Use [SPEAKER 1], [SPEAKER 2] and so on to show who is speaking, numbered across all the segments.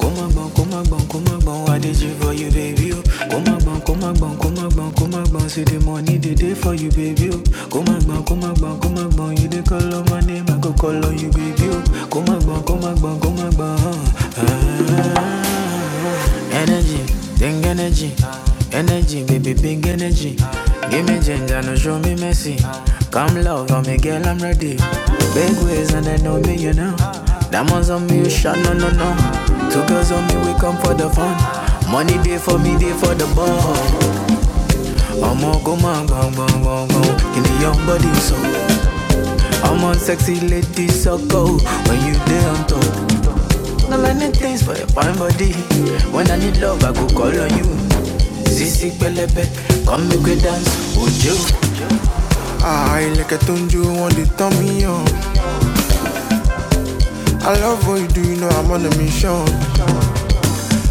[SPEAKER 1] Come on, bon, come on, bon, come on, bon. I did you for you, baby. Oh. Come on, bon, come on, bon, come on, bon, come on, bon. See the money they day for you, baby. Oh. Come on, bon, come on, bon, come on, bon. You dey call on my name, I go call on you, baby. Oh. Come on, bon, come on, bon, come on, bon. Ah. Energy, big energy, energy, baby, big energy. Give me ginger, no show me mercy. Come love, I'm a girl, I'm ready. Baby, ways and they know me, you know. Diamonds on me, you shot, no, no, no. Two girls on me, we come for the fun. Money day for me, day for the ball. I'm on go man, go, go, go, go. In the young body, so I'm on sexy lady, so go. When you there I'm top, no many things for your fine body. When I need love, I go call on you. Zizi pelebe, come make we dance, would you? I like a tunju, want to turn me on. I love what you do, you know I'm on a mission.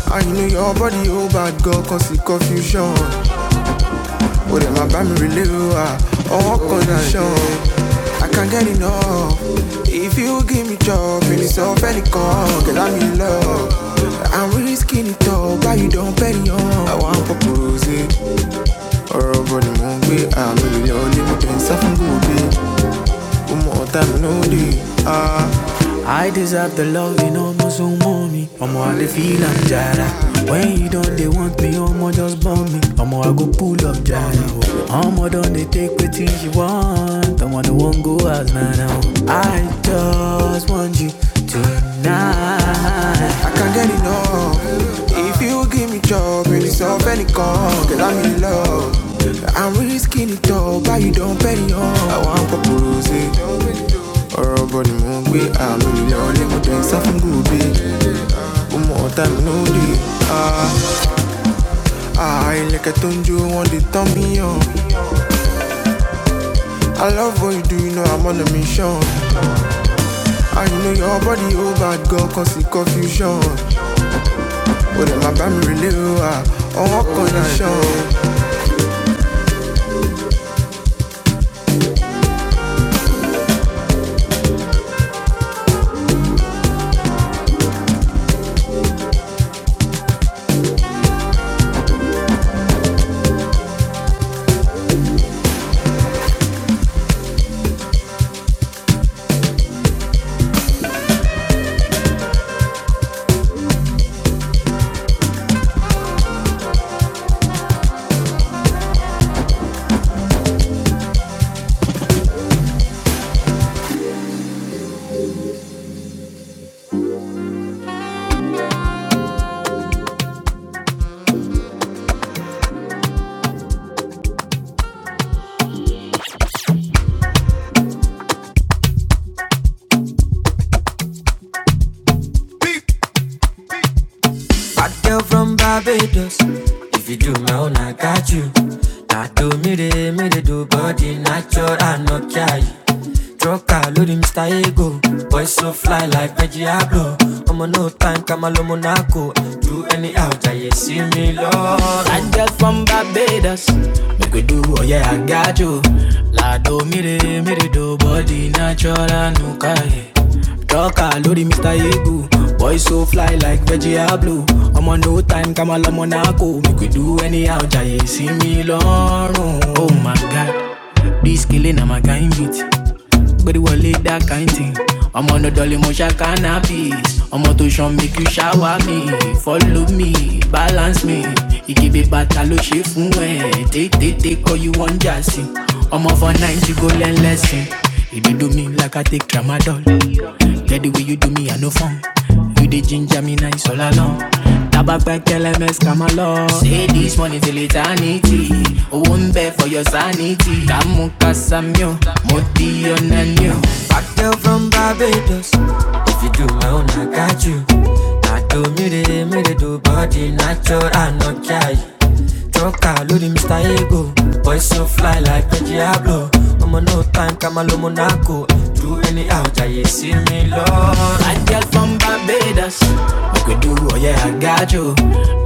[SPEAKER 1] I know your body, oh bad girl, cause the confusion. But then my bami relive, ah, all condition. I can't get enough. If you give me job, in itself, any call, cause I'm in love. I'm risking it all, but you don't pay me on. I want to propose it, or over the moon. be. I'm really only, but then something good eh. One more time, no day, ah. I deserve the love, you know, no so mommy. I'm all the feel I'm jara. When you don't, they want me, I'm all just bomb me. I'm all I go pull up Jada. I'm all done, they take what things you want. I'm all the one go as man now. I just want you tonight. I can't get enough. If you give me job, really solve any call, girl, I'm in love. I'm really skinny tall, but you don't penny on. I want paparazzi ọ̀rọ̀ body ni mò ń gbé àmì ìlẹ̀ ọ̀lẹ́ we are gbe ń sá fún gòbè ọmọ ọ̀tá mi ló dé àà ilẹ̀kẹ̀ tó ń jó wọn lè i love what you do you know i'm on a mission I know your body oh bad girl cause it's confusion o my má really mi relé o à ọwọ́ kan nation. Bad girl from Barbados. If you do my own, I got you. Now do me de, me de do body natural, and no carry. Trucker, loading Mr. Ego. Boy so fly like Reggie Abloh. I'm on no time, come alone, Monaco. Do anyhow, Jay, see me, Lord. Bad girl from Barbados. Make we do, oh yeah, I got you. La do me de, me de do body natural, and no care. Jọ́kà lórí Mr. Ibu. Boy so fly like veggie blue. I'm on no time come máa Monaco. náà We could do anyhow jàyè sí mi lọ́rùn. Oh my god, this killing kele na my kind beat. Gbéríwọlé that kind thing. I'm on the dolly, ṣá cannabis. i am Ọmọ tó ṣan make you shower me. Follow me, balance me. You Ìkébé bàtà ló ṣe fún ẹ̀. Tètè kọ́ you wan jà sí. Ọmọ for night you go learn lesson. You dey do me like I take tramadol. Yeah, the way you do me, I no fun. You dey ginger me nice all along. Tabak back LMS come along. Say this money till eternity. I won't bẹ for your sanity. Tamu kasamio, moti onanio. Hot girl from Barbados. If you do my own, I got you. I do me the me the do body natural, I no care. Choka, load him Mr. Ego. Boy so fly like a Diablo. I'm on no time, Kamalo Monaco. Do any out, I see me Lord. Hot girl from Barbados. We could do, oh yeah, I got you.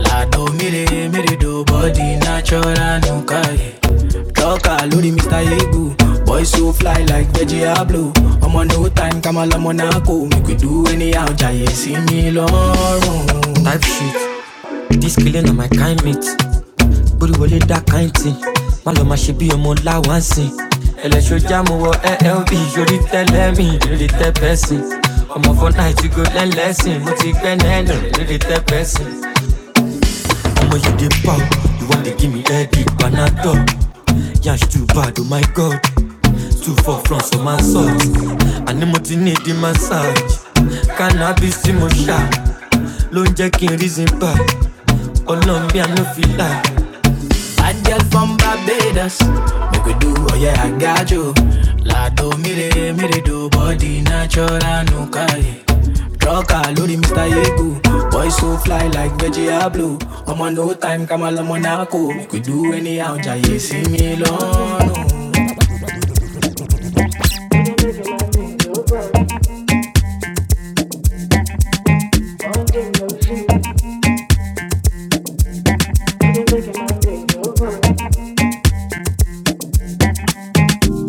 [SPEAKER 1] La do me the, me the do body natural, I no care. Joker, lórí Mr. Egu. Boy so fly like Veggie am on no time, kàmá lọmọ náà kò. Make we do anyhow, jàyè see me lọ́rùn. Type shit, this killing on my kind mate. Bórí wọlé that kind thing. Má lọ máa ṣe bí ọmọ láwáǹsì. Ẹlẹ́ṣọ́jà mo wọ LLB, yorí tẹ́lẹ̀ mi, lórí tẹ́ pẹ́sì. Ọmọ for night you go learn lesson, mo ti gbẹ́ nẹ́ẹ̀nù, lórí tẹ́ pẹ́sì. Omo, you dey pop. You want to give me headache, panadol. Yash too bad, oh my god. Too far from some my sauce. And mo ti need the massage. Cannabis tí mo ṣá. Ló ń jẹ́ kí n reason back. Ọlọ́run mi, I no feel like. Bad girl from Barbados. Make we do, oh yeah, I got you. Lado mire, mire do body natural no kali. Troca, Lodi, Mr. Yegu. Boy so fly like veggie are blue. I'm on no time, come on, Monaco. Make we do anyhow, Jay, see me alone.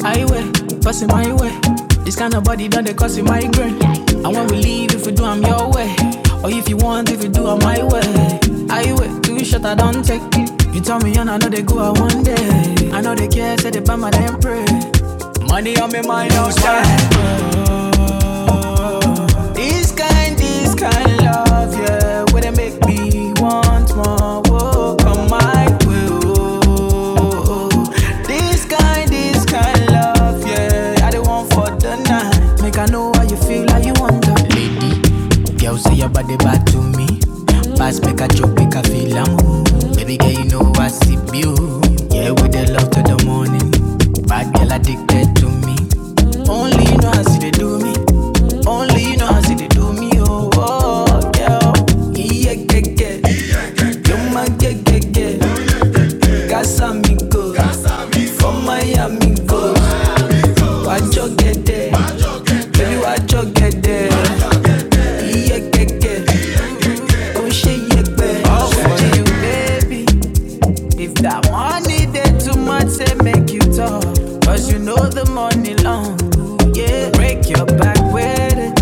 [SPEAKER 1] highway, passing my way. This kind of body done they cause a migraine. And when we leave, if we do, I'm your way. Or if you want, if you do, I'm my way. Highway, too short, I don't take it. You tell me, and I know they go out one day. I know they care, say they buy my damn pray. Money on me, mind outside make a joke, make a feel I am. Baby girl, you know I see you. Yeah, with the love to the money. Bad girl addicted to me. Only you know how see they do me. Only you know how see they do me. Oh, oh girl. Yeah, yeah, yeah. Yo, my yeah, yeah, yeah. Casa mi go. From Miami go. Wajo get there. Baby, wajo get there. Yeah, yeah, yeah. Oh, she yeah, yeah. All for you, baby. If that money they too much, they make you talk. Cause you know the money long, yeah. Break your back with it.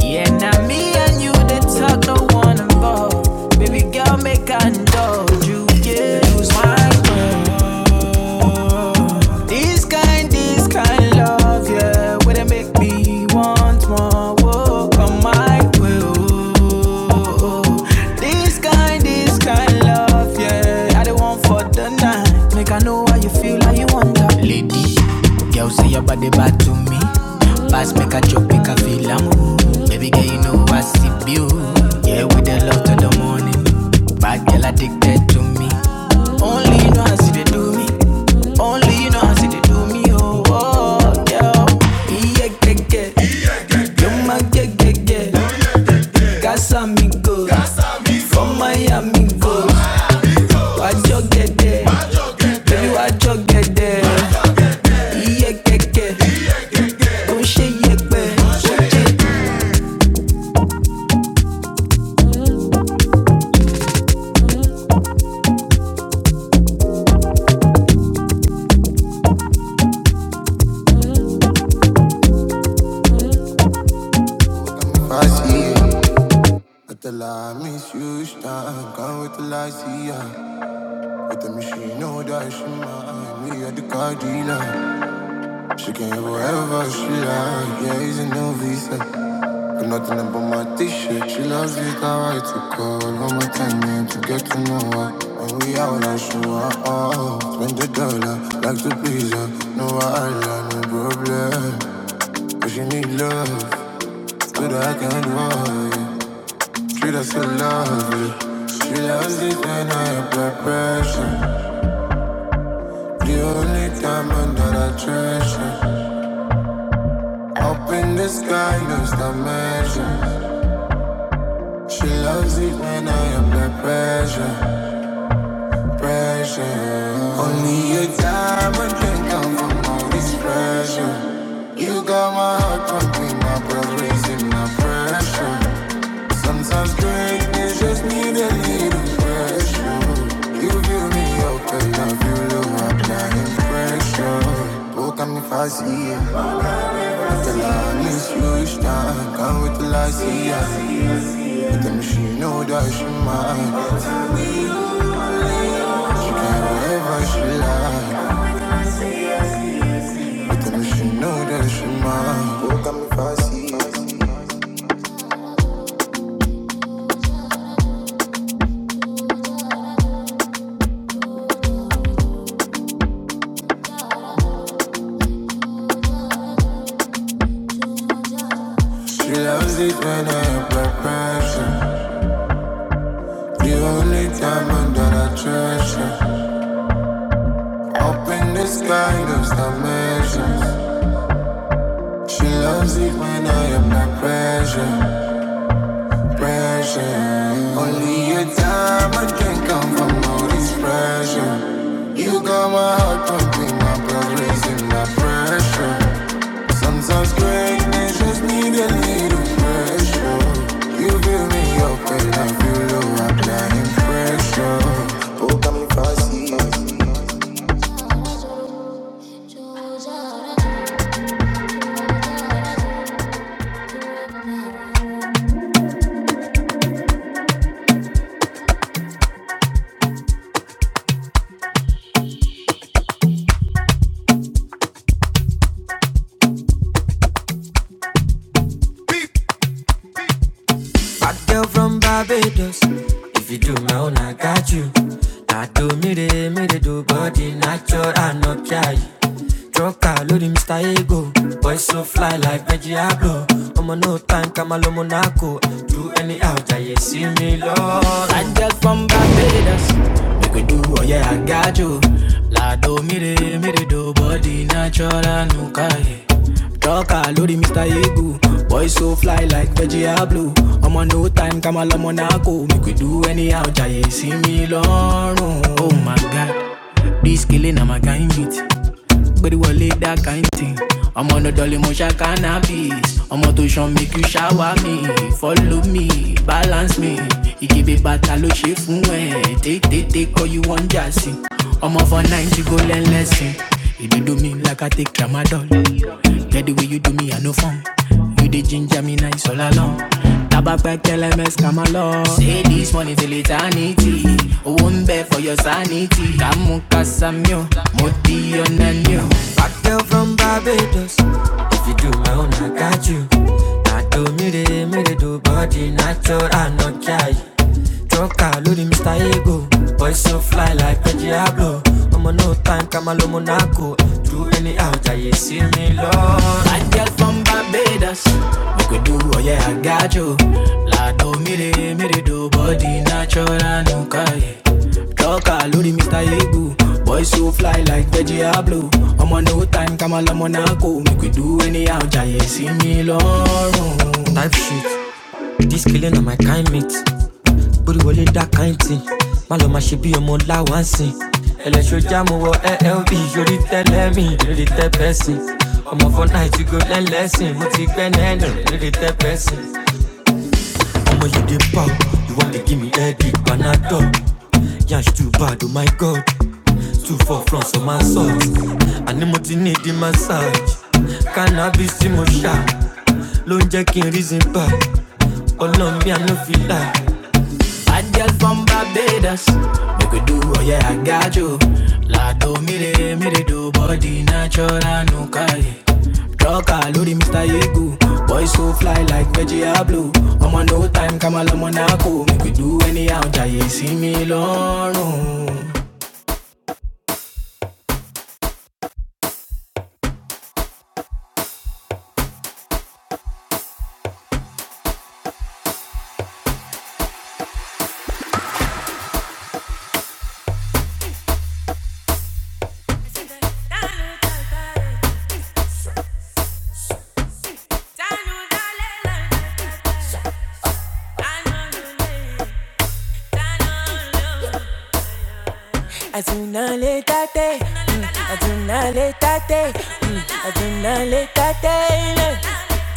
[SPEAKER 1] Yeah, now me and you, they talk no one involved. Baby girl, make I indulge you. Yeah, my world. This kind, this kind love, yeah. Where they make me want more. Whoa, come my way. Oh, This kind, this kind love, yeah. I don't for the night. Make I I know how you feel, how you wonder. Lady, girl say your body bad to me. Pass make a chop, make a feel I am. Baby girl, you know I see you. Yeah, with the love to the morning. Bad girl addicted to me. Only you know I see they do me. Only you know I see they do me. Oh, oh yeah, yeah, yeah, yeah. You're my yeah, yeah, yeah. Casamigos, from Miami, go wájọ gẹdẹ baby wájọ gẹdẹ iye kẹkẹ kò ń ṣe yẹpẹ. If I see her, not a miss you, stand. can with wait till I With the machine, know that she mine. We are the car dealer. She can have whatever she like, yeah, he's in no visa. Got nothing up on my t-shirt, she loves it, how I took her. all my time in to get to know her. When we out, I show her off, spend a dollar, like to please her. No island, no problem, but she need love, so that I can worry. Treat her so lovely, she loves it when I apply pressure. The only diamond that I treasure. Up in the sky, there's no measure. She loves it when I am the pressure, pressure. Only a diamond can come from all this pressure. You got my heart pumping, my blood raising, my pressure. Sometimes greatness just need a little pressure. You feel me up and I feel low, I'm applying pressure. Look at me fast, yeah. Tell her I miss you each time. Can't wait till I see her. But tell me she know that she mine. She can have whatever she like. But tell me she know that she mine. Oh, got me fussy. She loves it when I apply pressure. The only diamond that I treasure. Up in the sky, those dimensions. She loves it when I apply pressure. pressure. Only a time, I can't come from all this pressure. You got my heart pumping, my blood raising, my pressure. Sometimes greatness just need a little pressure. You fill me up and I feel low, I'm dying pressure. Oh, come fast, Bad girl from Barbados. If you do my own, I got you. Now do me de, me de do body natural, I no try. Drop out, loading Mr. Ego. Boy so fly like Veggie Ablo. I'm on no time, Kamalo Monaco. Do any out, I see me love. Bad girl from Barbados. Make we do, oh yeah, I got you. La do me de, me de do do body natural nuka yeah. Trucker lórí Mr. Egu, boy so fly like Veggie Blue. I'm on no time come máa lọ́mọ náà kò mí kò do anyhow jàyè see me lọ́rùn. Oh my god, this killing kele na my kind beat. Gbéríwọlé that kind thing. I'm on the dolly, ṣá cannabis. I'm on tó show, make you shower me, follow me, bá balance me You give it ìdìbò bàtà ló ṣe Take, take, take all you want, jà I'm over ninety go learn lesson You do me like i take tramadol get the way you do me i no fun you the ginger me nice all along tabapẹ kẹlẹmẹs kama lọ. say this money till eternity I won't bẹ for your sanity kàmú kásámi o mo Fat girl from Barbados. If you do my own, I got you. I do me de me de do body natural, I no try. Troca lórí Mr. Ego. Boy so fly like a Diablo. i am Ọmọ no time ká máa lo Monaco. Do anyhow, jàyè see me, Lord. Bad girl from Barbados. Make we do, oh yeah, I got you. Lado mire, mire do body natural and okay. Talker, Lodi, Mr. Ibu. Boy so fly like veggie blue. I'm on no time, come on, I'm on a go. Make we do anyhow, Jay, see me, Lord. Type shit. This killing on my kind mates bórí wọlé dá káyìntì má lọ máa ṣe bí ọmọ láwa ń sìn ẹlẹ́ṣọ́ jáàmù wọ llb yorí tẹ́lẹ̀ mi lórí tẹ́pẹ́sì ọmọ fọ́ náà ti go lẹ́lẹ́sìn mo ti gbẹ́ nẹ́ẹ̀nù lórí tẹ́pẹ́sì. ọmọ yìí dey pop you wanna give me headache panadol yansh too bad oh my god too far from for my socks àní mo ti ní ìdí massage cannabis tí mo ṣá ló ń jẹ́ reason back ọlọ́run mi àná fi láì. Bad girl from Barbados. Make we do, oh yeah, I got you. La do mi re, mi re do body natural no kare. Trucker, Lodi, Mr. Yegu. Boy so fly like veggie blue. I'm on no time, come on, Monaco. Make we do anyhow, jaye see me lorun. Azuna le tate, Mm, Azuna le tate, Mm, Azuna le tate,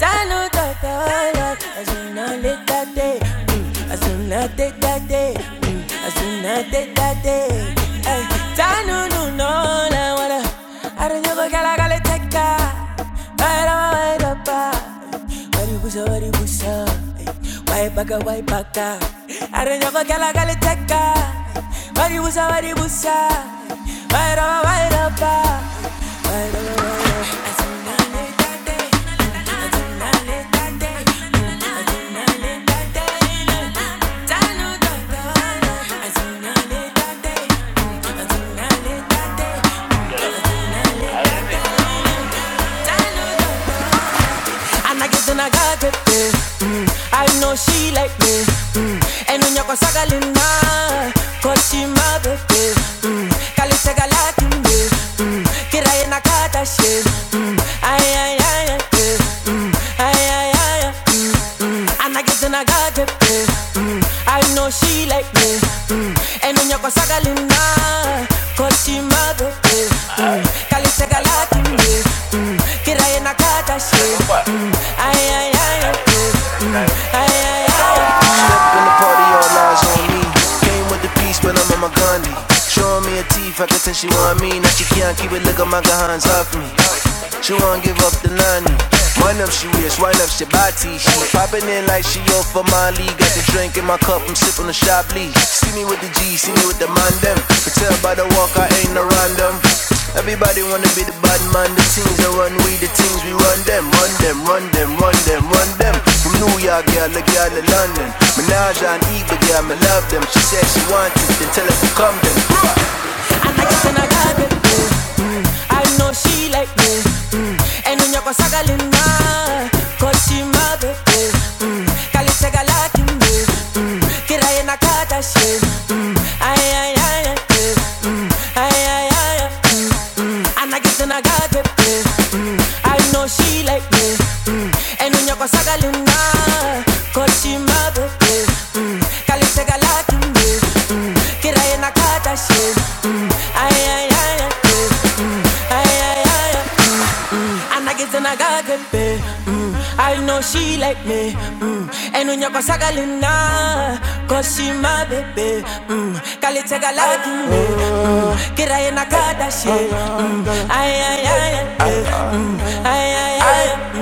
[SPEAKER 1] Tano tatala. azuna le tate, Mm, Azuna te tate, Mm, Azuna te tate, Tano nu no la wala. Aranyogo galagale teka. Para up, wari busa wari busa, wai baka wai baka. Arrange for gala gala teka, wari busa wari busa, wai rama wai rapa, wai rama wai rapa. Azuna le tate, azuna le tate, azuna le tate. And I get in a gadget, mm. I know she like me, mm. And when you go sagalina, cause she my baby, mm. Kali sagalaki me, mm. Kira in a kata she, mm. Ay, ay, ay, ay, eh, mm. Ay, ay, ay, ay, mm mm. And I guess in a gadget, mm. I know she like me mm. And on your sagalina Kochi mago, mm. Kali segalati me mm. Kiraye nakata she mm. Ay, ay, ay, ay, ay, ay, ay, ay, ay. When the party all eyes on me. Came with the peace, but I'm on my Gandhi. Showing me her teeth, I can tell she want me. Now she can't keep it, look at my guns off me. She won't give up the nanny. Wind up, she wish, wind up, she body. She popping in like she off for Mali. Got the drink in my cup, I'm sipping the Chablis. leaf. See me with the G, see me with the Mandem. them. Can Tell by the walk, I ain't no random. Everybody wanna be the bad man, the things I run, we the things we run them, run them, run them, run them, run them. From New York, girl, the girl in London. Minaj and Eva, girl, me love them. She said she wants it, then tell her to come then. I like it when I got it, mm, mm. I know she like me, mm. and in your sagalina, cause she my baby, mm. Kali segala me, mm. Kira ye nakata she, mm. Ay ay ay ay, mm. Ay ay ay ay. And I get in a gadget, mm, mm. I know she like me, mm. And when you're going sagalina, cause she my baby, mm. Kali segala kimbe, mm. Kira nakata she, mm. Ay, ay, ay, ay, mm. Ay, ay, ay, ay, and I get to nagagambe mm. I know she like me mm. And when you go sagalina Cause she my baby mm. Kali tega lagi me mm. Kira ye nakadashi she. Ay ay ay ay mm. Ay ay ay Aye,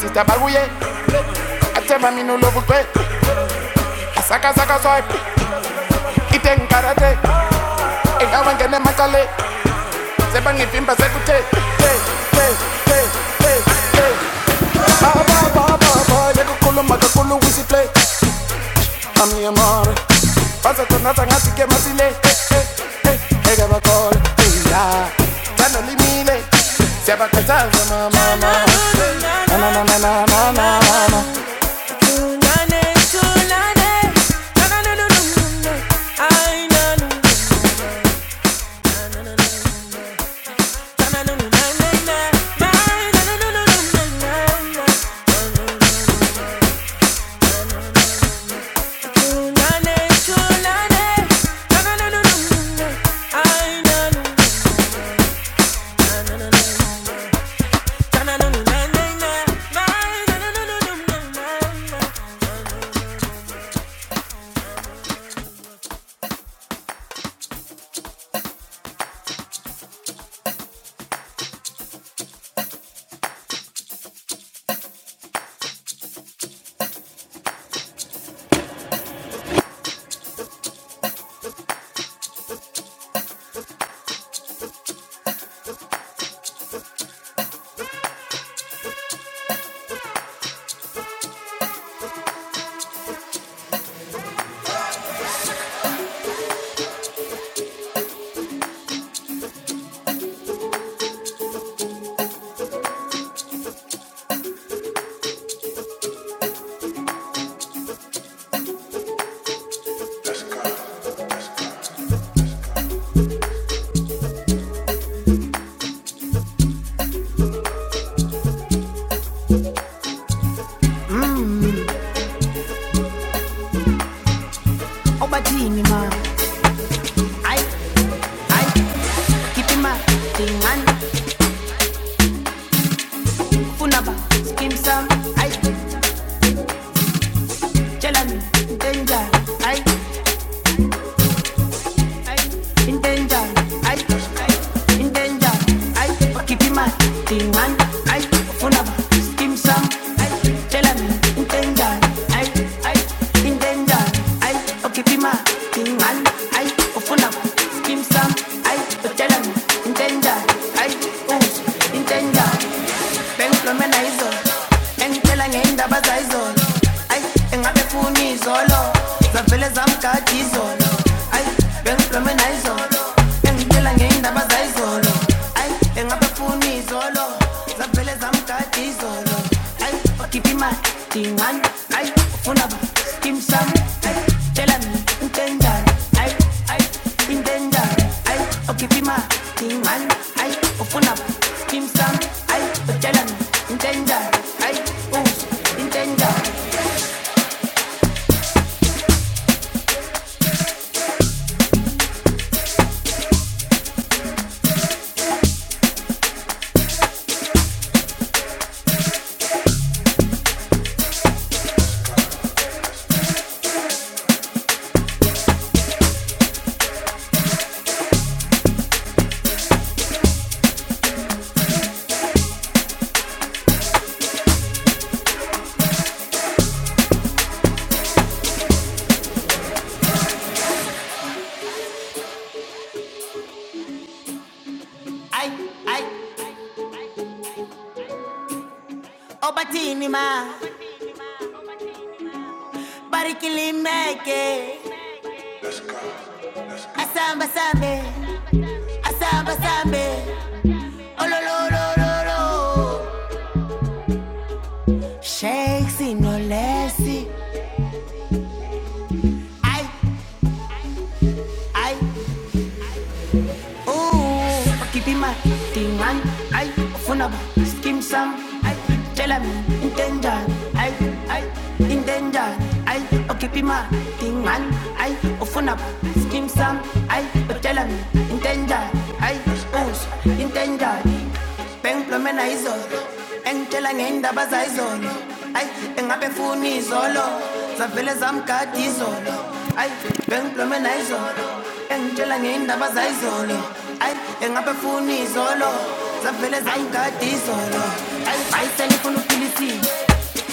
[SPEAKER 1] Mr. Baguye, I tell my minu love kwe. Asaka saka swipe, ite karate. Inga wangene makale, sebang ifimba sekute. Ba ba ba ba ba, yego kulu makakulu wisi play. a mi amor. Pasa con nata ngati ke masile. Ega bakol, ila. Tana limile. Se va con mama. Na na na na na na na na na. Obatini ma, I, I, keep him up, thing and funaba, skim some, I, jelani, danger, I. in danger, I, in danger, I, keep him man, thing man, I, full of skim some, I, tell him, in danger, I, I, in danger, I, Oh, keep him man, thing man, I, full of skim some, I, tell him, in danger, I, ooh, in danger, ben flomena izolo, engitshela ngendaba zayizolo, I, engabe funi izolo, vele zamgadi izolo ayi bengiblome nayizolo bengitshela ngeyindaba zayizolo ayi engabefuni izolo zavele zamgadi izolo ayi wakhipha imali dingane ayi ufuna ba skim sam ayi tshela mina into enjani ayi ayi into enjani ayi wakhipha imali dingane ayi ufuna ba skim sam ayi utshela mina into enjani ayi uzwe into enjani ayi ayi obathini ma barikilimeke asamba sambe asamba sambe olololololo shakes no lesi ay, ai wakipima tingan ay ufuna ba skim sam ai tell me intenjan ai ai intenjan ai wakipima tingan ay ufuna ba skim sam ai ay me intenjan ai us intendani bengiblome izolo engitshela ngendaba zayizolo ayi engabe funa izolo zavele zamgada izolo ayi bengiblome na izolo engitshela ngendaba zayizolo ayi engabe funa izolo zavele zamgada izolo ayi ayi selifuna uphila isimo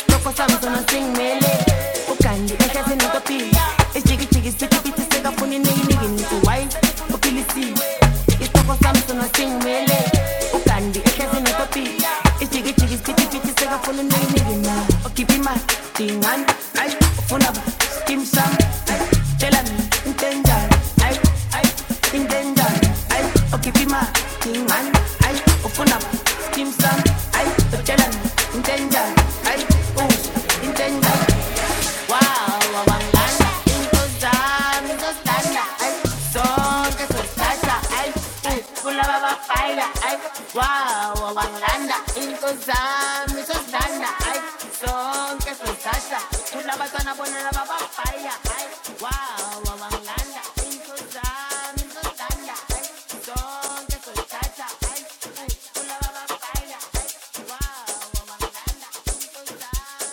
[SPEAKER 1] Loco Samson and sing mele. Ukandi ehlase nokapili. Ijiki jiki sithi bithi sekafuna iniki niki nithi why uphilisile. Isoko Samson and sing mele. Ukandi ehlase nokapili. Ijiki jiki sithi bithi sekafuna iniki niki na. Okhipha imali dingani. Ayi ufuna ba Kim sam. Ayi tell me intenjani. Ayi ayi intenjani. Ayi okhipha tingan. Ay, ofuna, skimsa, ay, tochelan, intenda, ay, us, intenda, ah, wa, wa. Sonke solchacha, ay, ay, ula, wa, wa, baila, ay, wa, wa, wa, nanti, solchacha.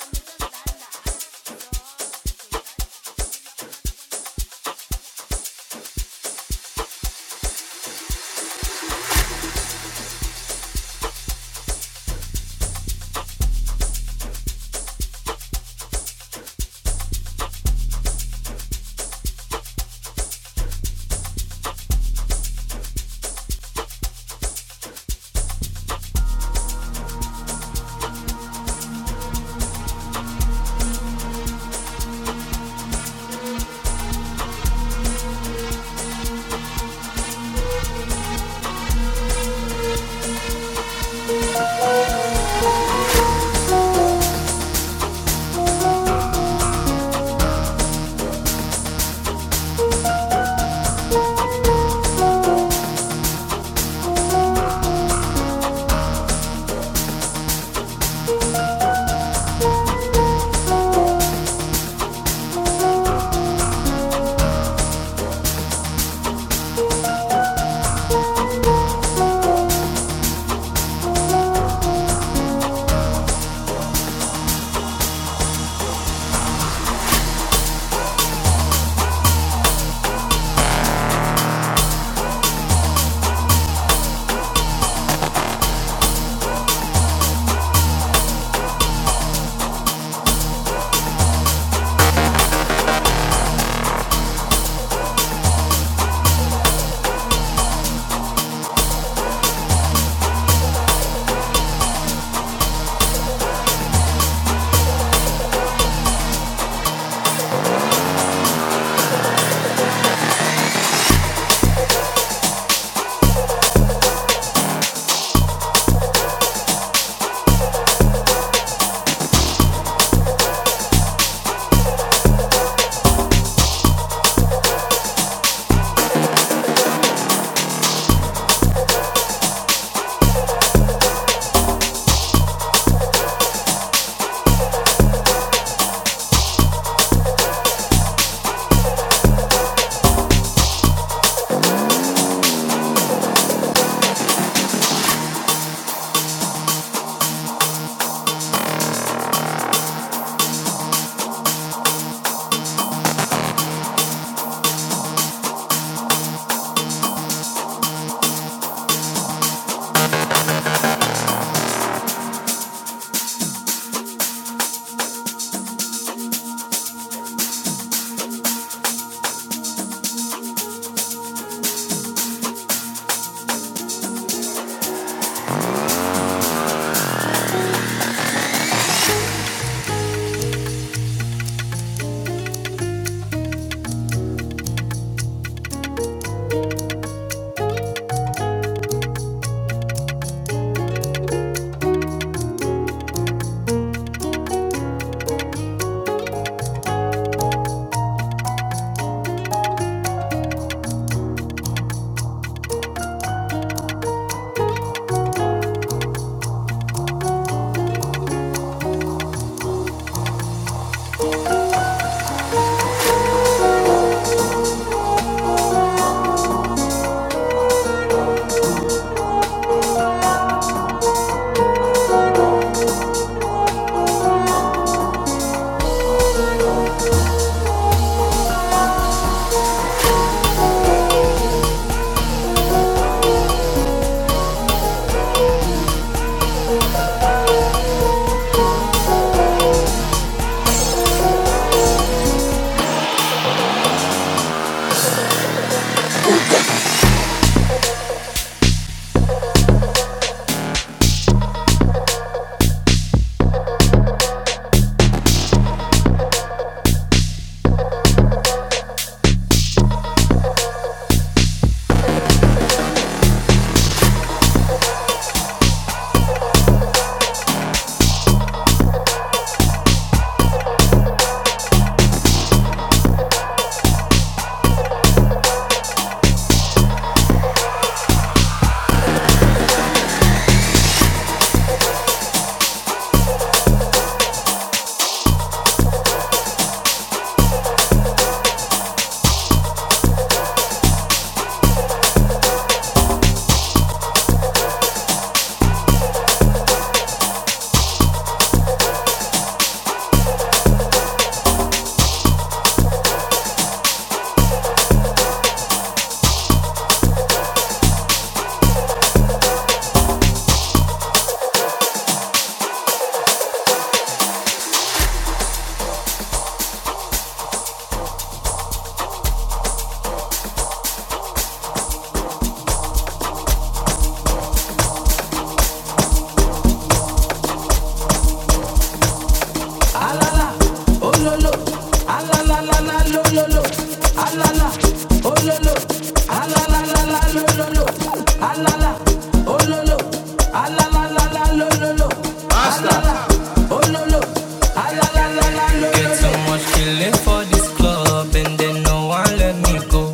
[SPEAKER 1] Get so much killing for this club, and then no one let me go.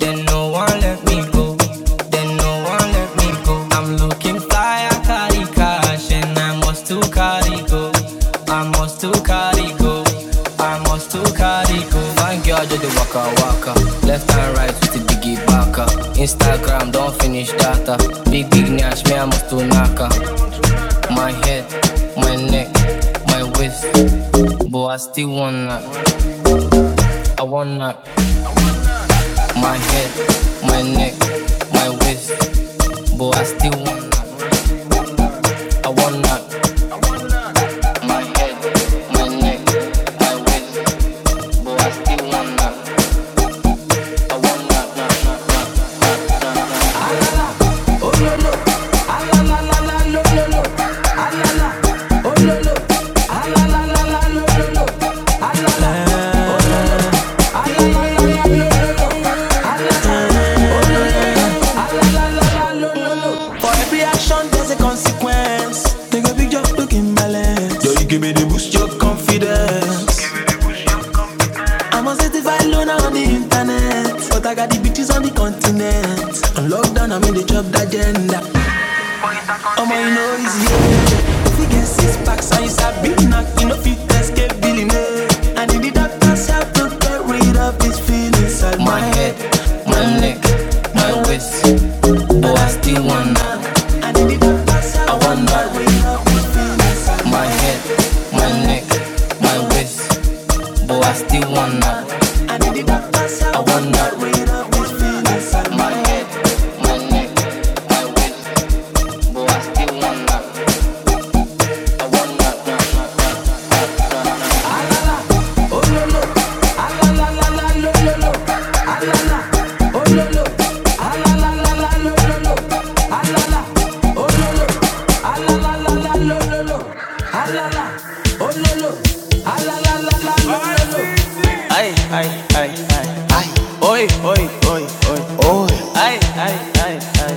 [SPEAKER 1] Then no one let me go. Then no one let me go. I'm looking fly, I carry cash, and I must to carry go. I must to carry go. I must to carry go. My girl just the waka waka, left and right with the biggie baka. Instagram don't finish data. Big big nash, me I must to naka. My head, my neck, still wanna. For every action, there's a consequence. They go big job looking balance. you give me the boost, your confidence. I'm a certified loner on the internet. But I got the bitches on the continent. On lockdown, I'm in the job agenda. Oh my know is yeah. If you get six packs and it's a big knock, you know fit escape billionaire. I need the doctors help to get rid of this feeling. inside My head, my neck, my waist. Oh, I still wanna. I need the doctors help I want to get rid of these feelings inside My head, my neck, my waist. Oh, I still wanna. I need the doctors help I want to get rid of these Ay, ay, ay. Oi, oi. Ay, ay, ay, ay.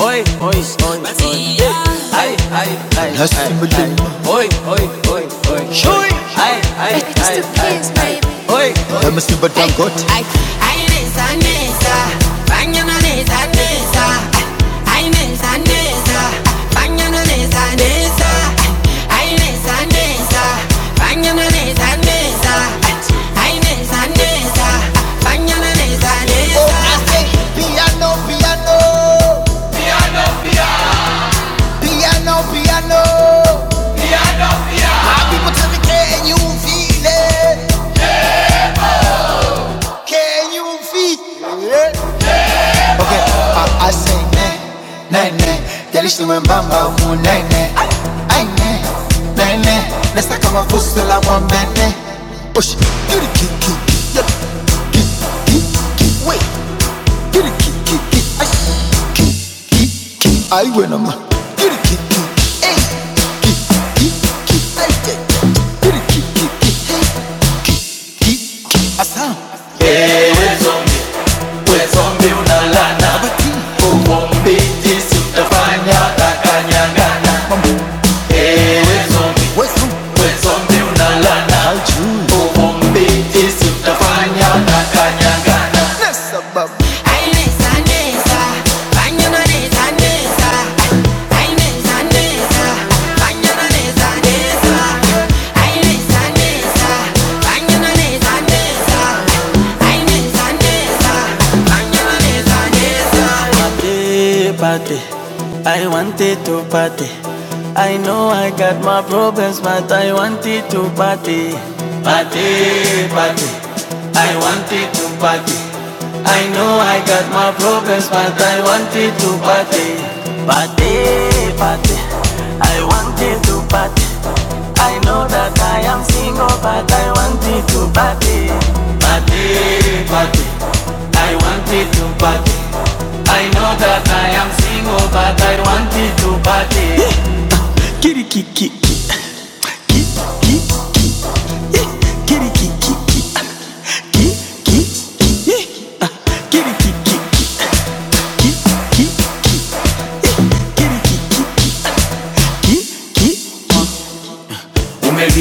[SPEAKER 1] Oi, oi, oi, oi. Ay, ay, ay, Nasıl ay, oi, oi. Oy, oy, oy, oy. Şuy. Ay, ay, It's ay, the ay. I, Oy. Badangot, Ay, ay, neza, neza, banyana neza, neza. Ay, neza, neza, banyana neza, neza. Ay, neza, neza, banyana neza, neza. Ay, neza, neza, banyana neza, neza. okay, you feet. Yeah. Okay, I, I say nay, nay, nay. Yalishi mwembamba huu nay, nay. Ay, nay, nay, nay. Nesta kama fuso la mwambene. Ush, kiri ki, ki, ki, ya. Ki, ki, ki, wait. Kiri ki, ki, ki, ay. Ki, ki, ki, ay, we nama. Kiri ki, ki, ay. Ki, ki, ki, ay, ay, ay. Kiri ki, ki, ki, ay. Ki, ki, ki, asam. Ewe zombie Party. I wanted to party. I know I got my problems, but I wanted to party. Party, party. I wanted to party. I know I got my problems, but I wanted to party. Party, party, I wanted to party. I know that I am single, but I wanted to party. Party, party, I wanted to party. I know that I am single, but I wanted to party.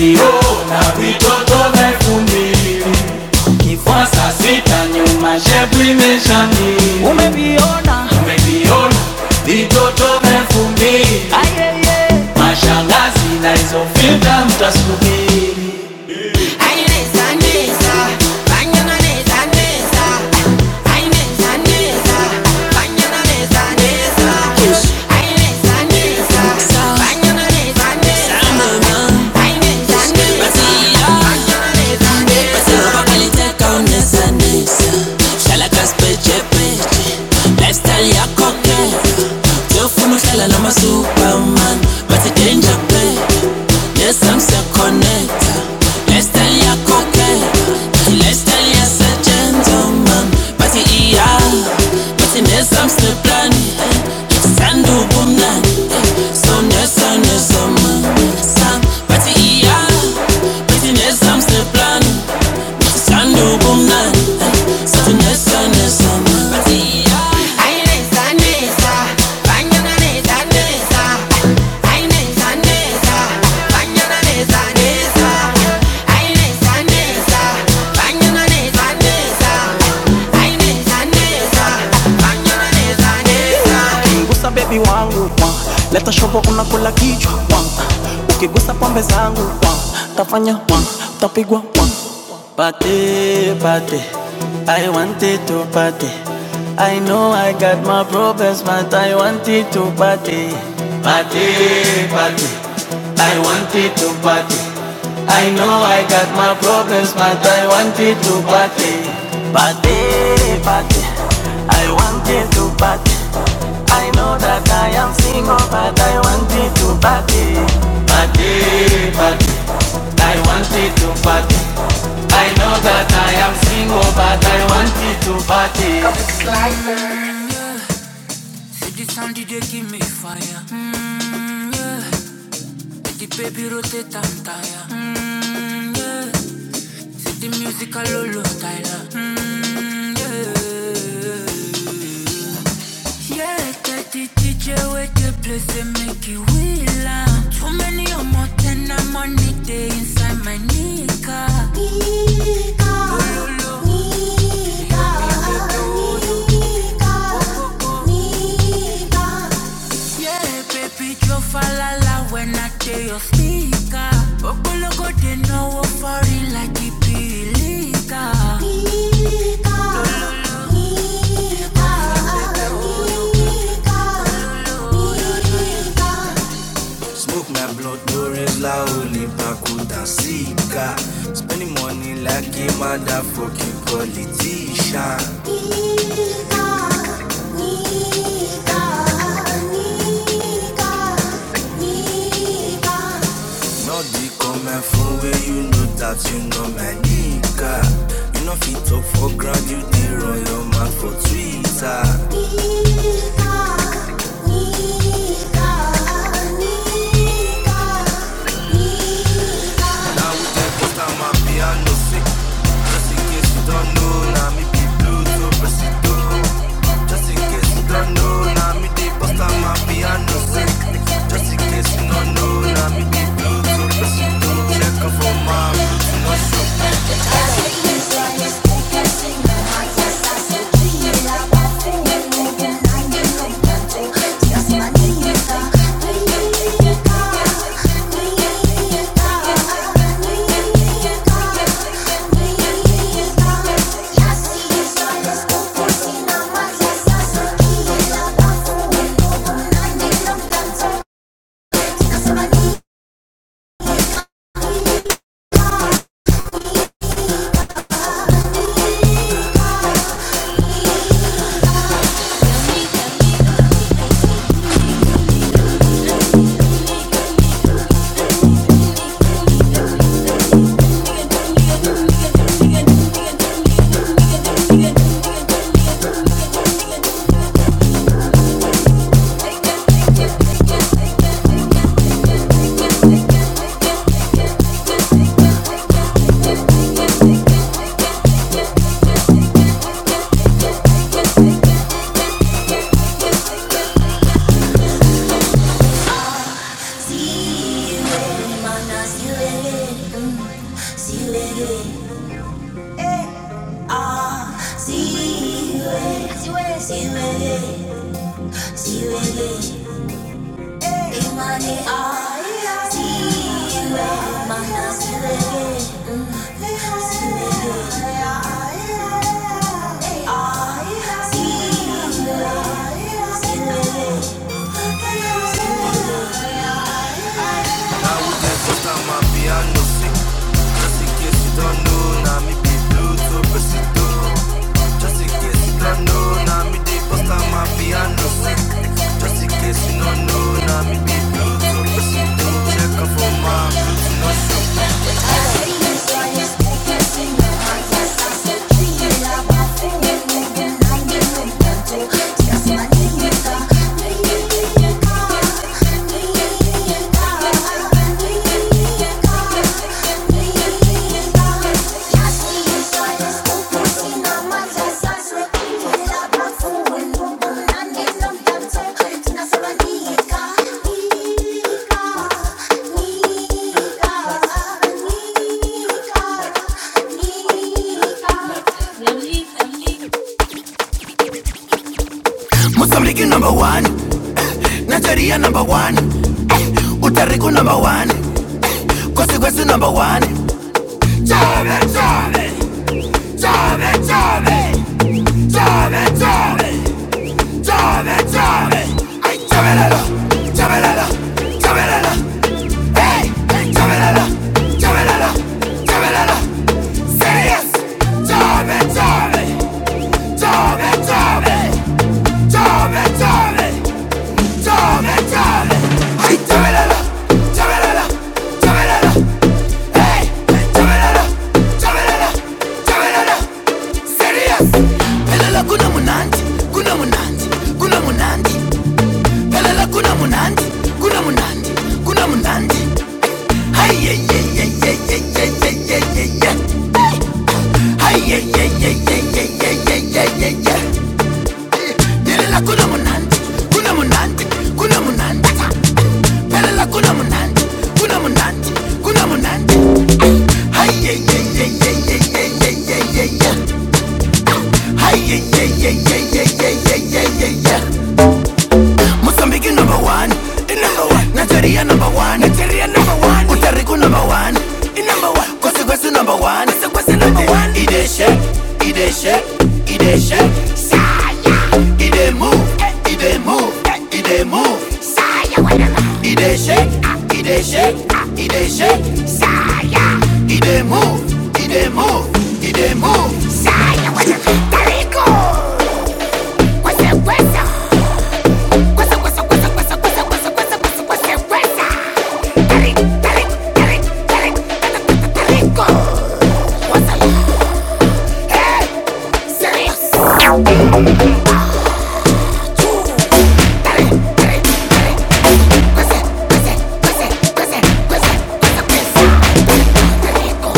[SPEAKER 1] Yo, na vitoto vyekundu Kifuasa sita nyuma, shepu imeshamiri. Umeviona vitoto elfu mbili mashangazi naizofita mtasubiri Lifestyle tell your full pan, but today, yes, I'm so better. Lifestyle, yeah, cocaine. Lifestyle, yeah, such a man, but it, yeah, the plan, eh, it's sandal plan. Aye, Bang your knees Ukigusa baby wangu leta shobo unakula kichwa Ukigusa pombe zangu tafanya tapigwa Party, party, I wanted to party. I know I got my problems, but I wanted to party. Party, party, I wanted to party. I know I got my problems, but I wanted to party. Party, party, I want it to party. I know that I am single, but I want it to party. Party, party. I want it to party. I know that I am single, but I want it to party. The sound DJ give me fire. Mm, The baby rotate and tire. Mm, The music a Lolo Tyler. Mm, Yeah, that the DJ with the place they make it wheel. Too many or more than I'm on it, they inside my nika. Yeah, baby, Joe Falala when I tell your speaker. Okologo, they know what for it like it be illegal. Smoke my blood, no regular, only Pakuta Sika. Spending money like a motherfucking politician. Not be coming phone where you know that you know my nigga. You know fit up for ground, you dey run your mouth for Twitter. Now we dey post on my piano sick. Just in case you don't know, now me be blue to presido. Just in case you don't know, now me dey post on my piano sick. See you again. Ah, see way, see way, see way, see way. Hey, money, ah, yeah, see way, mana, see way, see way. Ah, yeah, see way, see way, see way. Just in case you know, now me dey bust out my piano. Just in case you know, Mozambique number one, Nigeria number one, Puerto Rico number one. Consequence number one. Job it, job it, job it, job it, job it, job it, job it, job it. Ay, job it, lalo, Hey, hey, job it, lalo, job it, lalo, job it, lalo. Serious. Job it, Hey, it. Ay, ay, ay, ay, ay, ay, ay. Pelala kuna munandi, kuna munandi, kuna munandi ta. kuna munandi, kuna munandi, kuna munandi. Ay yeah yeah yeah yeah yeah yeah yeah yeah yeah. Ay yeah yeah yeah yeah yeah yeah yeah yeah yeah yeah. Mozambique number one, in number one. Nigeria number one, Nigeria number one. Utariko number one, in number one. Kwasi kwasi number one, e number one. Ide shake, ide shake, ide shake, ide move, ide move, ide move. He dey shake, he dey shake, he dey shake. Sa, he move, he dey move, he dey move. Say wesa, tari, tari, tari, tari, tarico. Wesa, eh, serious. Wesa, wesa, wesa, wesa, wesa, wesa, wesa, tarico.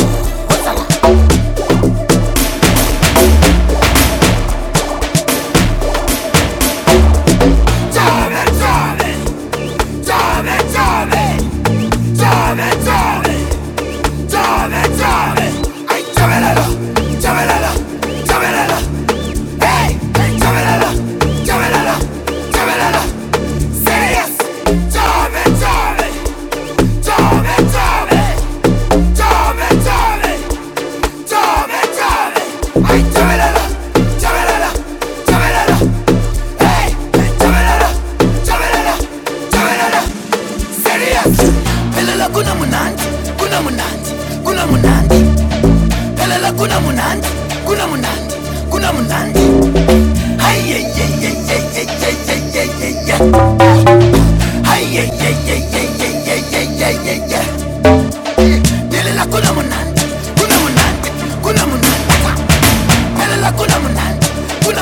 [SPEAKER 1] Kula,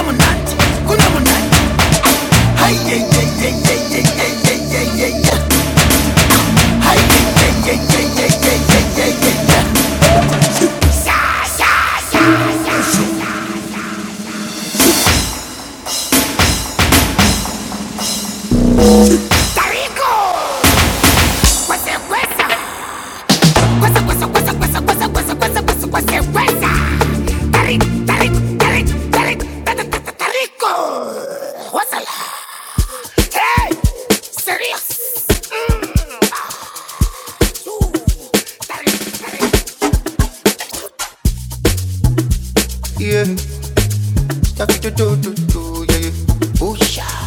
[SPEAKER 1] kula, tari, tari, tari, tari, tari, tarico. Wesa, serious. Yeah, stuck to do do do, yeah. Booyah.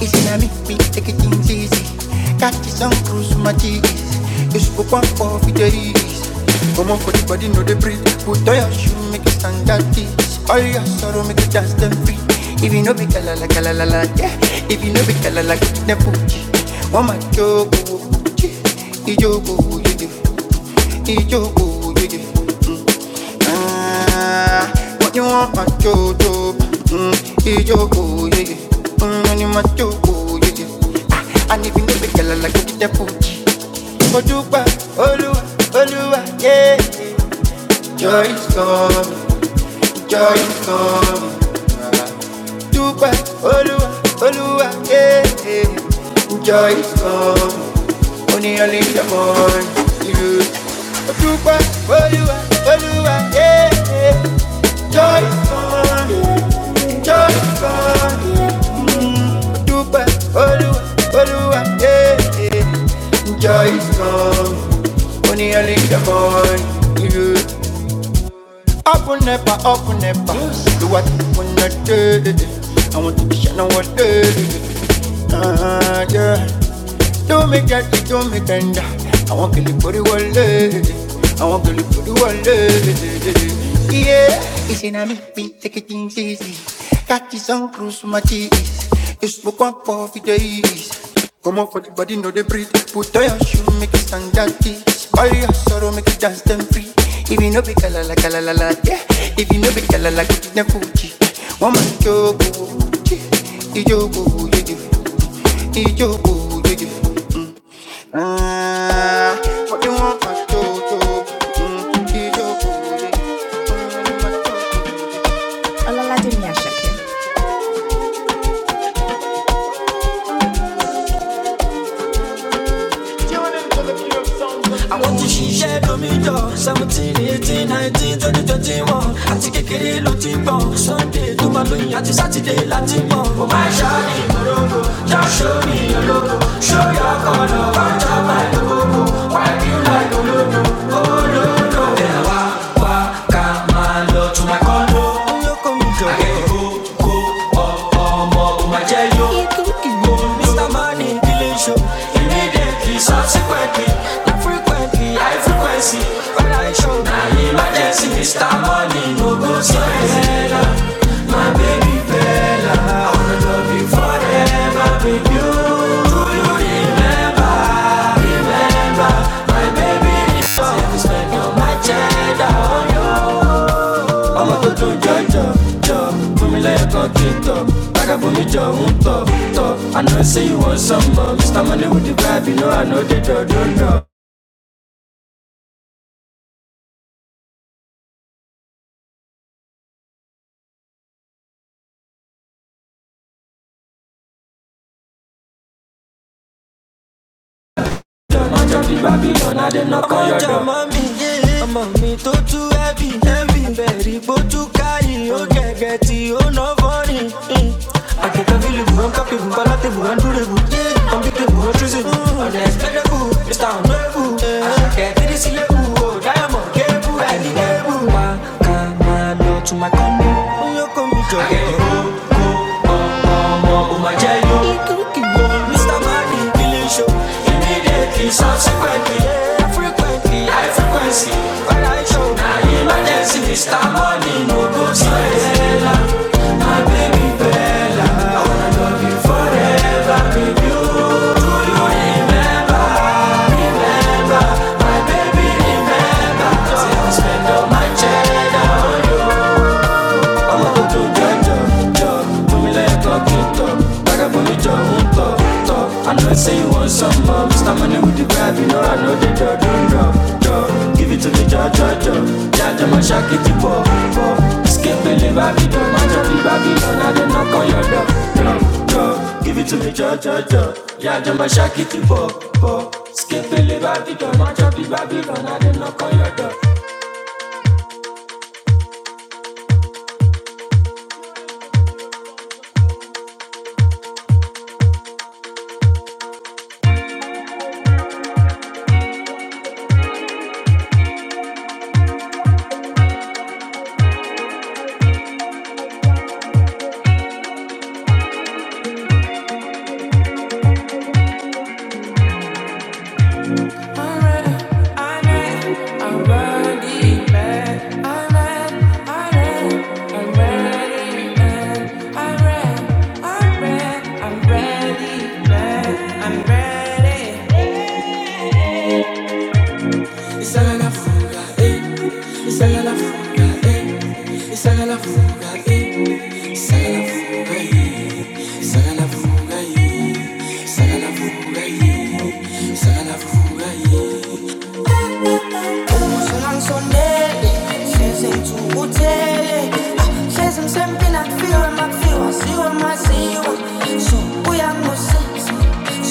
[SPEAKER 1] It's gonna make me take it things easy. Got this on cruise with my cheeks. You spoke one for the days. Come on for the body, no the breathe. Put on your shoe, make it stand at this. All your sorrow, make it dance them free. If you know be kala la kala la la, yeah. If you know be kala la, then put you. One my joke, ijogo, you do. Ijogo, you do. Mm. Ah, what you want, my joke, mm. Ijogo, do òun ni mà jókòó yeye. àníbi níbi gàlàlà gidigidi fòjì. ojú pa olúwa olúwa yé. joy is coming joy is coming. Dupe, Olua, Olua, yeah, yeah. Joy is gone. only only the more you. Dupe, Olua, Olua, yeah, yeah. Joy is gone. joy is gone. Mm. Dupe, Olua, Olua, yeah, yeah. Joy is gone. only only the more you. Up and never, up and never. Do what you wanna do. I want to be shining what day. Ah, yeah. Do me get it, do me tender. I want to live for the world. I want to live for the world. Yeah. It's in a me, me take it things easy. Got this on cruise for my cheese. You smoke one for the days. Come up for the body, know they breathe. Put on your shoe, make it stand that this. All your sorrow, make it dance them free. If you know be kala la kala la la, yeah. If you know be kala la, get it na fuji. One man jogo, ijogo, you do, ijogo, you Mm. Ah, what you want, my jojo? Mm, ijogo, I want you do. Mm, tó let láti pọ̀ Subsequently, not frequently, high frequency. When I my emergency, Mr. Money, no go so My baby Bella, I wanna know that baby. Bunch of the Babylon, I did not call your ọjà door. mami ọmọ mi tó tú ẹbí ẹbí bẹ̀rì bó tú káyì ó gẹ̀gẹ̀ tí ó ná fọ́ọ̀nì. àkẹ́kọ̀ọ́ bí lùbù rán kápẹ́ bù bálátẹ́ bù rán dúró bù kọ́mpútẹ́ bù rán túnṣe bù ọ̀nà ẹ̀sìpẹ́lẹ́ bù mr onoebu àkẹ́ tírísílẹ̀ bù ó dáyàmọ̀ kébù ẹ̀lí lébù. wá ká máa lọ tún máa my jello. Mr. Money Killing Show. Immediately, subsequently, yeah, frequently, high frequency. When I show, now emergency, Mr. Money, no go to I'm ready. It's not enough. usungangisondeli sezintukuthele Ah, hlezi ngisempila kufiwe makufiwa siwe maziwa so uyangusisi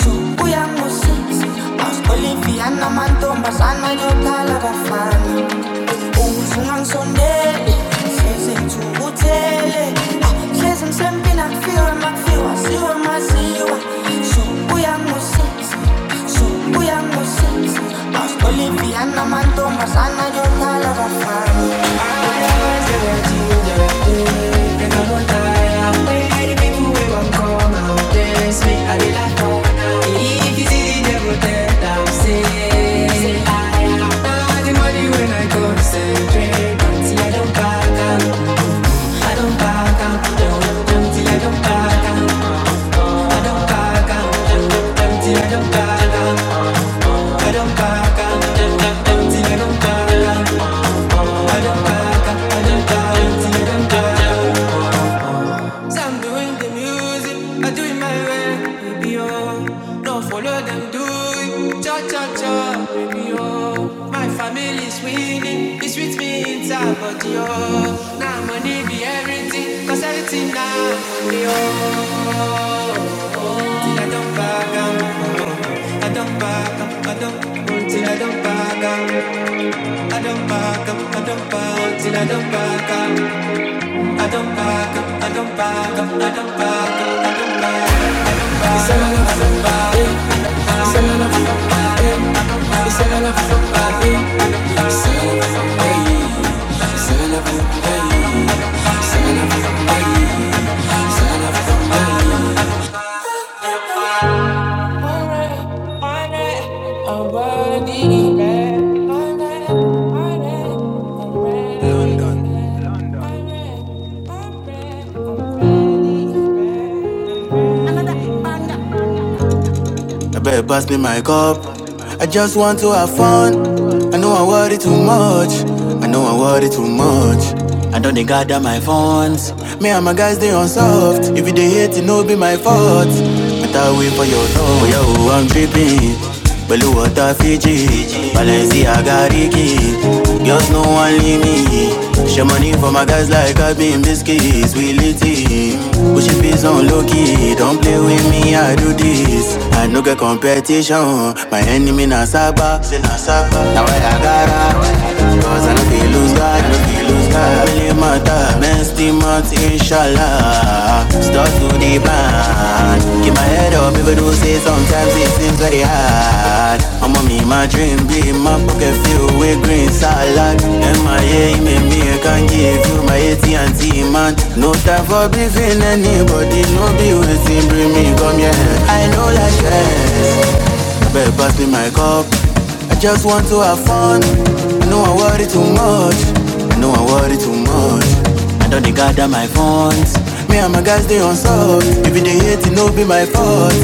[SPEAKER 1] so uyangusisi aus olivia namantombazana yodala bafana uzungangizondeli hlezi ngithukuthele hlezi msempi nakufiwe makufiwa siwe maziwa subuya ngosisi subuya ngosisi basbolivia namantombazana yodala bafana When I the people we gon' come out dance me, like, if you see the devil then i the money when I go to drink until I don't back I'm doing the music, I do it my way, baby oh. No follow them, do it, cha cha cha, baby oh. My fe- I'm body, London. I better pass me my cup. I just want to have fun. I know I worry too much. I know I worry too much. I don't they gather my funds. Me and my guys they on soft. If you they hate, it no be my fault. But I wait for your love. Oh, yo, I'm dripping. Beluata Fiji, Balenciaga Ricky. Girls no one leave me. Share money for my guys like I been biscuits. We lit it. Push it face on low key. Don't play with me, I do this. I no get competition. My enemy na Saba. Now I got her. Cause I no feel lose God. no sky Really matter, men steam out inshallah Start to the band Keep my head up even though say sometimes it seems very hard I'm on me, my dream be my pocket filled with green salad MIA, me, me, I can give you my AT&T man No time for beefing anybody, no be waiting, bring me, come here I know like yes Better pass me my cup I just want to have fun. I know I worry too much. I know I worry too much. I don't they gather my funds. Me and my guys they on soft. If you they hate, it no be my fault.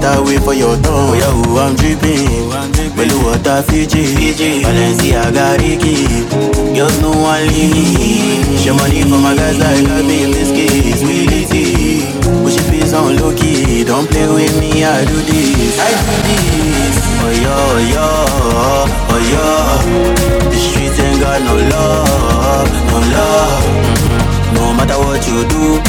[SPEAKER 1] Better wait for your turn. Oh yeah, oh, I'm dripping. Belly water Fiji. Fiji. Balenciaga Ricky. Girls no one leave. Show money for my guys like I be in this case. We need it key. Push your face on low key. Don't play with me, I do this. I do this. Oh yo, oh yo, oh yo. The streets ain't got no love, no love. No matter what you do,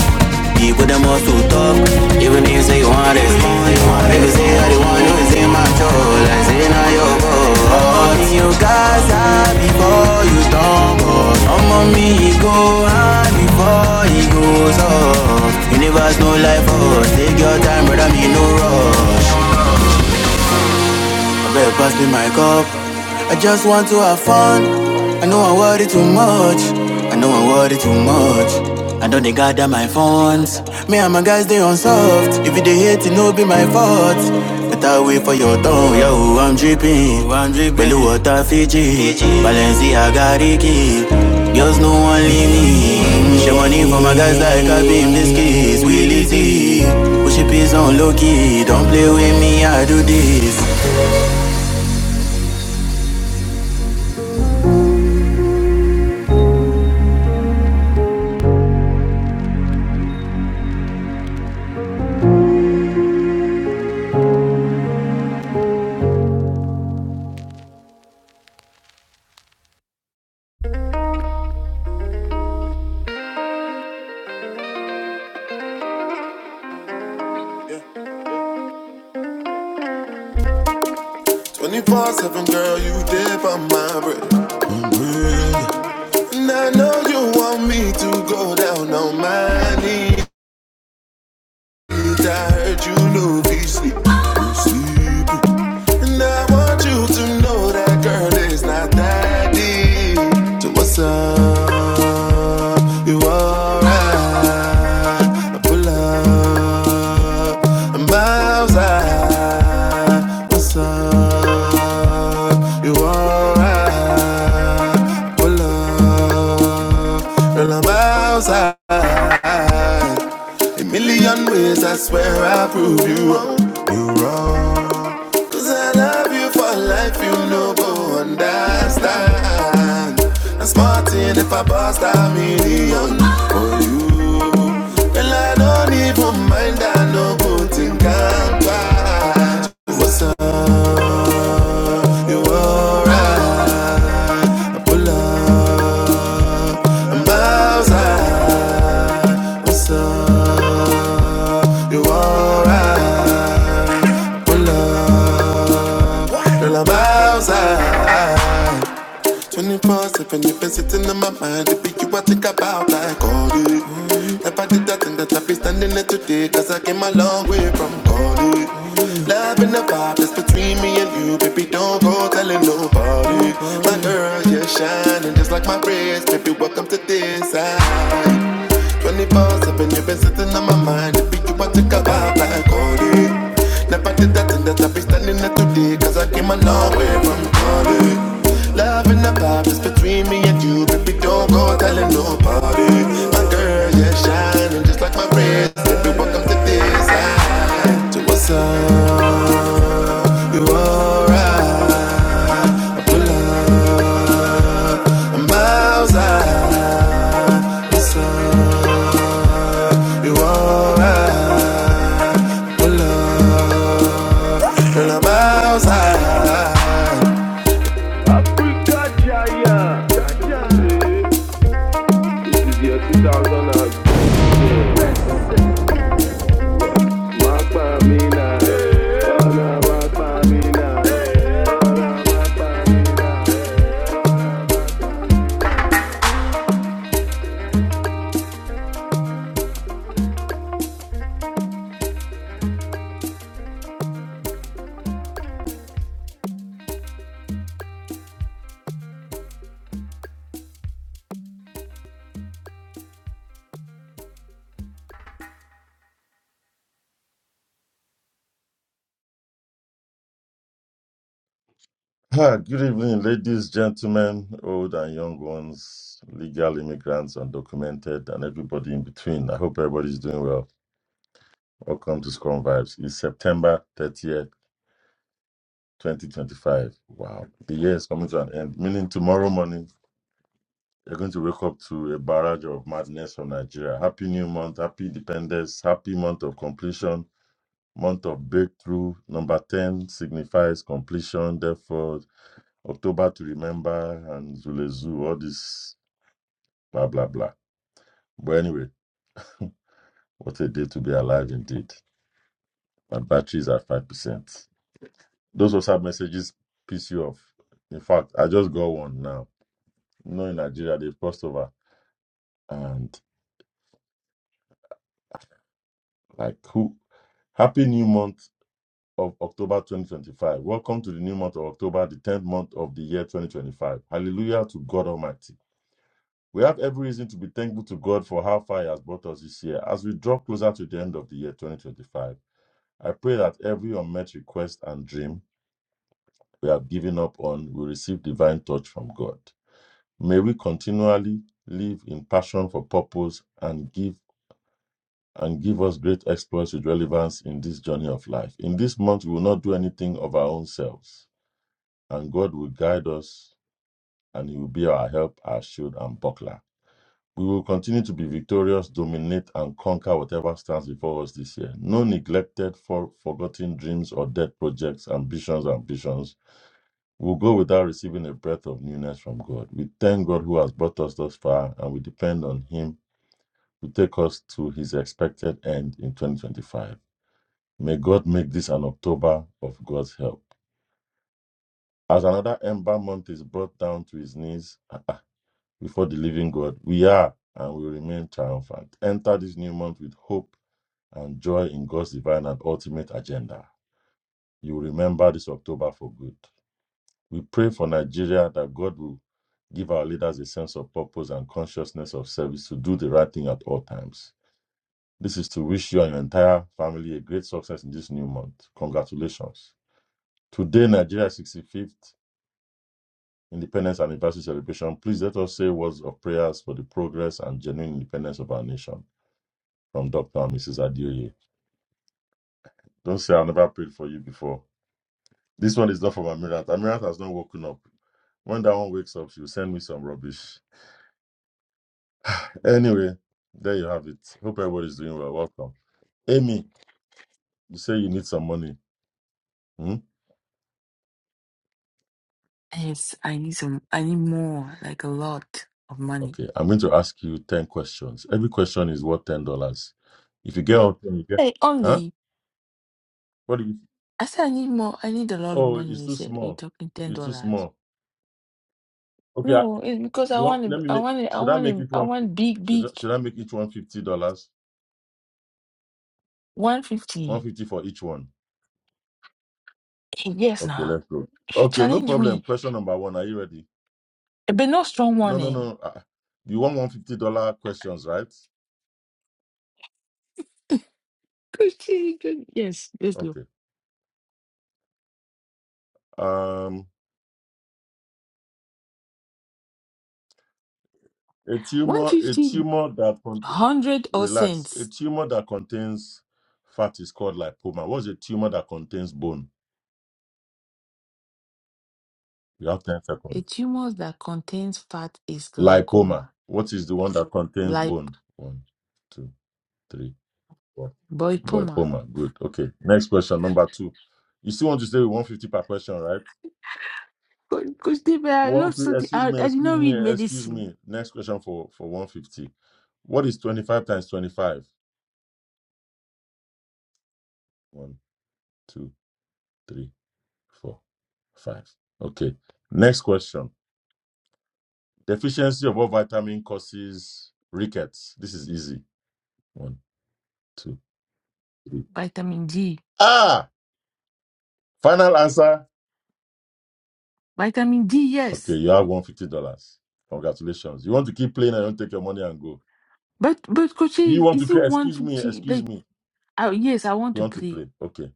[SPEAKER 1] people them also talk. Even if say you want respond, you want this. If you say you're the one who is in my soul. I say now you go. All you guys are before you stumble. not go. Some of me go high before he goes off. Universe no life for us. Take your time, brother, me no rush. I better pass me my cup. I just want to have fun. I know I worry too much. I know I worry too much. I know they gather my funds. Me and my guys, they unsolved. If you they hate, it no be my fault. Better wait for your tongue. Yo, I'm dripping. I'm dripping. Belly water, Fiji. Balenciaga, Ricky. Girls, no one leave me. Share money for my guys like I beam this case. Willie T. Push it peace on low key. Don't play with me, I do this. 24 7, girl, you dip on my bread. And I know you want me to go down on my knees. I I'm outside. Million ways, I swear I prove you wrong. You wrong. Cause I love you for life, you know, go understand. I'm smarting if I bust a million for you. And I don't even mind, I no go think I'm bad. What's up? You alright? Pull up, Bowser. You alright? Pull up, Girl, I'm Bowser. 24 7, you've been sitting in my mind. It be you I think about like all day. Never did that thing that I be standing here today. Cause I came a long way from calling. Love in the vibe that's between me and you. Baby, don't go telling nobody. My girl, you're shining just like my wrist. Baby, welcome to this side. 24 7, you've been sitting on my mind. If you want to come out like Cody. Never did that thing that I be standing there today. Cause I came a long way from Cody. Love and the vibe is between me and you. Baby, don't go telling nobody. My girl, yeah, shining just like my wrist. Baby, welcome to this side. To what's up? You alright? Pull up. I'm outside. What's up? You alright? Pull up. Girl, I'm outside. is
[SPEAKER 2] Ah, good evening, ladies, gentlemen, old and young ones, legal immigrants, undocumented, and everybody in between. I hope everybody's doing well. Welcome to Scrum Vibes. It's September 30th, 2025. Wow. The year is coming to an end, meaning tomorrow morning, you're going to wake up to a barrage of madness from Nigeria. Happy new month, happy independence, happy month of completion, month of breakthrough. Number 10 signifies completion, therefore, October to remember and Zulezu, all these. blah blah blah. But anyway, what a day to be alive indeed. My batteries are five percent. Those WhatsApp messages piss you off. In fact, I just got one now. You know, in Nigeria, they crossed over and like who? Happy new month of October 2025. Welcome to the new month of October, the 10th month of the year 2025. Hallelujah to God Almighty. We have every reason to be thankful to God for how far He has brought us this year. As we draw closer to the end of the year 2025, I pray that every unmet request and dream we have given up on will receive divine touch from God. May we continually live in passion for purpose and give and give us great exploits with relevance in this journey of life. In this month, we will not do anything of our own selves, and God will guide us, and He will be our help, our shield, and buckler. We will continue to be victorious, dominate, and conquer whatever stands before us this year. No neglected, for forgotten dreams or dead projects, ambitions, ambitions We'll go without receiving a breath of newness from God. We thank God who has brought us thus far, and we depend on Him to take us to His expected end in 2025. May God make this an October of God's help. As another ember month is brought down to his knees ah, ah, before the living God, we are and will remain triumphant. Enter this new month with hope and joy in God's divine and ultimate agenda. You will remember this October for good. We pray for Nigeria that God will give our leaders a sense of purpose and consciousness of service to do the right thing at all times. This is to wish you and your entire family a great success in this new month. Congratulations. Today, Nigeria's 65th Independence Anniversary celebration. Please let us say words of prayers for the progress and genuine independence of our nation from Dr. and Mrs. Adioye. Don't say i never prayed for you before. This one is not from Amirat. Amirat has not woken up. When that one wakes up, she'll send me some rubbish. Anyway, there you have it. Hope everybody's doing well. Welcome. Amy, you say you need some money. Hmm?
[SPEAKER 3] Yes, I need some. I need more, like a lot of money.
[SPEAKER 2] Okay, I'm going to ask you 10 questions. Every question is worth $10. If you get all 10, you get.
[SPEAKER 3] Hey,
[SPEAKER 2] Huh?
[SPEAKER 3] only
[SPEAKER 2] What do you.
[SPEAKER 3] I said I need more. I need a lot of
[SPEAKER 2] Oh,
[SPEAKER 3] money.
[SPEAKER 2] it's
[SPEAKER 3] You
[SPEAKER 2] too
[SPEAKER 3] said you're
[SPEAKER 2] small.
[SPEAKER 3] talking ten
[SPEAKER 2] It's too
[SPEAKER 3] dollars.
[SPEAKER 2] small. Okay, I,
[SPEAKER 3] No, it's because I
[SPEAKER 2] you want-
[SPEAKER 3] want.
[SPEAKER 2] let
[SPEAKER 3] it-
[SPEAKER 2] me
[SPEAKER 3] I
[SPEAKER 2] make.
[SPEAKER 3] want. it- I
[SPEAKER 2] Should I
[SPEAKER 3] want.
[SPEAKER 2] make
[SPEAKER 3] it-
[SPEAKER 2] it
[SPEAKER 3] I
[SPEAKER 2] one?
[SPEAKER 3] want big,
[SPEAKER 2] Should,
[SPEAKER 3] big
[SPEAKER 2] I- should I make each one fifty dollars
[SPEAKER 3] one fifty.
[SPEAKER 2] 150 for each one.
[SPEAKER 3] Hey, Yes,
[SPEAKER 2] Okay,
[SPEAKER 3] nah.
[SPEAKER 2] let's go.
[SPEAKER 3] If you
[SPEAKER 2] Okay, no
[SPEAKER 3] challenge
[SPEAKER 2] problem.
[SPEAKER 3] me,
[SPEAKER 2] Question number one. Are you ready?
[SPEAKER 3] eh, but no strong
[SPEAKER 2] No,
[SPEAKER 3] one.
[SPEAKER 2] no,
[SPEAKER 3] Eh.
[SPEAKER 2] no. Uh, you want $150 questions, right?
[SPEAKER 3] Good, eh, good. Yes, yes, look.
[SPEAKER 2] Okay. Um, A
[SPEAKER 3] One
[SPEAKER 2] tumor, a
[SPEAKER 3] fifty, one
[SPEAKER 2] tumor that cont-
[SPEAKER 3] hundred or
[SPEAKER 2] relax, a
[SPEAKER 3] cents.
[SPEAKER 2] tumor that contains fat is called lipoma. What's a tumor that contains bone? You have ten
[SPEAKER 3] A
[SPEAKER 2] seconds.
[SPEAKER 3] tumor that contains fat is
[SPEAKER 2] Lipoma.
[SPEAKER 3] glaucoma,
[SPEAKER 2] What is the one that contains bone? One, two, three, four.
[SPEAKER 3] lipoma.
[SPEAKER 2] Lipoma. Good. Okay. Next question, number two. You still want to stay with one fifty per question, right?
[SPEAKER 3] Cause David, I
[SPEAKER 2] One.
[SPEAKER 3] not
[SPEAKER 2] fif-
[SPEAKER 3] study. I,
[SPEAKER 2] Excuse
[SPEAKER 3] I
[SPEAKER 2] me.
[SPEAKER 3] did
[SPEAKER 2] Excuse
[SPEAKER 3] not read
[SPEAKER 2] me. Excuse
[SPEAKER 3] medicine.
[SPEAKER 2] me. Next question for for one fifty. What is twenty five times twenty five? One, two, three. four, five. Okay. Next question. Deficiency of what vitamin causes rickets? This is easy. One, two, three.
[SPEAKER 3] Vitamin D.
[SPEAKER 2] Ah, final answer.
[SPEAKER 3] Vitamin D,
[SPEAKER 2] Okay,
[SPEAKER 3] yes.
[SPEAKER 2] you have one hundred fifty dollars. Congratulations. You want to keep playing and don't take your money and go.
[SPEAKER 3] But but coach,
[SPEAKER 2] Do You want to
[SPEAKER 3] is it
[SPEAKER 2] play?
[SPEAKER 3] one
[SPEAKER 2] Excuse me.
[SPEAKER 3] fifty?
[SPEAKER 2] Excuse
[SPEAKER 3] Like,
[SPEAKER 2] me.
[SPEAKER 3] I, yes, I want
[SPEAKER 2] You
[SPEAKER 3] to
[SPEAKER 2] want to
[SPEAKER 3] play.
[SPEAKER 2] play? Okay.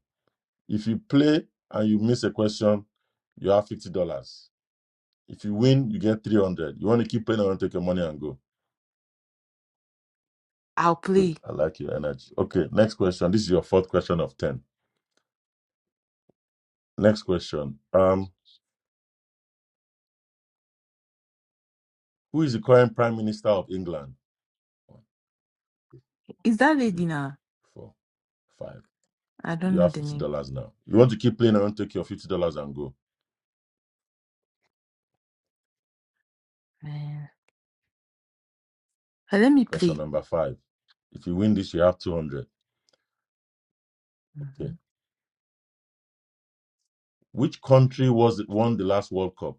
[SPEAKER 2] If you play and you miss a question, you have fifty dollars. If you win, you get three hundred. You want to keep playing and don't take your money and go.
[SPEAKER 3] I'll
[SPEAKER 2] Good.
[SPEAKER 3] play.
[SPEAKER 2] I like your energy. Okay. Next question. This is your fourth question of ten. Next question. Um, who is the current Prime Minister of England? One,
[SPEAKER 3] Is that lady
[SPEAKER 2] three,
[SPEAKER 3] now?
[SPEAKER 2] four, five.
[SPEAKER 3] I don't
[SPEAKER 2] You
[SPEAKER 3] know
[SPEAKER 2] have
[SPEAKER 3] the
[SPEAKER 2] fifty
[SPEAKER 3] name.
[SPEAKER 2] dollars now. You want to keep playing around, take your fifty dollars and go.
[SPEAKER 3] Man. Uh, Let me play.
[SPEAKER 2] Question number five. If you win this, you have two hundred.
[SPEAKER 3] hmm
[SPEAKER 2] Okay. Which country was it won the last World Cup?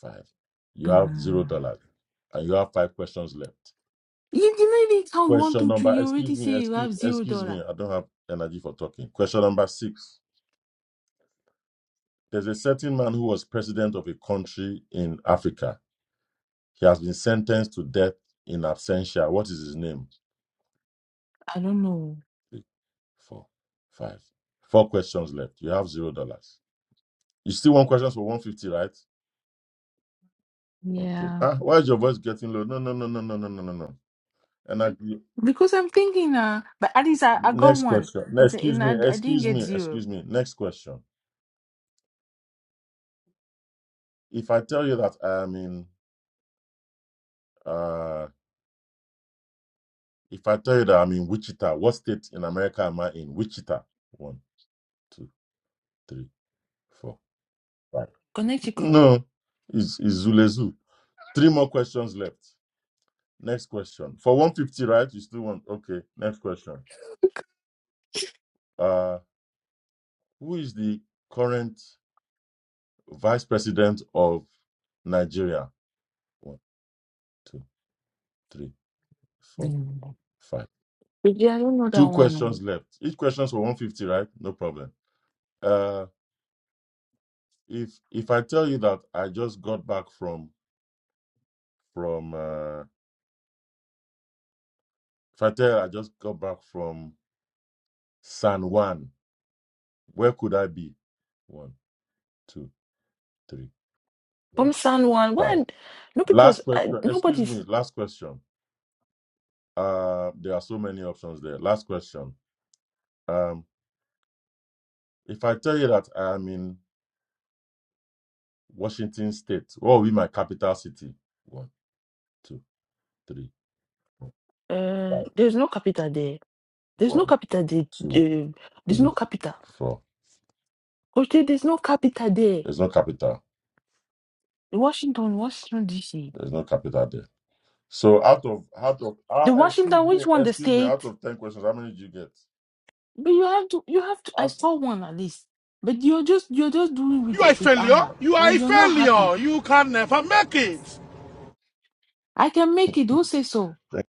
[SPEAKER 2] Five. You have zero
[SPEAKER 3] Mm.
[SPEAKER 2] dollars, and you have five questions left.
[SPEAKER 3] You did not even count one,
[SPEAKER 2] Question
[SPEAKER 3] two, three.
[SPEAKER 2] number.
[SPEAKER 3] You already
[SPEAKER 2] Excuse
[SPEAKER 3] say
[SPEAKER 2] me.
[SPEAKER 3] you
[SPEAKER 2] Excuse.
[SPEAKER 3] have zero
[SPEAKER 2] Excuse
[SPEAKER 3] dollar.
[SPEAKER 2] me. I don't have energy for talking. Question number six. There's a certain man who was president of a country in Africa He has been sentenced to death in absentia. What is his name?
[SPEAKER 3] I don't know.
[SPEAKER 2] Three, four, five. Four questions left. You have zero dollars. You still want questions for 150, right? Okay.
[SPEAKER 3] Yeah,
[SPEAKER 2] Ah, why is your voice getting low? No, no, no, no, no, no, no, no, no. And I,
[SPEAKER 3] because I'm thinking. Uh, but at least I, I got
[SPEAKER 2] next
[SPEAKER 3] one.
[SPEAKER 2] question. No,
[SPEAKER 3] It's a,
[SPEAKER 2] Excuse
[SPEAKER 3] and I,
[SPEAKER 2] me,
[SPEAKER 3] I didn't
[SPEAKER 2] excuse
[SPEAKER 3] get
[SPEAKER 2] me,
[SPEAKER 3] zero.
[SPEAKER 2] excuse me. Next question. If I tell you that I am in, uh, if I tell you that I'm in Wichita, what state in America am I in? Wichita. One, two, three, four, five.
[SPEAKER 3] Connecticut.
[SPEAKER 2] No, it's, it's Zulezu. Three more questions left. Next question. For 150, right? You still want. Okay. Next question. Uh, who is the current vice president of Nigeria? One, two, three, four,
[SPEAKER 3] Mm.
[SPEAKER 2] five.
[SPEAKER 3] Yeah, I don't know that
[SPEAKER 2] Two
[SPEAKER 3] one. oh.
[SPEAKER 2] questions left. Each question's for 150, right? No problem. Uh, if if I tell you that I just got back from from uh, if I tell you I just got back from San Juan, where could I be? One, two, three, four,
[SPEAKER 3] From San Juan,
[SPEAKER 2] five.
[SPEAKER 3] when no people's,
[SPEAKER 2] Last
[SPEAKER 3] uh,
[SPEAKER 2] question. Excuse
[SPEAKER 3] nobody's,
[SPEAKER 2] me. Last question. Uh, there are so many options there. Last question. Um, if I tell you that I am in Washington State, what will be my capital city? One, two, three, four,
[SPEAKER 3] uh,
[SPEAKER 2] five.
[SPEAKER 3] there's no capital there. There's no
[SPEAKER 2] One,
[SPEAKER 3] capital there.
[SPEAKER 2] two,
[SPEAKER 3] eh, there's
[SPEAKER 2] three,
[SPEAKER 3] no capital.
[SPEAKER 2] four.
[SPEAKER 3] Okay, there's no capital there.
[SPEAKER 2] There's no capital.
[SPEAKER 3] The Washington, Washington D.C.
[SPEAKER 2] There's no capital there. So out of out of uh,
[SPEAKER 3] The
[SPEAKER 2] excuse
[SPEAKER 3] Washington,
[SPEAKER 2] me,
[SPEAKER 3] which one? The
[SPEAKER 2] excuse me. Out
[SPEAKER 3] state.
[SPEAKER 2] of ten questions, how many did you get?
[SPEAKER 3] But you have to, you have to. I
[SPEAKER 2] Out,
[SPEAKER 3] saw one at least. But you're just, you're just doing with it with anger. You're, you're not happy.
[SPEAKER 1] you can never make
[SPEAKER 3] I can make it. Who say so?
[SPEAKER 2] Th-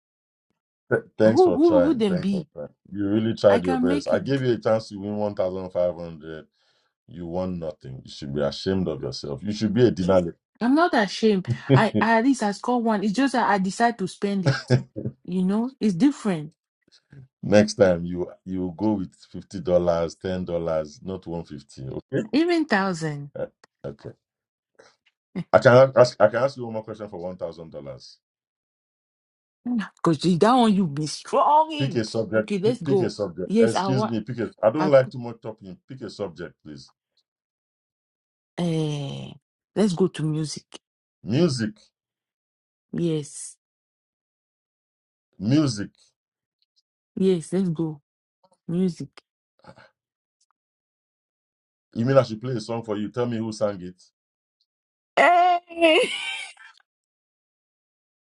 [SPEAKER 2] th- Thanks
[SPEAKER 3] Who,
[SPEAKER 2] for
[SPEAKER 3] who, who
[SPEAKER 2] trying.
[SPEAKER 3] then
[SPEAKER 2] Thanks for
[SPEAKER 3] be?
[SPEAKER 2] trying. You really
[SPEAKER 3] I
[SPEAKER 2] tried your
[SPEAKER 3] can
[SPEAKER 2] best.
[SPEAKER 3] make
[SPEAKER 2] I
[SPEAKER 3] it.
[SPEAKER 2] gave you a chance to win 1,500. You won nothing. You should be ashamed of yourself. You should be a denier.
[SPEAKER 3] I'm not ashamed. I, I at least I score one. It's just that I decide to spend it. You know, it's different.
[SPEAKER 2] Next time you you go with fifty dollars, ten dollars, not one fifty. Okay.
[SPEAKER 3] Even thousand.
[SPEAKER 2] Uh, Okay. I can ask. I can ask you one more question for one thousand dollars.
[SPEAKER 3] Because that one you be strong
[SPEAKER 2] Pick
[SPEAKER 3] in.
[SPEAKER 2] a subject.
[SPEAKER 3] Okay,
[SPEAKER 2] p-
[SPEAKER 3] let's
[SPEAKER 2] Pick a
[SPEAKER 3] go.
[SPEAKER 2] subject.
[SPEAKER 3] Yes, I
[SPEAKER 2] Excuse
[SPEAKER 3] want
[SPEAKER 2] me. Pick a. I don't
[SPEAKER 3] I
[SPEAKER 2] like too much talking. Pick a subject, please.
[SPEAKER 3] uh, let's go to music.
[SPEAKER 2] Music.
[SPEAKER 3] Yes.
[SPEAKER 2] Music.
[SPEAKER 3] Yes, let's go. Music.
[SPEAKER 2] You mean I should play a song for you? Tell me who sang it.
[SPEAKER 3] Hey,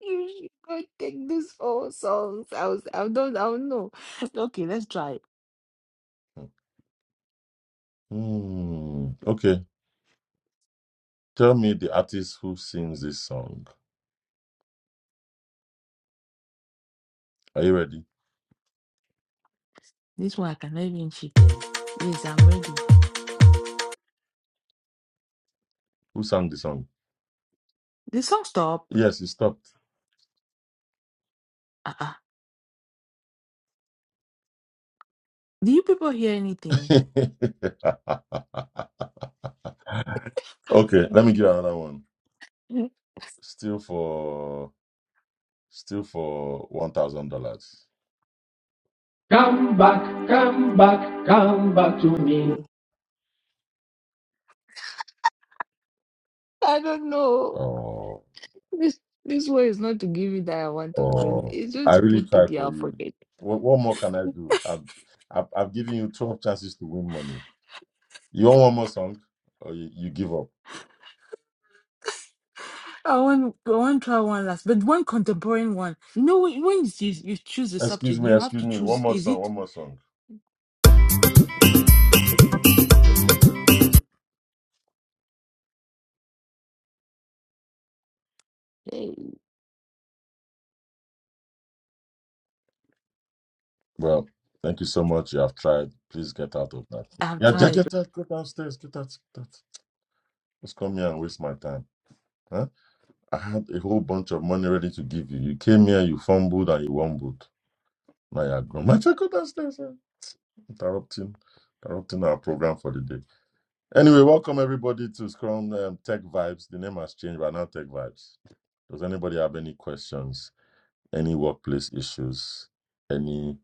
[SPEAKER 3] you should go take these four songs. I was I don't I don't know. Okay, let's try it.
[SPEAKER 2] Hmm. Okay. Tell me the artist who sings this song. Are you ready?
[SPEAKER 3] This one I cannot even cheat there. Yes, I'm ready.
[SPEAKER 2] Who sang the song?
[SPEAKER 3] The song stop.
[SPEAKER 2] Yes, it stopped.
[SPEAKER 3] Ah, ah. Do you people hear anything?
[SPEAKER 2] okay, let me give another one. Still for still for one thousand dollars.
[SPEAKER 3] I don't know.
[SPEAKER 2] Oh,
[SPEAKER 3] This this one is not to give me that I want us, and
[SPEAKER 2] oh!
[SPEAKER 3] it's just
[SPEAKER 2] I
[SPEAKER 3] to
[SPEAKER 2] really
[SPEAKER 3] keep it
[SPEAKER 2] try
[SPEAKER 3] in
[SPEAKER 2] for
[SPEAKER 3] your
[SPEAKER 2] you.
[SPEAKER 3] pocket.
[SPEAKER 2] What, what more can I do? I've, I've I've given you twelve chances to win money. You want one more song, or you, you give up?
[SPEAKER 3] I want I want to try one last, but one contemporary one. No, when when you, you choose the
[SPEAKER 2] Excuse
[SPEAKER 3] subject,
[SPEAKER 2] me,
[SPEAKER 3] you have
[SPEAKER 2] excuse
[SPEAKER 3] to
[SPEAKER 2] me. One
[SPEAKER 3] choose.
[SPEAKER 2] more
[SPEAKER 3] Is
[SPEAKER 2] song,
[SPEAKER 3] it?
[SPEAKER 2] one more song.
[SPEAKER 3] Hey,
[SPEAKER 2] Well, thank you so much. You have tried. Please get out of that.
[SPEAKER 3] I've
[SPEAKER 2] Yeah, get
[SPEAKER 3] tried.
[SPEAKER 2] get out, go downstairs, get out, get out. Just come here and waste my time, Huh? I had a whole bunch of money ready to give you. You came here, you fumbled and you wumbled. Now you're grown. My check out upstairs, eh? interrupting, interrupting our program for the day. Anyway, welcome everybody to Scrum um, Tech Vibes. The name has changed, but now Tech Vibes. Does anybody have any questions? Any workplace issues? Any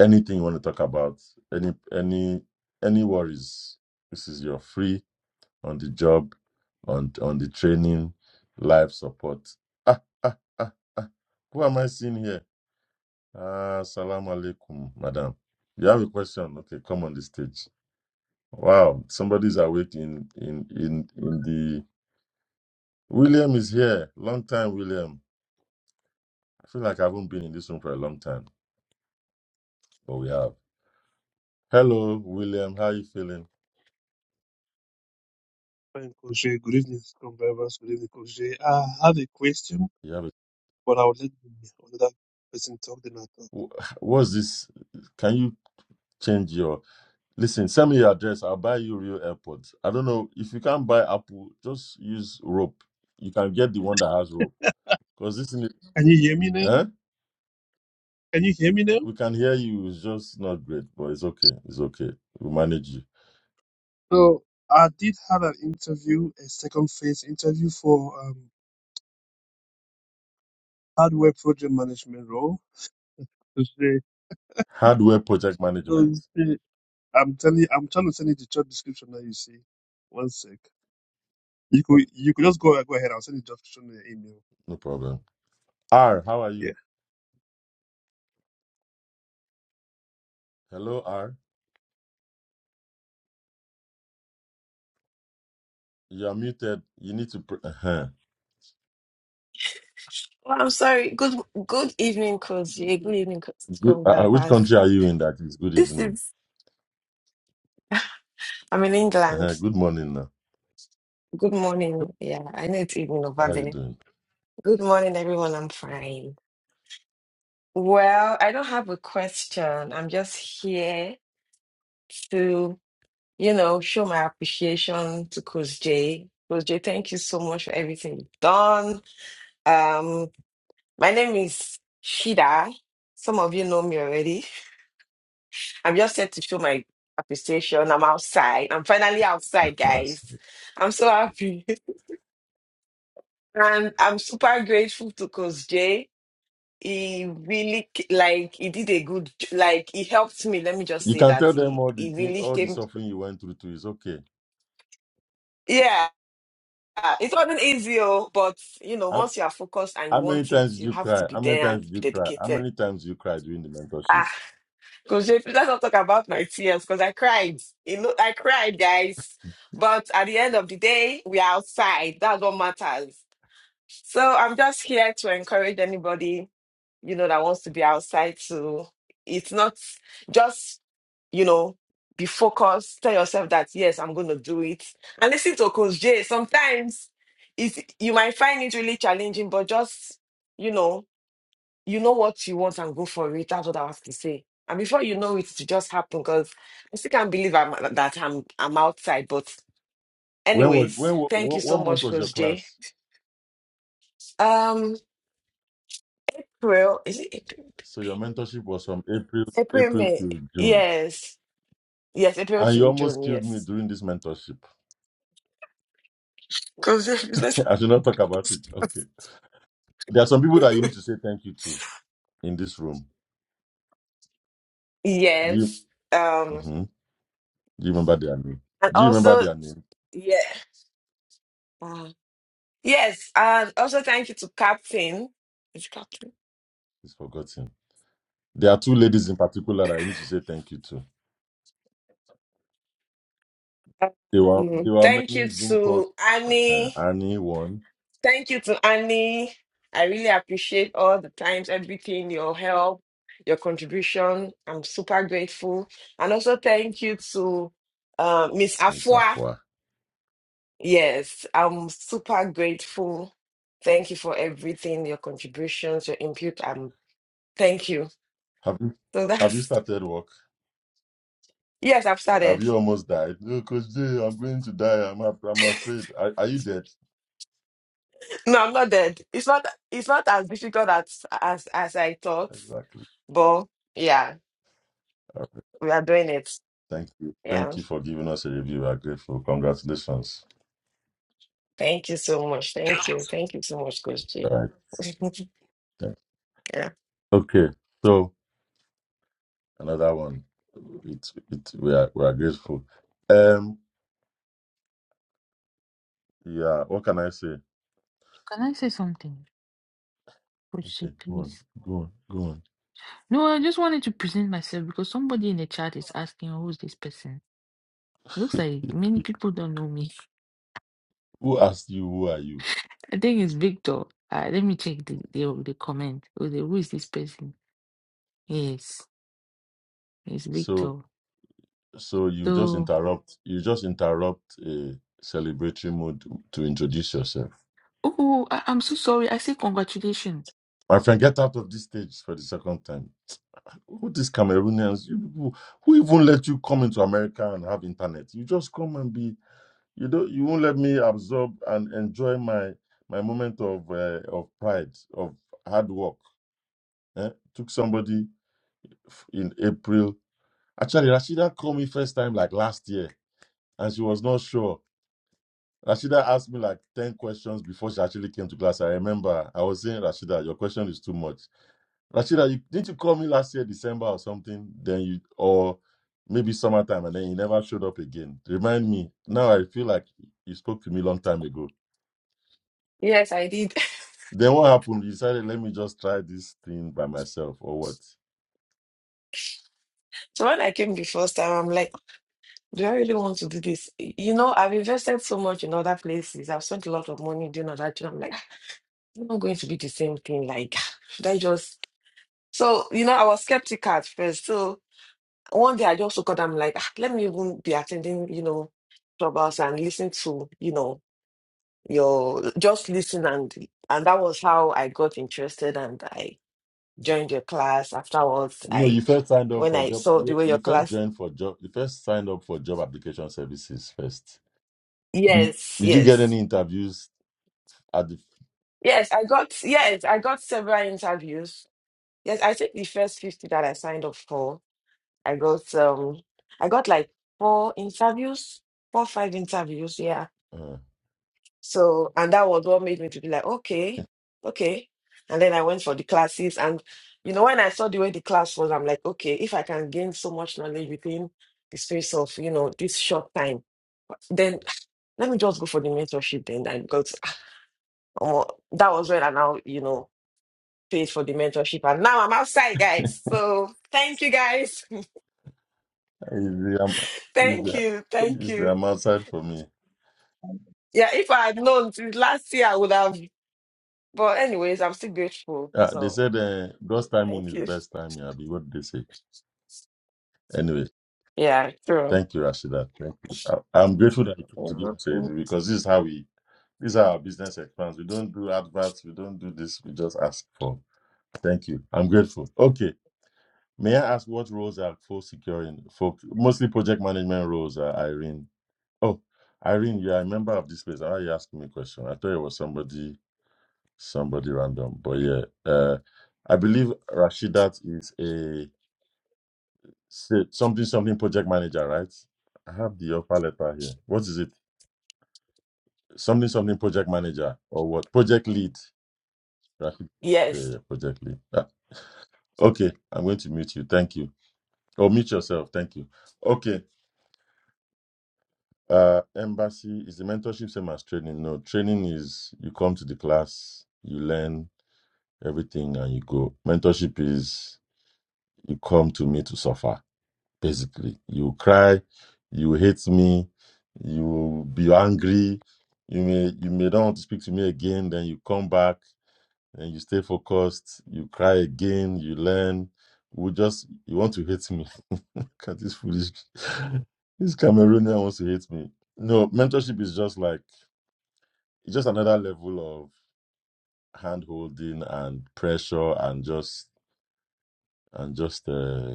[SPEAKER 2] anything you want to talk about? Any any any worries? This is your free on the job, on on the training, life support. Ah, ah, ah, ah. Who am I seeing here? Ah, salam alaikum, madam. You have a question? Okay, come on the stage. Wow, somebody's awake in in in in the. William is here. Long time, William. I feel like I haven't been in this room for a long time, but we have. Hello, William. How are you feeling?
[SPEAKER 4] Fine, Coach Jay. Good evening, Converse. Good evening, Coach Jay. I have a question,
[SPEAKER 2] You have a.
[SPEAKER 4] but I'll let the another person talk then I'll talk.
[SPEAKER 2] wh- What's this? Can you change your Listen, send me your address. I'll buy you real AirPods. I don't know if you can't buy Apple, just use rope. You can get the one that has rope. Because this, thing is-
[SPEAKER 4] Can you hear me now?
[SPEAKER 2] eh?
[SPEAKER 4] Can you hear me now?
[SPEAKER 2] We can hear you. It's just not great, but it's okay. It's okay. We'll manage you.
[SPEAKER 4] So I did have an interview, a second phase interview for um, hardware project management role. Coach Jay,
[SPEAKER 2] Hardware project management.
[SPEAKER 4] Coach Jay, I'm telling you, I'm trying to send you the job description now, you see. One sec. You
[SPEAKER 2] Okay.
[SPEAKER 4] could you could just go go ahead, I'll send the job description in the email.
[SPEAKER 2] No problem. R, how are you?
[SPEAKER 4] Yeah.
[SPEAKER 2] Hello, R. You are muted. You need to. Pr- uh-huh.
[SPEAKER 5] Well, I'm sorry. Good good evening, Coach. Yeah, good evening, Coach
[SPEAKER 2] good, uh, uh, which
[SPEAKER 5] Govas.
[SPEAKER 2] country are you in? That is good
[SPEAKER 5] This
[SPEAKER 2] evening.
[SPEAKER 5] is I'm in England.
[SPEAKER 2] Uh-huh. Good morning. Now.
[SPEAKER 5] Good morning. Yeah, I know it's evening over
[SPEAKER 2] How you
[SPEAKER 5] there.
[SPEAKER 2] doing?
[SPEAKER 5] Good morning, everyone. I'm fine. Well, I don't have a question. I'm just here to, you know, show my appreciation to Coach Jay. Coach Jay, thank you so much for everything you've done. Um, my name is Shida. Some of you know me already. I'm just here to show my appreciation. I'm outside. I'm finally outside, guys.
[SPEAKER 2] Yes.
[SPEAKER 5] I'm so happy. And I'm super grateful to Coach Jay. He really, c- like, he did a good, j- like, he helped me. Let me just
[SPEAKER 2] You
[SPEAKER 5] say
[SPEAKER 2] can
[SPEAKER 5] that.
[SPEAKER 2] tell them
[SPEAKER 5] He,
[SPEAKER 2] all the
[SPEAKER 5] he
[SPEAKER 2] thing,
[SPEAKER 5] really
[SPEAKER 2] all the
[SPEAKER 5] came.
[SPEAKER 2] suffering you went through. Too. It's okay.
[SPEAKER 5] Yeah, it wasn't easy, oh, but, you know, once you are focused and you
[SPEAKER 2] How many
[SPEAKER 5] want it,
[SPEAKER 2] times did
[SPEAKER 5] you
[SPEAKER 2] you
[SPEAKER 5] have to
[SPEAKER 2] cry?
[SPEAKER 5] be
[SPEAKER 2] How many
[SPEAKER 5] there and
[SPEAKER 2] times did
[SPEAKER 5] be
[SPEAKER 2] you cry? How
[SPEAKER 5] dedicated.
[SPEAKER 2] many times did you cry during the mentorship?
[SPEAKER 5] Ah, Coach JP, let's not talk about my tears because I cried. You know, I cried, guys. But at the end of the day, we are outside. That's what matters. So I'm just here to encourage anybody, you know, that wants to be outside to it's not just, you know, be focused. Tell yourself that yes, I'm gonna do it. And listen to Coach J. Sometimes it's you might find it really challenging, but just you know you know what you want and go for it. That's what I have to say. And before you know it, it just happened because I still can't believe I'm, that I'm I'm outside. But
[SPEAKER 2] When was
[SPEAKER 5] anyways,
[SPEAKER 2] when wa-
[SPEAKER 5] thank you
[SPEAKER 2] what,
[SPEAKER 5] so
[SPEAKER 2] what month
[SPEAKER 5] much,
[SPEAKER 2] was your
[SPEAKER 5] Coach Jay.
[SPEAKER 2] class?
[SPEAKER 5] Um, April is it April?
[SPEAKER 2] So your mentorship was from April
[SPEAKER 5] April,
[SPEAKER 2] April
[SPEAKER 5] May.
[SPEAKER 2] to June,
[SPEAKER 5] Yes, yes, April
[SPEAKER 2] and you
[SPEAKER 5] to
[SPEAKER 2] almost
[SPEAKER 5] June.
[SPEAKER 2] killed me
[SPEAKER 5] Yes,
[SPEAKER 2] during this mentorship.
[SPEAKER 5] Because your business.
[SPEAKER 2] I should not talk about it. Okay, there are some people that you need to say thank you to in this room. Do you
[SPEAKER 5] yes. Um,
[SPEAKER 2] Mhm. do you remember their name?
[SPEAKER 5] and
[SPEAKER 2] Do you remember
[SPEAKER 5] also
[SPEAKER 2] their name?
[SPEAKER 5] yeah, uh, yes, and also thank you to Captain. Is it Captain?
[SPEAKER 2] It's forgotten. There are two ladies in particular that you need to say thank you to. There were there
[SPEAKER 5] Um,
[SPEAKER 2] were
[SPEAKER 5] thank
[SPEAKER 2] many
[SPEAKER 5] you
[SPEAKER 2] Zoom calls.
[SPEAKER 5] to
[SPEAKER 2] uh
[SPEAKER 5] Annie.
[SPEAKER 2] Annie one,
[SPEAKER 5] Thank you to Annie. I really appreciate all the times, everything, your help, your contribution. I'm super grateful. And also thank you to uh, Miss
[SPEAKER 2] Miss
[SPEAKER 5] Afua.
[SPEAKER 2] Afua.
[SPEAKER 5] Yes, I'm super grateful. Thank you for everything, your contributions, your input. Um, thank you.
[SPEAKER 2] Have you
[SPEAKER 5] So
[SPEAKER 2] have you
[SPEAKER 5] that's
[SPEAKER 2] started work?
[SPEAKER 5] yes, I've
[SPEAKER 2] Have
[SPEAKER 5] started.
[SPEAKER 2] you almost died? No, Coach J, I'm going to die. I'm af- I'm afraid. Are, are you dead?
[SPEAKER 5] No, I'm not dead. It's not it's not as difficult as as as I thought,
[SPEAKER 2] Exactly.
[SPEAKER 5] but yeah,
[SPEAKER 2] All right.
[SPEAKER 5] we are doing it.
[SPEAKER 2] Thank you.
[SPEAKER 5] Yeah.
[SPEAKER 2] Thank you for giving us a review. We are grateful. Congratulations.
[SPEAKER 5] Thank you so much. Thank you. Thank you so much, Coach Jay.
[SPEAKER 2] All right. Thank
[SPEAKER 5] yeah.
[SPEAKER 2] Okay. So another one. It's it we are we are grateful. Um yeah, what can I say?
[SPEAKER 3] Can I say something? Coach Shea,
[SPEAKER 2] Okay, go on,
[SPEAKER 3] please.
[SPEAKER 2] go on, go on.
[SPEAKER 3] No, I just wanted to present myself because somebody in the chat is asking who's this person. looks like many people don't know me.
[SPEAKER 2] Who asked you who are you?
[SPEAKER 3] I think it's Victor. Uh, let me check the the, the comment. Who the- who is this person? Yes, it's
[SPEAKER 2] So
[SPEAKER 3] Victor.
[SPEAKER 2] so you just
[SPEAKER 3] So,
[SPEAKER 2] interrupt you just interrupt a celebratory mood to introduce yourself.
[SPEAKER 3] oh, I, I'm so sorry. I say congratulations.
[SPEAKER 2] My friend, get out of this stage for the second time. Who these Cameroonians? You people who even let you come into America and have internet? You just come and be. You don't. You won't let me absorb and enjoy my my moment of uh, of pride of hard work. eh? Took somebody f- in April. Actually, Rashida called me first time like last year, and she was not sure. Rashida asked me like ten questions before she actually came to class. I remember I was saying, Rashida, your question is too much. Rashida, you, didn't you call me last year, December or something? Then you, or maybe summertime, and then you never showed up again. Remind me. Now I feel like you spoke to me long time ago.
[SPEAKER 5] Yes, I did.
[SPEAKER 2] Then what happened? You decided, let me just try this thing by myself, or what?
[SPEAKER 5] So when I came the first time, I'm like, do I really want to do this? You know, I've invested so much in other places. I've spent a lot of money doing other jobs. I'm like, i not going to be the same thing. Like, should I just? So, you know, I was skeptical at first. So one day I just woke up, I'm like, "Ah, let me even be attending, you know, clubhouse and listen to, you know, your just listen and and that was how I got interested and I joined your class. Afterwards,
[SPEAKER 2] No,
[SPEAKER 5] I
[SPEAKER 2] you first signed up
[SPEAKER 5] when
[SPEAKER 2] for
[SPEAKER 5] I
[SPEAKER 2] job.
[SPEAKER 5] saw the
[SPEAKER 2] You
[SPEAKER 5] way your
[SPEAKER 2] you first
[SPEAKER 5] class,
[SPEAKER 2] joined for job. You first signed up for job application services first. Did,
[SPEAKER 5] yes,
[SPEAKER 2] did you get
[SPEAKER 5] yes,
[SPEAKER 2] any interviews at the?
[SPEAKER 5] yes, I got yes, I got several interviews. Yes, I think the first fifty that I signed up for, I got um, I got like four interviews, four five interviews. Yeah,
[SPEAKER 2] Uh,
[SPEAKER 5] So, and that was what made me to be like, okay, okay. And then I went for the classes. And, you know, when I saw the way the class was, I'm like, okay, if I can gain so much knowledge within the space of, you know, this short time, then let me just go for the mentorship then. and because uh, that was when I now, you know, paid for the mentorship. And now I'm outside, guys. So thank you, guys.
[SPEAKER 2] is the, am- is
[SPEAKER 5] thank
[SPEAKER 2] the,
[SPEAKER 5] you.
[SPEAKER 4] So
[SPEAKER 5] Thank
[SPEAKER 2] is the,
[SPEAKER 5] you.
[SPEAKER 2] I'm outside for me.
[SPEAKER 5] Yeah, if I had known since last year, I would have. But, anyways, I'm still grateful.
[SPEAKER 2] Uh, they
[SPEAKER 5] So
[SPEAKER 2] said uh, God's timing
[SPEAKER 5] thank
[SPEAKER 2] is the
[SPEAKER 5] you.
[SPEAKER 2] best timing, Abi. What did they say? Anyway,
[SPEAKER 5] Yeah, true.
[SPEAKER 2] thank you, Rashida. Thank you. I, I'm grateful that you came to give us a review
[SPEAKER 5] Mhm.
[SPEAKER 2] because this is how we, these are our business expands. We don't do adverts, we don't do this, we just ask for. Thank you. I'm grateful. Okay. May I ask what roles are folks securing? Folk, mostly project management roles, uh, Irene. Oh, Irene, you are a member of this place. Why are you asking me a question? I thought it was somebody, somebody random. But yeah, uh, I believe Rashidat is a Say something something project manager, right? I have the offer letter here. What is it? Something something project manager or what? Project lead, right? Yeah, yeah
[SPEAKER 5] Yes,
[SPEAKER 2] yeah, project lead. Ah, okay, I'm going to mute you. Thank you. Or mute yourself. Thank you. Okay. Uh, embassy is the mentorship same as training? No, training is you come to the class, you learn everything, and you go. Mentorship is you come to me to suffer. basically. You cry, you hate me, you be angry, you may you may not want to speak to me again, then you come back and you stay focused, you cry again, you learn. We just you want to hate me. Look at this foolish this Cameroonian wants to hate me. No, mentorship is just like it's just another level of hand holding and pressure and just and just uh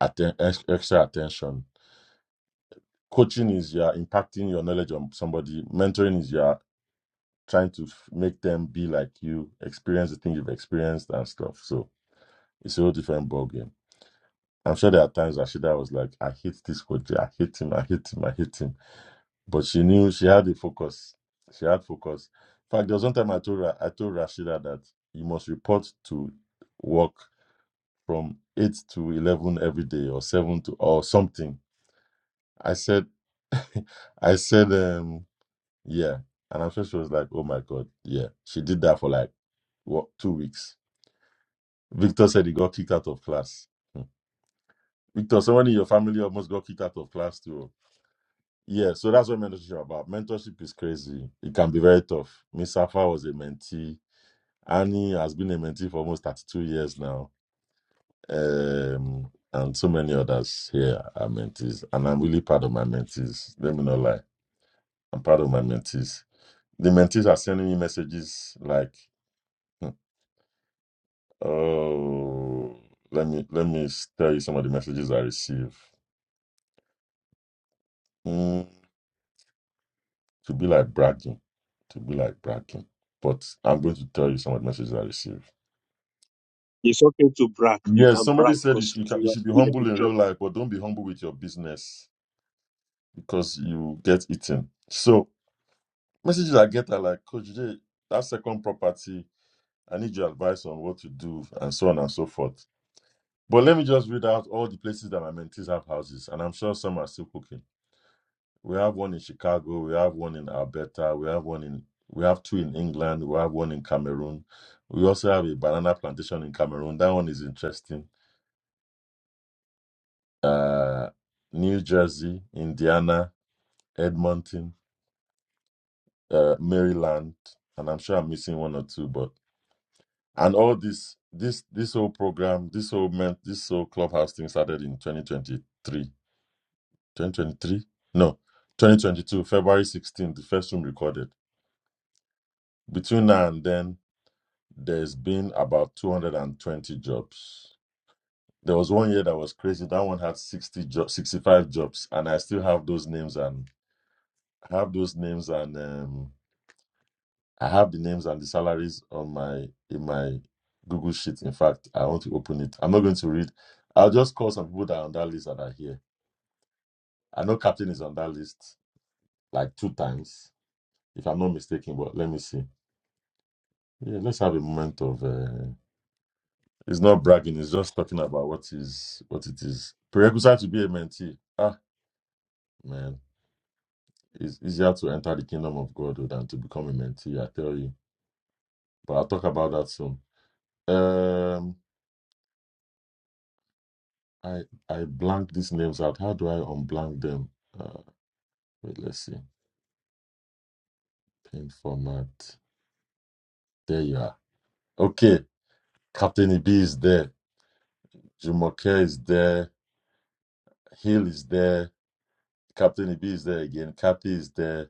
[SPEAKER 2] atten- ex- extra attention coaching is you're impacting your knowledge on somebody mentoring is you're trying to f- make them be like you experience the thing you've experienced and stuff so it's a whole different ball game i'm sure there are times Rashida was like i hate this coach i hate him i hate him i hate him but she knew she had a focus she had focus in fact there was one time i told her i told rashida that you must report to work from 8 to 11 every day or 7 to or something i said i said um Yeah. And I'm sure she was like, oh my God. Yeah. She did that for like, what, two weeks. Victor said he got kicked out of class. Hmm. Victor, someone in your family almost got kicked out of class too. Yeah. So that's what mentorship is about. Mentorship is crazy. It can be very tough. Miss Safa was a mentee. Annie has been a mentee for almost 32 years now. Um, and so many others here are mentees. And I'm really proud of my mentees. Let me not lie. I'm proud of my mentees. The mentees are sending me messages like, hmm, Oh, let me let me s- tell you some of the messages I receive. Mm, to be like bragging, to be like bragging. But I'm going to tell you some of the messages I receive.
[SPEAKER 4] it's okay to brag. You
[SPEAKER 2] Yes,
[SPEAKER 4] can
[SPEAKER 2] somebody
[SPEAKER 4] brag
[SPEAKER 2] said you
[SPEAKER 4] because
[SPEAKER 2] should you can- you
[SPEAKER 4] you are
[SPEAKER 2] should be
[SPEAKER 4] doing a
[SPEAKER 2] humble
[SPEAKER 4] good
[SPEAKER 2] in
[SPEAKER 4] job.
[SPEAKER 2] real life, but don't be humble with your business because you get eaten. So messages I get are like, Coach J, that second property, I need your advice on what to do, and so on and so forth. But let me just read out all the places that my mentees have houses, and I'm sure some are still cooking. We have one in Chicago. We have one in Alberta. We have one in we have two in England. We have one in Cameroon. We also have a banana plantation in Cameroon. That one is interesting. Uh, New Jersey, Indiana, Edmonton, uh, Maryland, and I'm sure I'm missing one or two. But and all this this this whole program, this whole men, this whole clubhouse thing started in 2023. 2023? No, 2022, February 16th. The first room recorded. Between now and then, there's been about 220 jobs. There was one year that was crazy. That one had 60 jobs, 65 jobs, and I still have those names and I have those names and um, I have the names and the salaries on my in my Google sheet. In fact, I want to open it. I'm not going to read. I'll just call some people that are on that list that are here. I know Captain is on that list like two times, if I'm not mistaken. But let me see. Yeah, let's have a moment of. Uh, It's not bragging, it's just talking about what is what it is. Prerequisite to be a mentee. Ah man, it's easier to enter the kingdom of God oh, than to become a mentee, I tell you. But I'll talk about that soon. Um I I blank these names out. How do I unblank them? Uh wait, let's see. Pin format. There you are. Okay. Captain EB is there. Jumoke is there. Hill is there. Captain EB is there again. Kathy is there.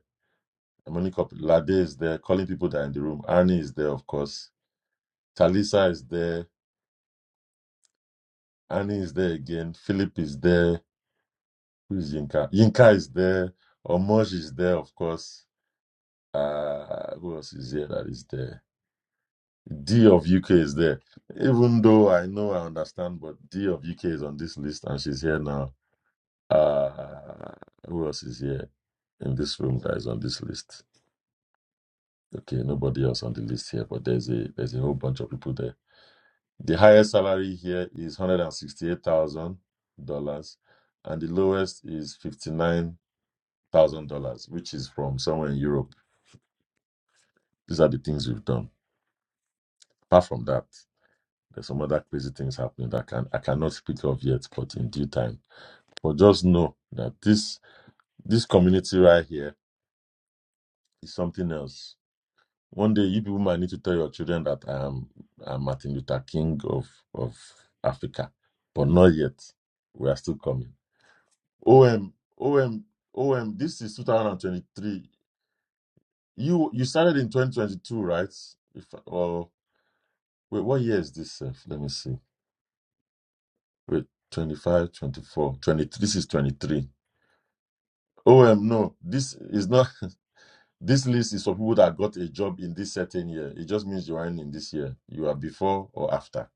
[SPEAKER 2] Emmanuel Cop- Lade is there, calling people that are in the room. Annie is there, of course. Talisa is there. Annie is there again. Philip is there. Who is Yinka? Yinka is there. Omoj is there, of course. Uh, who else is here that is there? D of UK is there. Even though I know I understand, but D of UK is on this list and she's here now. Uh, who else is here in this room that is on this list? Okay, nobody else on the list here, but there's a there's a whole bunch of people there. The highest salary here is one hundred and sixty-eight thousand dollars, and the lowest is fifty-nine thousand dollars, which is from somewhere in Europe. These are the things we've done. Apart from that, there's some other crazy things happening that can I cannot speak of yet, but in due time. But just know that this this community right here is something else. One day you people might need to tell your children that I am I'm Martin Luther King of of Africa, but not yet. We are still coming. OM, OM, OM, this is 2023. You you started in 2022, right? If or wait, what year is this? Seth? Let me see. Wait, 25, 24, 23. This is 23. OM, no, this is not. This list is for people that got a job in this certain year. It just means you are in, in this year. You are before or after.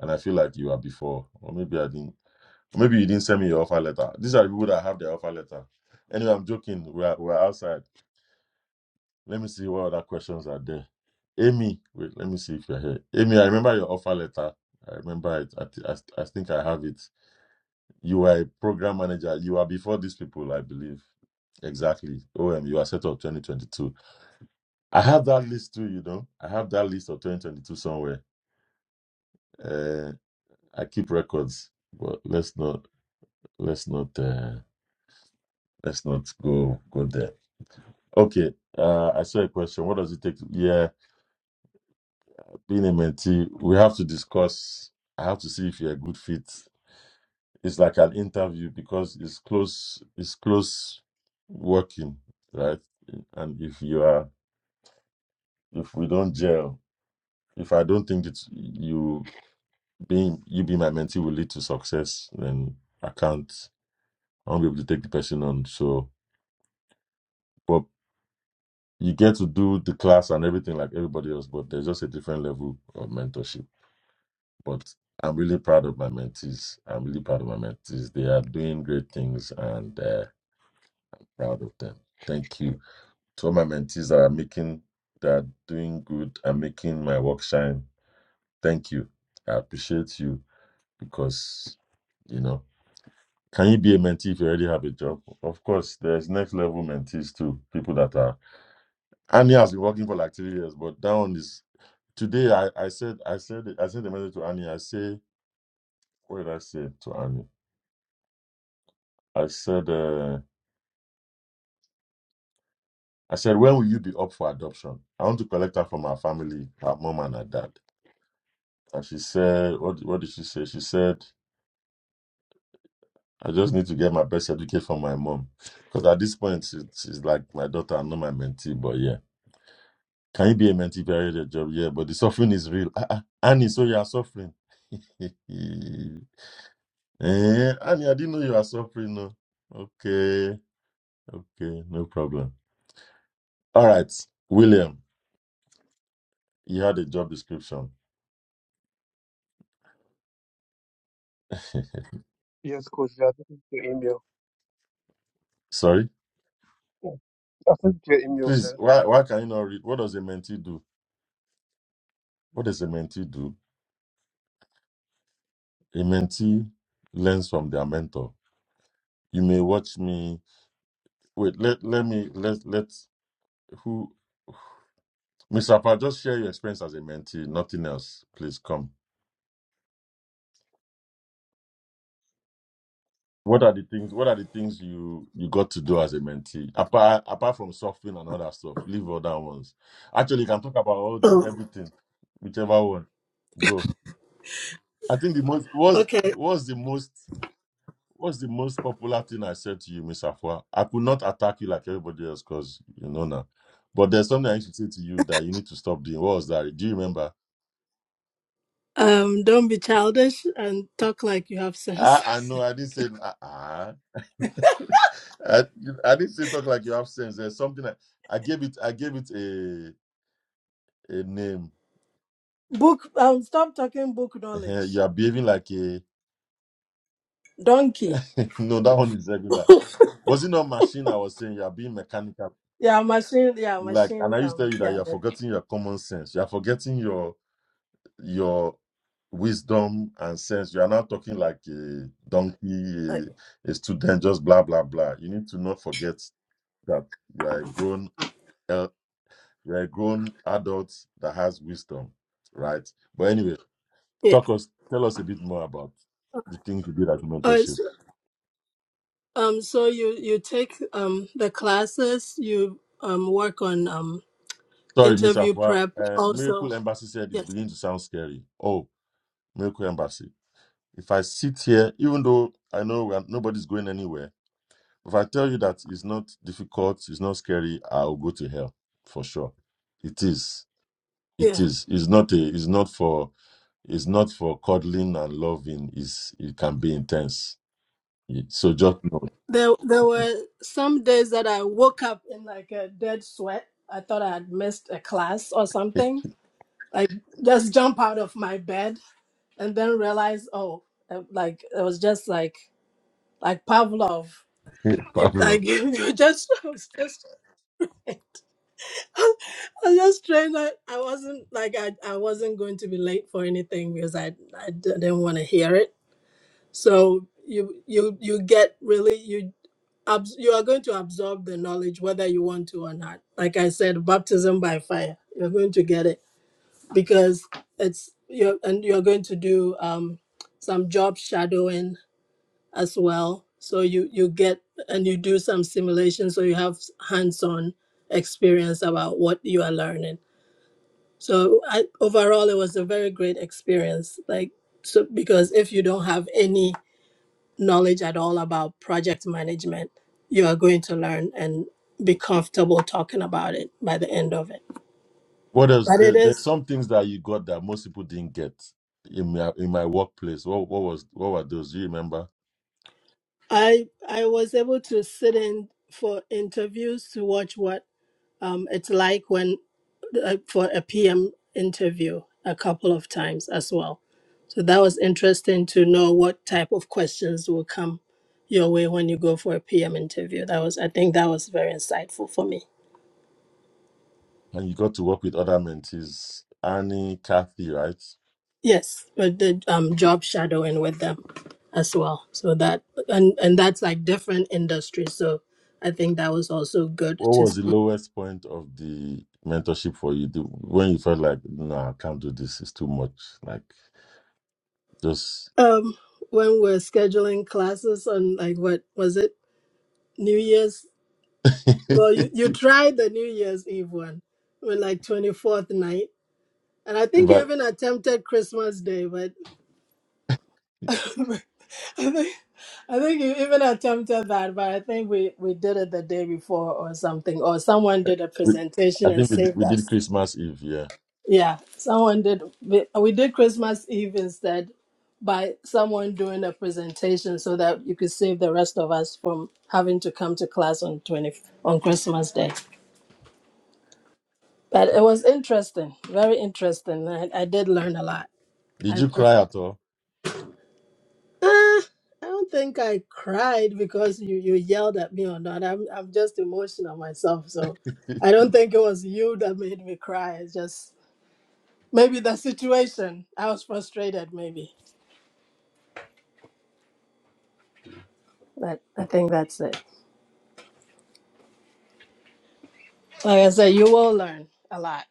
[SPEAKER 2] And I feel like you are before. Or maybe I didn't, or maybe you didn't send me your offer letter. These are the people that have their offer letter. Anyway, I'm joking. We're, we're outside. Let me see what other questions are there. Amy, wait, let me see if you're here. Amy, I remember your offer letter. I remember it. I, thi- I, th- I think I have it. You were a program manager. You are before these people, I believe. Exactly. OM, you are set up 2022. I have that list too, you know. I have that list of 2022 somewhere. Uh, I keep records, but let's not, let's not, uh, let's not go, go there. Okay. Uh, I saw a question. What does it take? To, yeah. being a mentee, we have to discuss. I have to see if you're a good fit. It's like an interview because it's close. It's close working, right? And if you are, if we don't gel, if I don't think that you being you being my mentee will lead to success, then I can't. I won't be able to take the person on. So, but you get to do the class and everything like everybody else, but there's just a different level of mentorship. but I'm really proud of my mentees. I'm really proud of my mentees. They are doing great things and uh, proud of them. Thank you to all my mentees that are making, that are doing good and making my work shine. Thank you. I appreciate you because, you know, can you be a mentee if you already have a job? Of course, there's next level mentees too, people that are. Annie has been working for like three years, but that one is. Today, I, I said, I said, I sent a message to Annie. I say, what did I say to Annie? I said, uh, I said, where will you be up for adoption? I want to collect her from her family, her mom and her dad. And she said, what, what did she say? She said, I just need to get my best educate from my mom. Because at this point, she, she's like my daughter, I'm not my mentee, but yeah. Can you be a mentee if you already get a job? Yeah, but the suffering is real. Ah, ah. Annie, so you are suffering. eh, Annie, I didn't know you are suffering. No. Okay, okay, no problem. All right, William, you had a job description.
[SPEAKER 4] Yes, Coach Jay, I sent your email.
[SPEAKER 2] Sorry,
[SPEAKER 4] Yeah. I sent it your email,
[SPEAKER 2] please.
[SPEAKER 4] sir.
[SPEAKER 2] Why why can you not read? What does a mentee do? What does a mentee do? A mentee learns from their mentor. You may watch me. Wait, let let me let let who Mister. Apa, just share your experience as a mentee. Nothing else, please come. What are the things? What are the things you you got to do as a mentee? Apart apart from surfing and other stuff, leave other ones. Actually, you can talk about all the,
[SPEAKER 6] Oh,
[SPEAKER 2] everything, whichever one. Go. I think the most was
[SPEAKER 6] okay.
[SPEAKER 2] was the most. What's the most popular thing I said to you, Miss Afua? I could not attack you like everybody else because you know now. But there's something I used to say to you that you need to stop doing. What was that? Do you remember?
[SPEAKER 6] Um, don't be childish and talk like you have
[SPEAKER 2] I,
[SPEAKER 6] sense.
[SPEAKER 2] I know I didn't say ah. ah. I, I didn't say talk like you have sense. There's something I, I gave it. I gave it a a name.
[SPEAKER 6] Book. Um, stop talking book
[SPEAKER 2] Eh,
[SPEAKER 6] knowledge.
[SPEAKER 2] You are behaving like a
[SPEAKER 6] Donkey.
[SPEAKER 2] no. That one is regular. Was it not machine? I was saying you are being mechanical.
[SPEAKER 6] Yeah, machine. Yeah,
[SPEAKER 2] Like, and
[SPEAKER 6] machine.
[SPEAKER 2] I used to
[SPEAKER 6] Um,
[SPEAKER 2] tell you that you
[SPEAKER 6] yeah.
[SPEAKER 2] are
[SPEAKER 6] that-
[SPEAKER 2] forgetting your common sense. You are forgetting your your wisdom and sense. You are not talking like a
[SPEAKER 6] uh,
[SPEAKER 2] donkey, a, a student, just blah blah blah. You need to not forget that you are a grown, el- you are a grown adult that has wisdom, right? But anyway,
[SPEAKER 6] Yeah.
[SPEAKER 2] talk us, tell us a bit more about the things you did at
[SPEAKER 6] Uh,
[SPEAKER 2] mentorship.
[SPEAKER 6] so, um, so you you take um the classes. You um work on um
[SPEAKER 2] Sorry, Miss
[SPEAKER 6] interview
[SPEAKER 2] Afua.
[SPEAKER 6] prep
[SPEAKER 2] Uh, Miracle
[SPEAKER 6] also.
[SPEAKER 2] Embassy said it's
[SPEAKER 6] Yes.
[SPEAKER 2] beginning to sound scary. Oh, Miracle Embassy. If I sit here, even though I know we are- nobody's going anywhere If I tell you that it's not difficult, it's not scary, I'll go to hell for sure. It is. It
[SPEAKER 6] Yeah.
[SPEAKER 2] is. It's not a. It's not for. It's not for cuddling and loving. Is it can be intense. Yeah, So just know,
[SPEAKER 6] There there were some days that I woke up in like a dead sweat. I thought I had missed a class or something. Like just jump out of my bed and then realize, oh, uh, like it was just like like Pavlov. If I
[SPEAKER 2] Pablo.
[SPEAKER 6] give you just I was just I was just trying not I wasn't like I, I wasn't going to be late for anything because I I d- didn't want to hear it. So you you you get really you abs- you are going to absorb the knowledge whether you want to or not. Like I said, baptism by fire. You're going to get it because it's you and you're going to do um some job shadowing as well. So you you get and you do some simulation, so you have hands-on experience about what you are learning. So I, overall, it was a very great experience. Like so, because if you don't have any knowledge at all about project management, you are going to learn and be comfortable talking about it by the end of it.
[SPEAKER 2] What else?
[SPEAKER 6] But
[SPEAKER 2] There,
[SPEAKER 6] it
[SPEAKER 2] there's
[SPEAKER 6] is
[SPEAKER 2] some things that you got that most people didn't get in my in my workplace. What what was what were those? Do you remember?
[SPEAKER 6] I I was able to sit in for interviews to watch what um, it's like when uh, for a PM interview a couple of times as well. So that was interesting to know what type of questions will come your way when you go for a PM interview. That was, I think, that was very insightful for me.
[SPEAKER 2] And you got to work with other mentees, Annie, Kathy, right?
[SPEAKER 6] Yes, but the um, job shadowing with them as well. So that and and that's like different industries. So I think that was also good
[SPEAKER 2] What
[SPEAKER 6] to see.
[SPEAKER 2] was the lowest point of the mentorship for you? The- When you felt like, no, I can't do this. It's too much. Like, just.
[SPEAKER 6] Um, when we're scheduling classes on like what was it New Year's Well, you, you tried the New Year's Eve one with like 24th night. And I think you
[SPEAKER 2] but
[SPEAKER 6] even attempted Christmas Day, but I think I think you even attempted that, but I think we, we did it the day before or something, or someone did a
[SPEAKER 2] we,
[SPEAKER 6] presentation
[SPEAKER 2] I
[SPEAKER 6] and
[SPEAKER 2] think we did,
[SPEAKER 6] saved
[SPEAKER 2] we did
[SPEAKER 6] us.
[SPEAKER 2] Christmas Eve. Yeah.
[SPEAKER 6] Yeah, someone did. We, we did Christmas Eve instead by someone doing a presentation so that you could save the rest of us from having to come to class on 20 on Christmas Day. But
[SPEAKER 2] Okay.
[SPEAKER 6] it was interesting, very interesting. I, I did learn a lot.
[SPEAKER 2] Did
[SPEAKER 6] I,
[SPEAKER 2] you
[SPEAKER 6] I,
[SPEAKER 2] cry at all,
[SPEAKER 6] Ah, I don't think I cried because you, you yelled at me or not. I'm I'm just emotional myself, so I don't think it was you that made me cry. It's just maybe the situation. I was frustrated, maybe. But I think that's it. Like I said, you will learn a lot,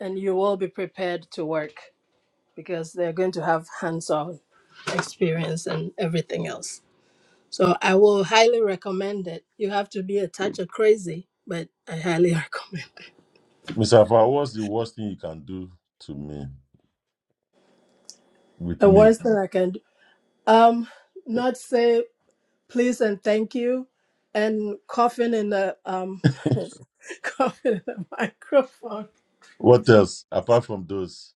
[SPEAKER 6] and you will be prepared to work because they're going to have hands-on experience and everything else. So I will highly recommend it. You have to be a touch of crazy, but I highly recommend it.
[SPEAKER 2] Mister Afar? What's the worst thing you can do to me with
[SPEAKER 6] The
[SPEAKER 2] me?
[SPEAKER 6] worst thing I can do. Um, not say please and thank you and coughing in the um coughing in the microphone.
[SPEAKER 2] What else apart from those?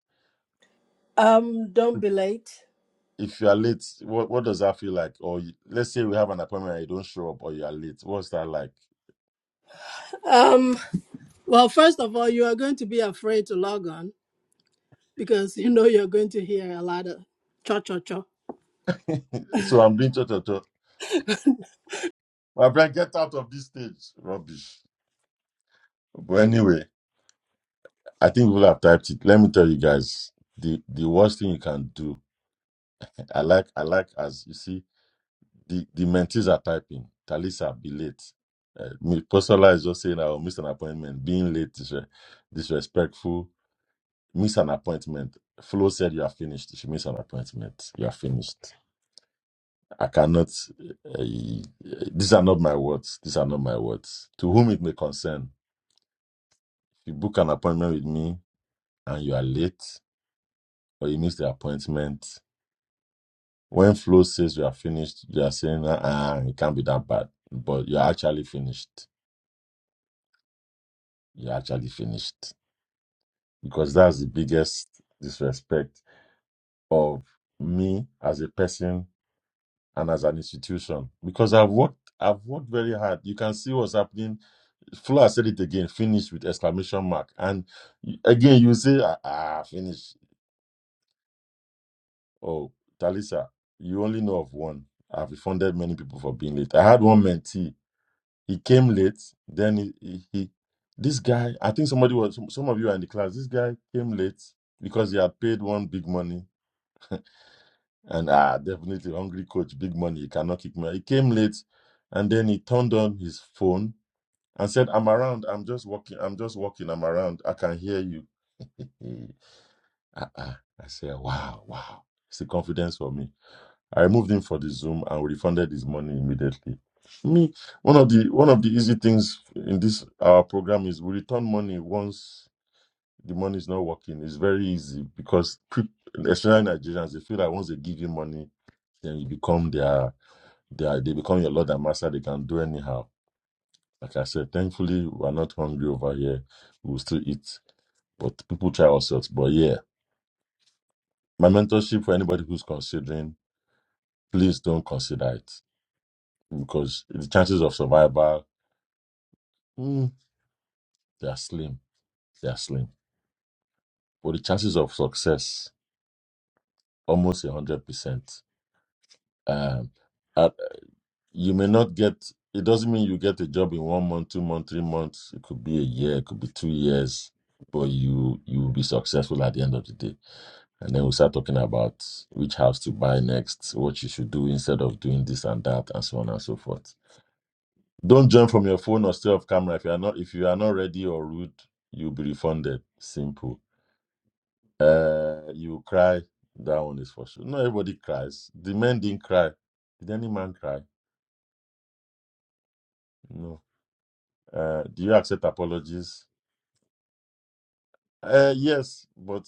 [SPEAKER 6] Um, don't be late.
[SPEAKER 2] If you are late, what what does that feel like? Or you, let's say we have an appointment and you don't show up, or you are late. What's that like?
[SPEAKER 6] Um, well, first of all, you are going to be afraid to log on because you know you're going to hear a lot of cha cha cha.
[SPEAKER 2] So I'm doing toto. My friend, get out of this stage. Rubbish. But anyway, I think we'll have typed it. Let me tell you guys, the, the worst thing you can do. I like, I like as you see, the, the mentees are typing. Talisa, be late. Uh, Mi- Postola is just saying I will miss an appointment. Being late is uh, disrespectful. Miss an appointment. Flo said you are finished. She missed an appointment. You are finished. I cannot. Uh, these are not my words. These are not my words. To whom it may concern, if you book an appointment with me and you are late or you miss the appointment. When Flo says you are finished, you are saying, ah, it can't be that bad. But you're actually finished. You're actually finished. Because that's the biggest disrespect of me as a person and as an institution. Because I've worked I've worked very hard. You can see what's happening. Flo has said it again, finished with exclamation mark. And you- again, you say, ah, ah, finished Oh, Talisa, you only know of one. I've refunded many people for being late. I had one mentee. He came late. Then he, he, he this guy, I think somebody was, some, some of you are in the class. This guy came late because he had paid one big money. And ah, definitely hungry coach, big money. He cannot kick me. out. He came late and then he turned on his phone and said, I'm around. I'm just walking. I'm just walking. I'm around. I can hear you. Ah ah. I said, wow, wow. It's the confidence for me. I removed him for the Zoom and we refunded his money immediately. Me, one of the one of the easy things in this our program is we return money once the money is not working. It's very easy because peop- especially Nigerians, they feel like once they give you money, then you become their their they become your lord and master. They can do anyhow. Like I said, thankfully we're not hungry over here. We will still eat, but people try all sorts. But yeah, my mentorship for anybody who's considering, please don't consider it because the chances of survival Mm, they are slim. They are slim. But the chances of success almost one hundred percent. Um, at- you may not get. It doesn't mean you get a job in one month, two months, three months. It could be a year. It could be two years. But you you will be successful at the end of the day. And then we start talking about which house to buy next, what you should do instead of doing this and that, and so on and so forth. Don't join from your phone or stay off camera if you are not if you are not ready or rude. You'll be refunded. Simple Uh, you cry. That one is for sure. Not everybody cries. The men didn't cry. Did any man cry? No. Uh, do you accept apologies? Uh, yes, but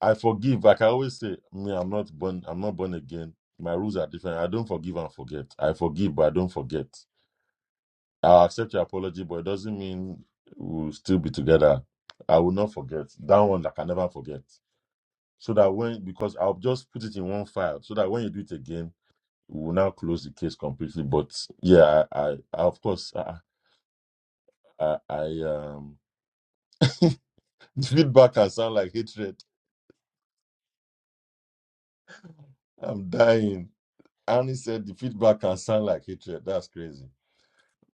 [SPEAKER 2] I forgive. Like I always say, me, I'm not born. I'm not born again. My rules are different. I don't forgive and forget. I forgive, but I don't forget. I'll accept your apology, but it doesn't mean we'll still be together. I will not forget that one. I can never forget. So that when because I'll just put it in one file, so that when you do it again, we will now close the case completely. But yeah, I, I, I of course, I, I, I um, the feedback can sound like hatred. I'm dying. Annie said the feedback can sound like hatred. That's crazy.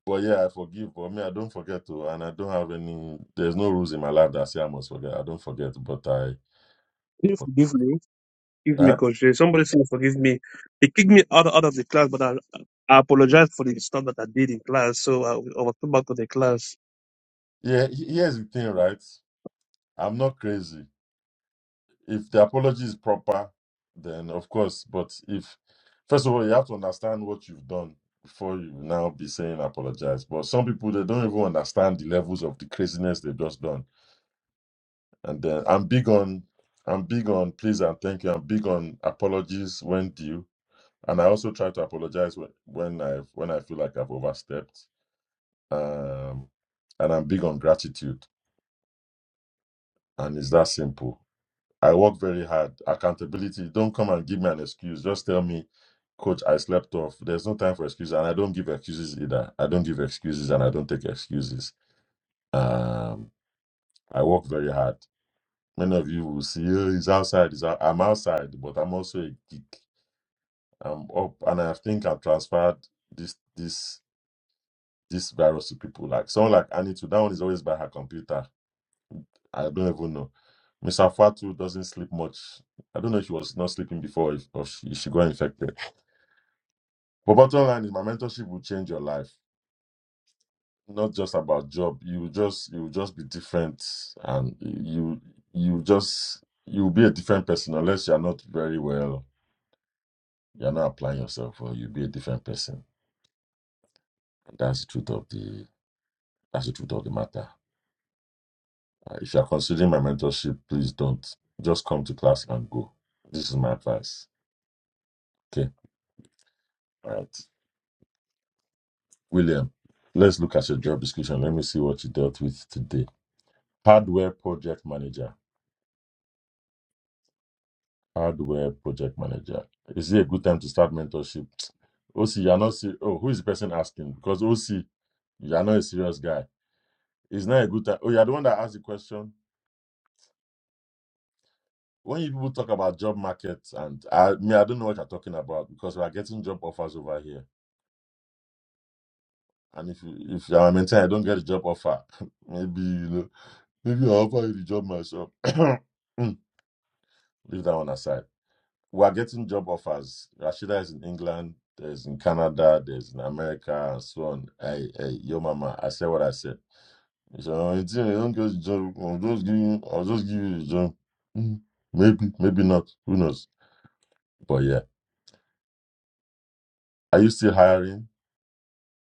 [SPEAKER 2] But yeah, I forgive. But me, I don't forget to, and I don't have any. There's no rules in my life that say I must forget. I don't forget, but I.
[SPEAKER 4] Please
[SPEAKER 2] But,
[SPEAKER 4] forgive me. Forgive me,
[SPEAKER 2] huh?
[SPEAKER 4] Coach Jay. Somebody say forgive me. He kicked me out, out of the class, but I, I apologize for the stuff that I did in class, so I, I was put back to the class.
[SPEAKER 2] Yeah. he- Here's the thing, right? I'm not crazy. if the apology is proper, then of course. But if first of all, you have to understand what you've done before you now be saying apologize. But some people they don't even understand the levels of the craziness they've just done. And then I'm big on I'm big on please and thank you. I'm big on apologies when due. And I also try to apologize when, when I when I feel like I've overstepped. Um, and I'm big on gratitude. And it's that simple. I work very hard. Accountability. Don't come and give me an excuse. Just tell me, coach, I slept off. There's no time for excuses. And I don't give excuses either. I don't give excuses and I don't take excuses. Um, I work very hard. Many of you will see, oh, he's outside. He's out. I'm outside, but I'm also a geek. I'm up and I think I've transferred this this this virus to people. Like someone like Annie too. That one is always by her computer I don't even know. Miss Afatu doesn't sleep much. I don't know if she was not sleeping before if, or she, if she got infected. But bottom line is my mentorship will change your life. Not just about job. You will just you will just be different and you you just you'll be a different person unless you're not very well, you're not applying yourself or you'll be a different person. that's the truth of the that's the truth of the matter. Uh, if you're considering my mentorship, please don't just come to class and go. This is my advice. Okay. All right. William, let's look at your job description. Let me see what you dealt with today. Hardware project manager. Hardware project manager. Is it a good time to start mentorship? OC, you're not serious. Oh, who is the person asking? Because OC, you're not a serious guy. It's not a good time. Oh, you're the one that asked the question. When you people talk about job markets, and I me, I don't know what you're talking about because we are getting job offers over here. And if you, if you are maintain, I don't get a job offer. maybe you know, maybe I'll offer you the job myself. Leave that one aside. we are getting job offers. Rashida is in England, there's in Canada, there's in America, and so on. Hey, hey, yo, mama, I said what I said. So I don't get the job. I'll just give you, I'll just give you the job. Mm, Maybe, maybe not. Who knows? But yeah, are you still hiring?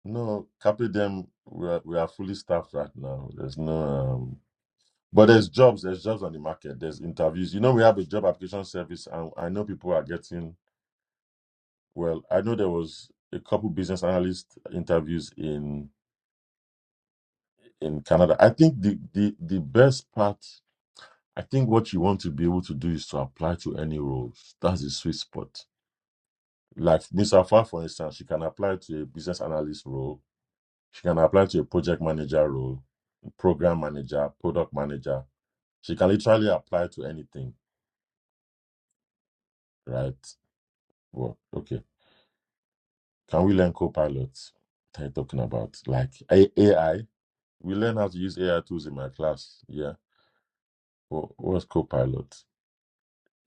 [SPEAKER 2] No, copy them. We are, we are fully staffed right now. There's no, um, but there's jobs. There's jobs on the market. There's interviews. You know, we have a job application service, and I know people are getting Well, I know there was a couple business analyst interviews in in Canada. I think the the the best part, I think what you want to be able to do is to apply to any roles. That's the sweet spot. Like Miss Afar, for instance, she can apply to a business analyst role. She can apply to a project manager role, program manager, product manager. She can literally apply to anything, right? Well, okay. Can we learn co-pilots? What are you talking about? Like A- AI? We learn how to use AI tools in my class. Yeah. What, what's Copilot?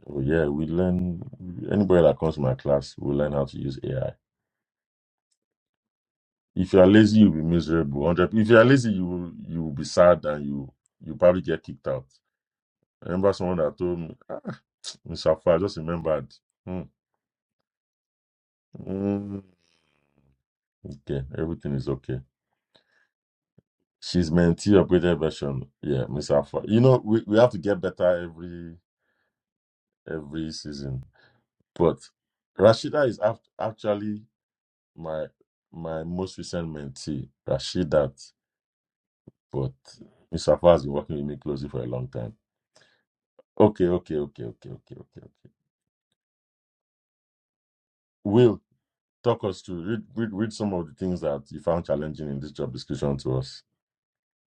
[SPEAKER 2] Oh, yeah, we learn. Anybody that comes to my class will learn how to use AI. If you are lazy, you'll be miserable. Hundred. If you are lazy, you will you will be sad and you you probably get kicked out. I remember someone that told me, ah, Mr. Afua, I just remembered. Hmm. Mm, okay, everything is okay. She's mentee upgraded version. Yeah, Miss Alpha. You know, we, we have to get better every every season. But Rashida is act- actually my my most recent mentee, Rashidat, but Mr. Faz has been working with me closely for a long time. Okay, okay, okay, okay, okay, okay, okay. Will talk us to read read read some of the things that you found challenging in this job description to us,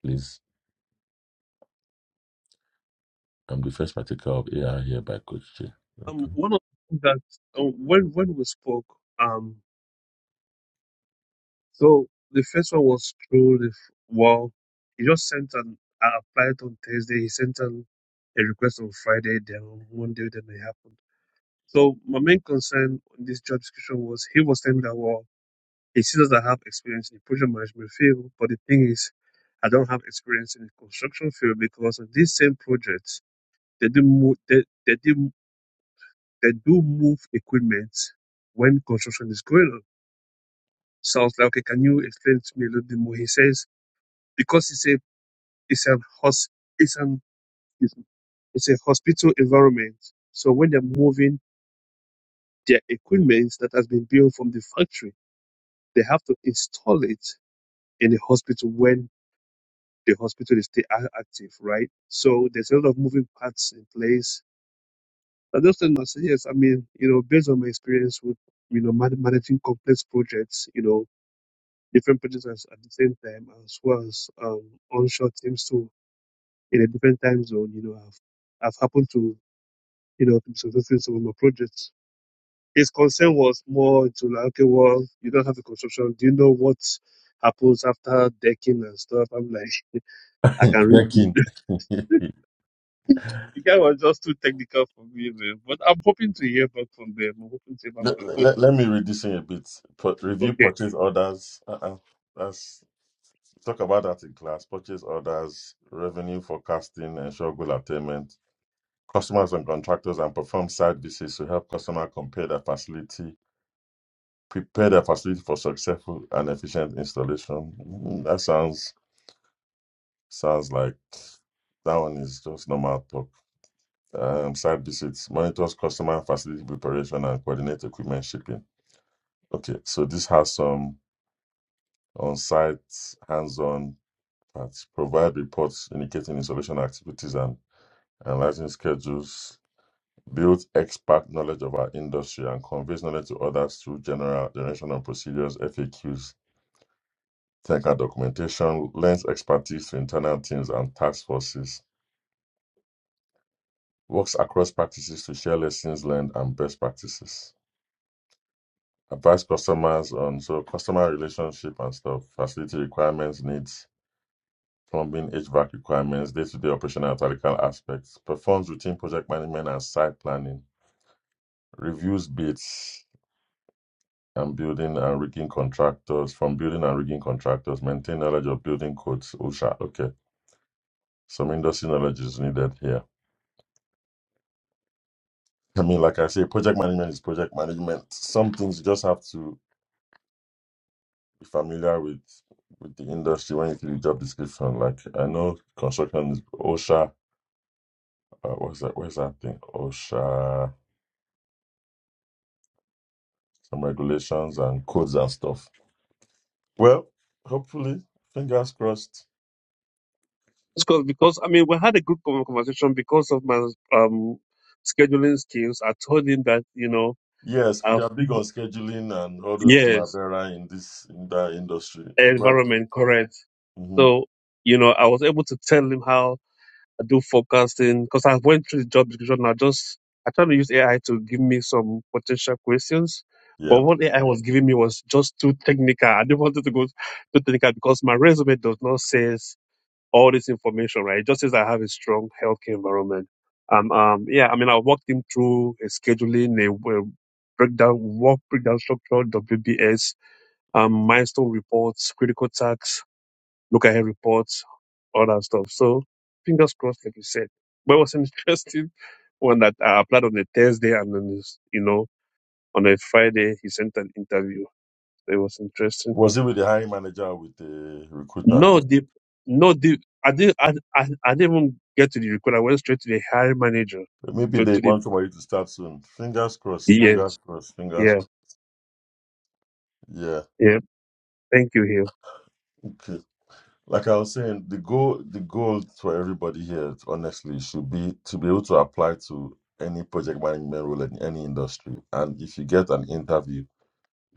[SPEAKER 2] please. I'm the first partaker of AI here by Coach J.
[SPEAKER 4] Um,
[SPEAKER 2] Okay.
[SPEAKER 4] one of the things that um, when when we spoke, um, so the first one was through the f- wall. He just sent an I applied on Thursday. He sent an a request on Friday. Then on Monday, then it happened. So my main concern on this job description was he was saying that well, he sees that I have experience in the project management field, but the thing is, I don't have experience in the construction field because on these same projects they do move they, they do they do move equipment when construction is going on. So I was like, okay, can you explain to me a little bit more? He says because it's a it's an hos it's an it's it's a hospital environment. So when they're moving their equipment that has been built from the factory they have to install it in the hospital when the hospital is still ac- active, right? So there's a lot of moving parts in place. And those things must yes, I mean, you know, based on my experience with, you know, man- managing complex projects, you know, different projects as- at the same time, as well as um, onshore teams too, in a different time zone, you know, I've, I've happened to, you know, to be successful in some of my projects. His concern was more to like, okay, well, you don't have the construction. Do you know what happens after decking and stuff. I'm like, I can read.
[SPEAKER 2] Decking.
[SPEAKER 4] The guy was just too technical for me, man. But I'm hoping to hear back from them. I'm hoping to hear back from
[SPEAKER 2] let,
[SPEAKER 4] them.
[SPEAKER 2] let,
[SPEAKER 4] But
[SPEAKER 2] let me read this in a bit. Put, review
[SPEAKER 4] okay,
[SPEAKER 2] purchase orders. Uh-uh. That's talk about that in class. Purchase orders, revenue forecasting, and goal attainment customers and contractors and perform site visits to help customer compare their facility, prepare their facility for successful and efficient installation. Mm, That sounds sounds like that one is just normal talk. Um, site visits monitors customer facility preparation and coordinate equipment shipping. Okay, so this has some on-site hands-on parts. Provide reports indicating installation activities and analyzing schedules builds expert knowledge of our industry, and conveys knowledge to others through general generation of procedures, FAQs, technical documentation, lends expertise to internal teams and task forces, works across practices to share lessons learned and best practices, advise customers on so customer relationship and stuff, facility requirements, needs, plumbing, HVAC requirements, day-to-day operational and tactical aspects, performs routine project management and site planning, reviews bids, and building and rigging contractors, from building and rigging contractors, maintain knowledge of building codes. OSHA, okay. Some industry knowledge is needed here. I mean, like I say, project management is project management. Some things you just have to be familiar with with the industry when you see the job description. Like I know construction is OSHA. Uh, what's that? Where's that thing? OSHA. Some regulations and codes and stuff. Well, hopefully, fingers crossed.
[SPEAKER 4] because because I mean, we had a good con- conversation because of my um scheduling skills. I told him that you know,
[SPEAKER 2] Yes,
[SPEAKER 4] uh,
[SPEAKER 2] they are big on scheduling and all those
[SPEAKER 4] yes,
[SPEAKER 2] primavera in this in that industry. Right.
[SPEAKER 4] environment correct.
[SPEAKER 2] hmm
[SPEAKER 4] So you know, I was able to tell him how I do forecasting because I went through the job description. I just I tried to use AI to give me some potential questions,
[SPEAKER 2] Yeah.
[SPEAKER 4] but what AI was giving me was just too technical. I didn't want it to go too technical because my resume does not say all this information, right? It just says I have a strong healthcare environment. Um, um, yeah, I mean, I walked him through a scheduling, a, a breakdown, work breakdown structure, WBS, um, milestone reports, critical tasks look at her reports, all that stuff. So fingers crossed, like you said. But it was an interesting one that I applied on a Thursday and then, it's, you know, on a Friday he sent an interview. So it was interesting.
[SPEAKER 2] Was it with the hiring manager or with the recruiter?
[SPEAKER 4] No deep, no deep. I didn't, I, I, I didn't even get to the recruiter. I went straight to the hiring manager.
[SPEAKER 2] Maybe
[SPEAKER 4] To,
[SPEAKER 2] they
[SPEAKER 4] to the,
[SPEAKER 2] want somebody to start soon. Fingers crossed. Fingers
[SPEAKER 4] yes,
[SPEAKER 2] crossed. Fingers
[SPEAKER 4] yeah,
[SPEAKER 2] crossed. Yeah.
[SPEAKER 4] yeah. Thank you, Hill.
[SPEAKER 2] Okay. Like I was saying, the goal the goal for everybody here, honestly, should be to be able to apply to any project management role in any industry. And if you get an interview,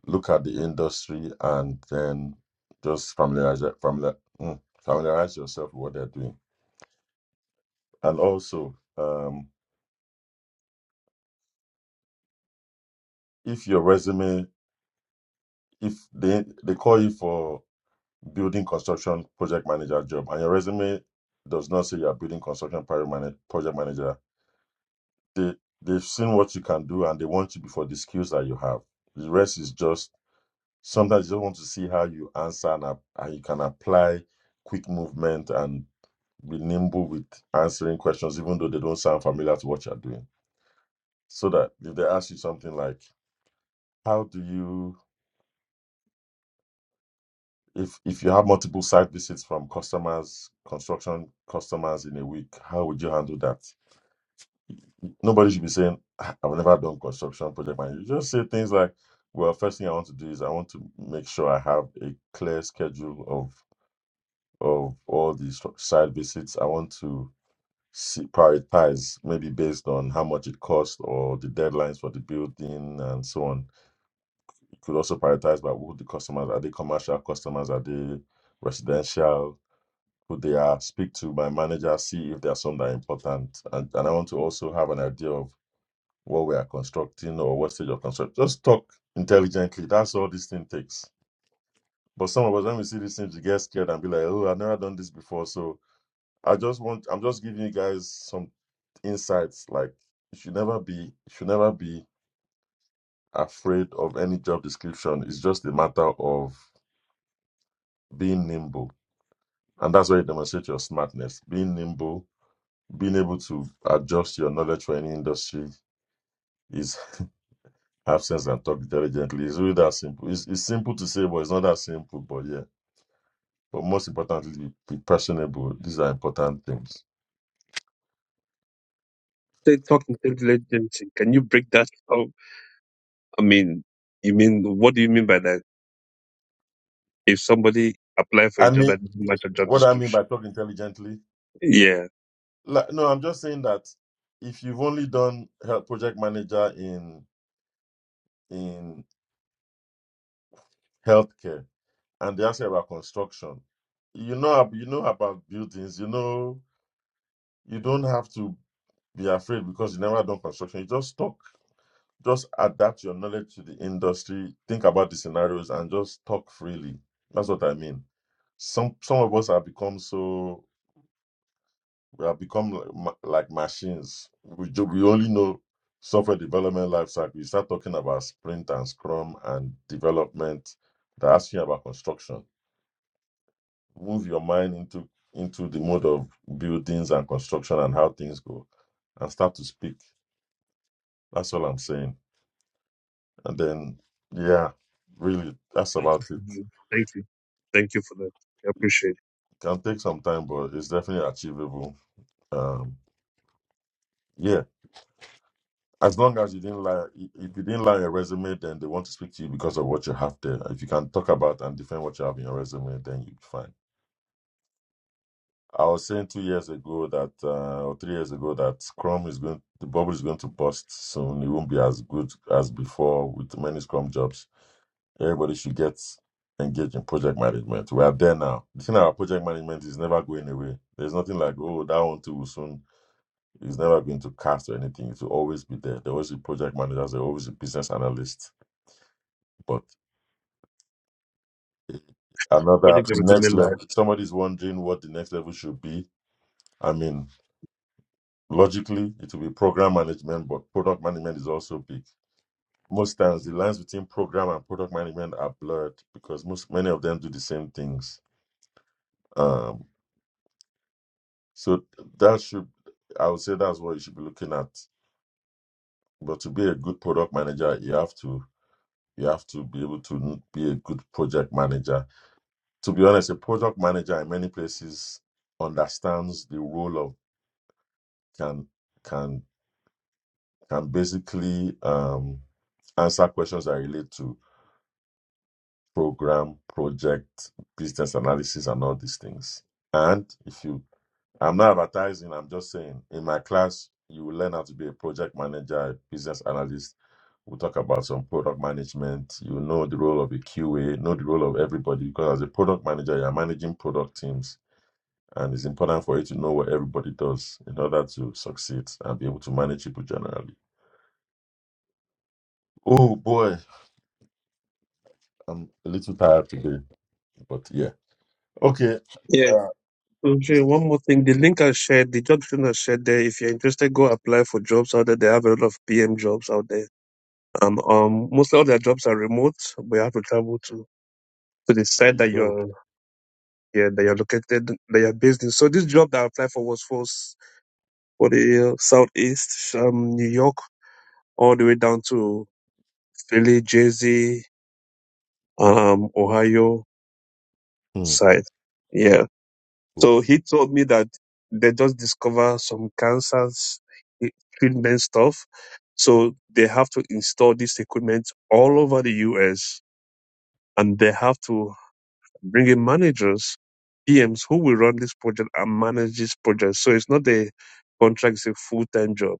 [SPEAKER 2] look at the industry and then just familiarize your- familiar, mm, familiarize yourself with what they're doing. And also, um, if your resume, if they they call you for building construction project manager job, and your resume does not say you're building construction project manager, project manager, they they've seen what you can do and they want you before the skills that you have. The rest is just Sometimes you just want to see how you answer and, ap- and you can apply quick movement and be nimble with answering questions, even though they don't sound familiar to what you're doing. So that if they ask you something like, how do you, if, if you have multiple site visits from customers, construction customers in a week, how would you handle that? Nobody should be saying, "Ah, I've never done construction project. And you just say things like, well, first thing I want to do is I want to make sure I have a clear schedule of." of all the s- site visits. I want to see, prioritize, maybe based on how much it costs or the deadlines for the building and so on. You could also prioritize by who the customers are. They commercial customers? Are they residential? Who they are? Speak to my manager, see if there are some that are important. And, and I want to also have an idea of what we are constructing or what stage of construction. Just talk intelligently. That's all this thing takes. But some of us, when we see these things, we get scared and be like, oh, I've never done this before. So I just want I'm just giving you guys some insights. Like you should never be you should never be afraid of any job description. It's just a matter of being nimble. And that's where you demonstrate your smartness. Being nimble, being able to adjust your knowledge for any industry is have sense and talk intelligently. It's really that simple. It's, it's simple to say, but it's not that simple. But yeah. But most importantly, be, be personable. These are important things.
[SPEAKER 4] They talk intelligent agency. Can you break that down? I mean, you mean, what do you mean by that? If somebody apply for
[SPEAKER 2] I
[SPEAKER 4] a job
[SPEAKER 2] mean,
[SPEAKER 4] that doesn't match a job
[SPEAKER 2] what I mean
[SPEAKER 4] description?
[SPEAKER 2] by talk intelligently
[SPEAKER 4] Yeah.
[SPEAKER 2] Like, no, I'm just saying that if you've only done health project manager in in healthcare and they ask you about construction, you know ab- you know about buildings, you know you don't have to be afraid because you never done construction. You just talk, just adapt your knowledge to the industry, think about the scenarios and just talk freely. That's what I mean. Some some of us have become so We have become like, ma- like machines. We, ju- we only know software development lifecycle. You start talking about sprint and scrum and development. They ask you about construction. Move your mind into into the mode of buildings and construction and how things go, and start to speak. That's all I'm saying. And then, yeah, really, that's
[SPEAKER 4] Thank
[SPEAKER 2] about it.
[SPEAKER 4] you. Thank you. Thank you for that. I appreciate it.
[SPEAKER 2] Can take some time, but it's definitely achievable. Um, yeah. As long as you didn't lie, if you didn't lie on your resume, then they want to speak to you because of what you have there. If you can talk about and defend what you have in your resume, then you'll be fine. I was saying two years ago that, uh, or three years ago, that Scrum is going, the bubble is going to burst soon. It won't be as good as before with many Scrum jobs. Everybody should get engaged in project management. We are there now. The thing about project management is never going away. There's nothing like, oh, that one too will soon it's never going to cast or anything. It will always be there. There always be project managers. There always be business analysts. But
[SPEAKER 4] What
[SPEAKER 2] another
[SPEAKER 4] if there was a
[SPEAKER 2] next
[SPEAKER 4] midlife?
[SPEAKER 2] level. if Somebody's wondering what the next level should be. I mean, logically, it will be program management, but product management is also big. Most times, the lines between program and product management are blurred because most many of them do the same things. Um, so that should, I would say, that's what you should be looking at. But to be a good product manager, you have to you have to be able to be a good project manager to be honest, a product manager in many places understands the role of can can can basically um, answer questions that relate to program, project, business analysis, and all these things. And if you, I'm not advertising. I'm just saying, in my class, you will learn how to be a project manager, a business analyst. We'll talk about some product management. You know the role of a QA, know the role of everybody because as a product manager, you're managing product teams And it's important for you to know what everybody does in order to succeed and be able to manage people generally. Oh boy, I'm a little tired today, but yeah. Okay,
[SPEAKER 4] Yeah.
[SPEAKER 2] uh,
[SPEAKER 4] Okay, one more thing. The link I shared, the job description I shared there, if you're interested, go apply for jobs out there. They have a lot of PM jobs out there. Um, um, mostly all their jobs are remote, but you have to travel to, to the
[SPEAKER 2] there
[SPEAKER 4] site
[SPEAKER 2] you
[SPEAKER 4] that
[SPEAKER 2] go.
[SPEAKER 4] you're, yeah, that you're located, that you're based in. So this job that I applied for was for, s- for the uh, Southeast, um, New York, all the way down to Philly, Jersey, um, Ohio
[SPEAKER 2] Hmm,
[SPEAKER 4] side. Yeah.
[SPEAKER 2] cool.
[SPEAKER 4] So he told me that they just discover some cancers eh, treatment stuff. So they have to install this equipment all over the US and they have to bring in managers, PMs who will run this project and manage this project. So it's not a contract, it's a full time job.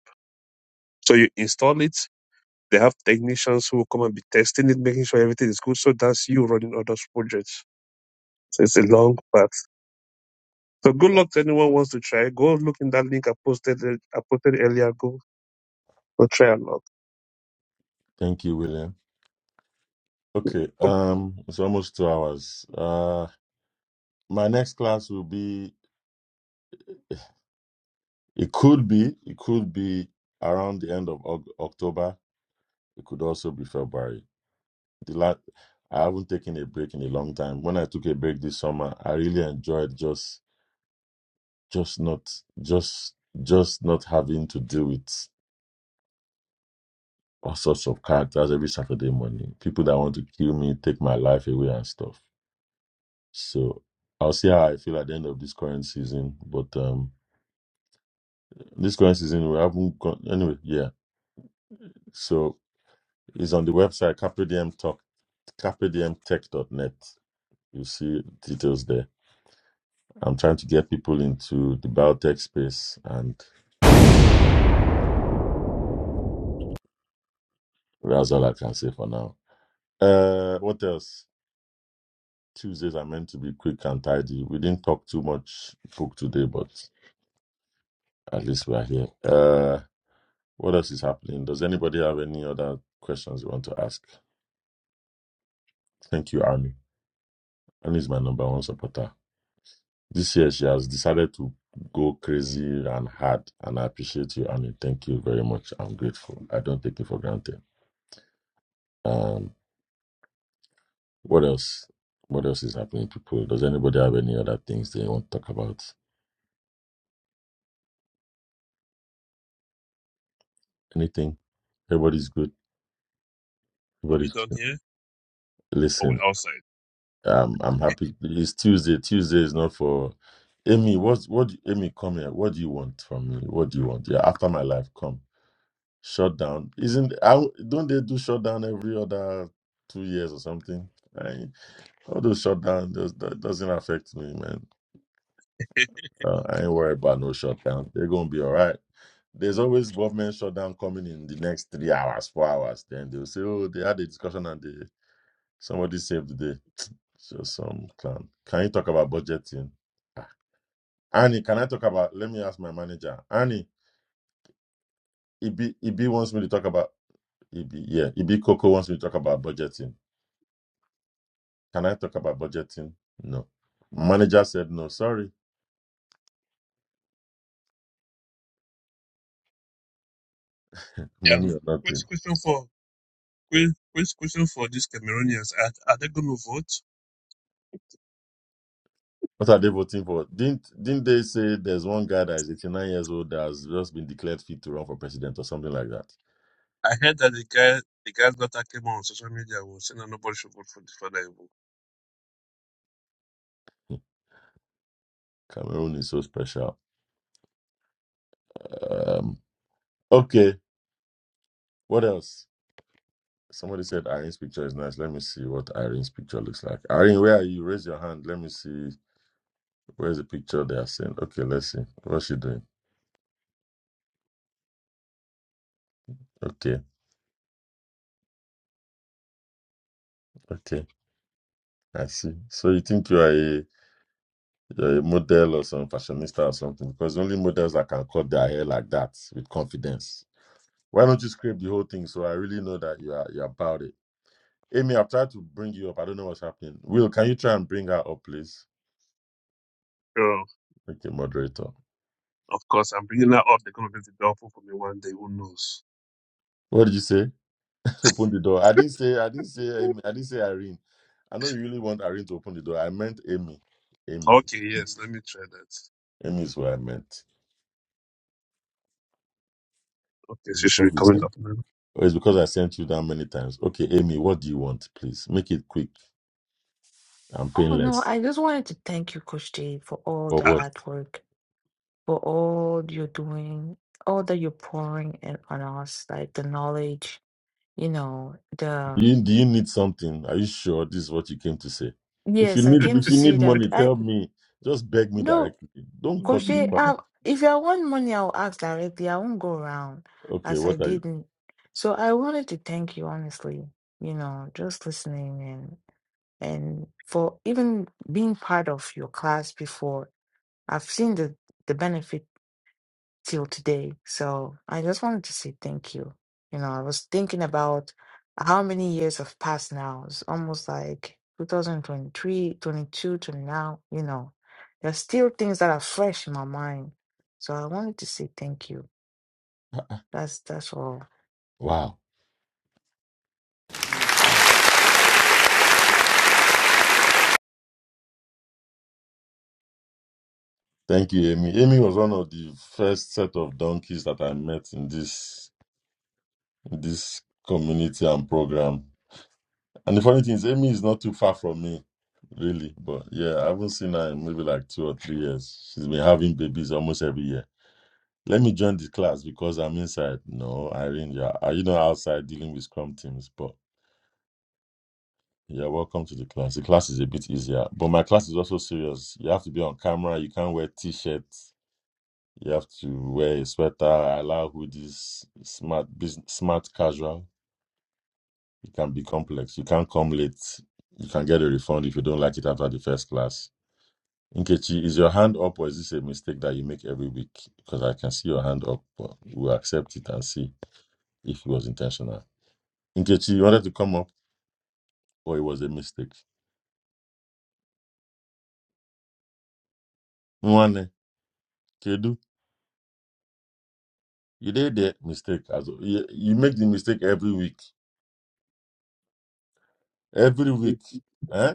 [SPEAKER 4] So you install it, they have technicians who will come and be testing it, making sure everything is good. So that's you running all those projects. So it's a long path. So good luck to anyone who wants to try. Go look in that link I posted ear- I posted earlier. Go go try a lot.
[SPEAKER 2] Thank you, William. Okay, um, it's almost two hours. Uh, my next class will be. It could be. It could be around the end of Oc- October. It could also be February. The last, I haven't taken a break in a long time. When I took a break this summer, I really enjoyed just just not just just not having to deal with all sorts of characters every Saturday morning. People that want to kill me, take my life away and stuff. So I'll see how I feel at the end of this current season. But um this current season we haven't gone anyway, yeah. So it's on the website CapreDM Talk CapreDMTech.net. You see details there. I'm trying to get people into the biotech space and that's all I can say for now. Uh what else? Tuesdays are meant to be quick and tidy. We didn't talk too much book today, but at least we are here. Uh, what else is happening? Does anybody have any other questions you want to ask? Thank you, Annie. Annie is my number one supporter. This year, she has decided to go crazy and hard, and I appreciate you, Annie. Thank you very much. I'm grateful. I don't take it for granted. Um, what else? What else is happening, people? Does anybody have any other things they want to talk about? Anything? Everybody's good.
[SPEAKER 4] Are we
[SPEAKER 2] Everybody's
[SPEAKER 4] done here or
[SPEAKER 2] listen.
[SPEAKER 4] we outside?
[SPEAKER 2] I'm I'm happy. It's Tuesday. Tuesday is not for Amy. What what do- Amy come here? What do you want from me? What do you want? Yeah, after my life, come. Shut down. Isn't I don't they do shutdown every other two years or something? I, all those shutdown does that doesn't affect me, man. Uh, I ain't worried about no shutdown. They're gonna be all right. There's always government shutdown coming in the next three hours, four hours. Then they'll say, oh, they had a discussion and they Somebody saved the day. Just some clown. Can you talk about budgeting? Annie, can I talk about? Let me ask my manager. Annie, Ibi, Ibi wants me to talk about. Ibi, yeah, Ibi Coco wants me to talk about budgeting. Can I talk about budgeting? No. Manager said no. Sorry, money
[SPEAKER 4] um,
[SPEAKER 2] or
[SPEAKER 4] quick
[SPEAKER 2] nothing.
[SPEAKER 4] question for quick, quick question for these Cameroonians. Are, are they going to vote?
[SPEAKER 2] What are they voting for? Didn't didn't they say there's one guy that is 89 years old that has just been declared fit to run for president or something like that?
[SPEAKER 4] I heard that the guy the guy's daughter came on social media was saying that nobody should vote for the father evil.
[SPEAKER 2] Cameroon is so special. Um, okay, what else? Somebody said Irene's picture is nice. Let me see what Irene's picture looks like. Irene, where are you? Raise your hand. Let me see. Where's the picture they are saying? Okay, let's see. What's she doing? Okay, okay. I see. So you think you are a, you're a model or some fashionista or something? Because only models that can cut their hair like that with confidence. Why don't you scrape the whole thing so I really know that you are you're about it? Amy, I've tried to bring you up. I don't know what's happening. Will, can you try and bring her up, please?
[SPEAKER 4] Sure,
[SPEAKER 2] Okay, moderator.
[SPEAKER 4] of course. I'm bringing that up. They're going to be the doubtful for me one day. Who knows?
[SPEAKER 2] What did you say? to open the door. I didn't say I didn't say Amy, I didn't say Irene. I know you really want Irene to open the door. I meant Amy. Amy.
[SPEAKER 4] Okay, yes. Let me try that.
[SPEAKER 2] Amy is what I meant.
[SPEAKER 4] Okay,
[SPEAKER 2] It's
[SPEAKER 4] she should be
[SPEAKER 2] because you sent,
[SPEAKER 4] coming up now.
[SPEAKER 2] oh, it's because I sent you down many times. Okay, Amy, what do you want, please? Make it quick and
[SPEAKER 3] Oh no,
[SPEAKER 2] painless.
[SPEAKER 3] I just wanted to thank you, Coach Jay, for all
[SPEAKER 2] Or
[SPEAKER 3] the
[SPEAKER 4] Uh,
[SPEAKER 2] what?
[SPEAKER 3] hard work, for all you're doing, all that you're pouring in on us, like the knowledge, you know, the
[SPEAKER 2] Do
[SPEAKER 3] um,
[SPEAKER 2] you do you need something? Are you sure this is what you came to say? If you
[SPEAKER 3] yes, I
[SPEAKER 2] need
[SPEAKER 3] came to
[SPEAKER 2] if you
[SPEAKER 3] say
[SPEAKER 2] need
[SPEAKER 3] that
[SPEAKER 2] money,
[SPEAKER 3] I
[SPEAKER 2] tell me. Just beg me
[SPEAKER 3] no,
[SPEAKER 2] directly. Don't
[SPEAKER 3] Coach
[SPEAKER 2] cut to
[SPEAKER 3] Jay,
[SPEAKER 2] corner.
[SPEAKER 3] I, if I want money, I'll ask directly. I won't go around
[SPEAKER 2] Okay,
[SPEAKER 3] as I
[SPEAKER 2] what are you?
[SPEAKER 3] didn't. So I wanted to thank you, honestly, you know, just listening and for even being part of your class before i've seen the the benefit till today so i just wanted to say thank you you know i was thinking about how many years have passed now it's almost like 2023 22 to now you know there's still things that are fresh in my mind so i wanted to say thank you that's that's all
[SPEAKER 2] Wow. Wow. Thank you, Amy. Amy was one of the first set of donkeys that I met in this in this community and program. And the funny thing is, Amy is not too far from me, really. But yeah, I haven't seen her in maybe like two or three years. She's been having babies almost every year. Let me join the class because I'm inside. No, Irene, you're are you not outside dealing with scrum teams? But yeah, welcome to the class. The class is a bit easier, but my class is also serious. You have to be on camera. You can't wear t-shirts You have to wear a sweater, allow hoodies, smart business, smart casual. It can be complex. You can't come late. You can get a refund if you don't like it after the first class. Nkechi, is your hand up or is this a mistake that you make every week? Because I can see your hand up, but we'll accept it and see if it was intentional. Nkechi, you wanted to come up or it was a mistake? Nwane, Kedu, you did the mistake. As, you, you make the mistake every week. Every week. Eh?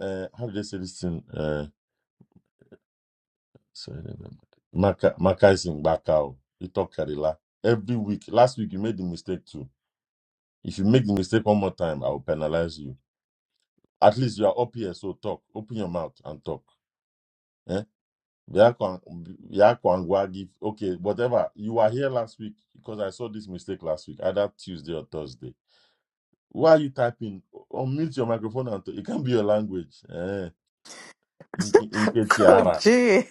[SPEAKER 2] Uh, how do they say this thing? Eh, So anyway, Maka, Maka is in Bakao. You talk Karila. Every week. Last week you made the mistake too. If you make the mistake one more time, I will penalize you. At least you are up here, so talk. Open your mouth and talk. Eh? Biako and- Biako and Gwagi, Okay, whatever. You were here last week because I saw this mistake last week, either Tuesday or Thursday. Why are you typing? Unmute your microphone and talk. It can be your language. Eh? In, in, in
[SPEAKER 7] Coach
[SPEAKER 2] Ketiara.
[SPEAKER 7] J.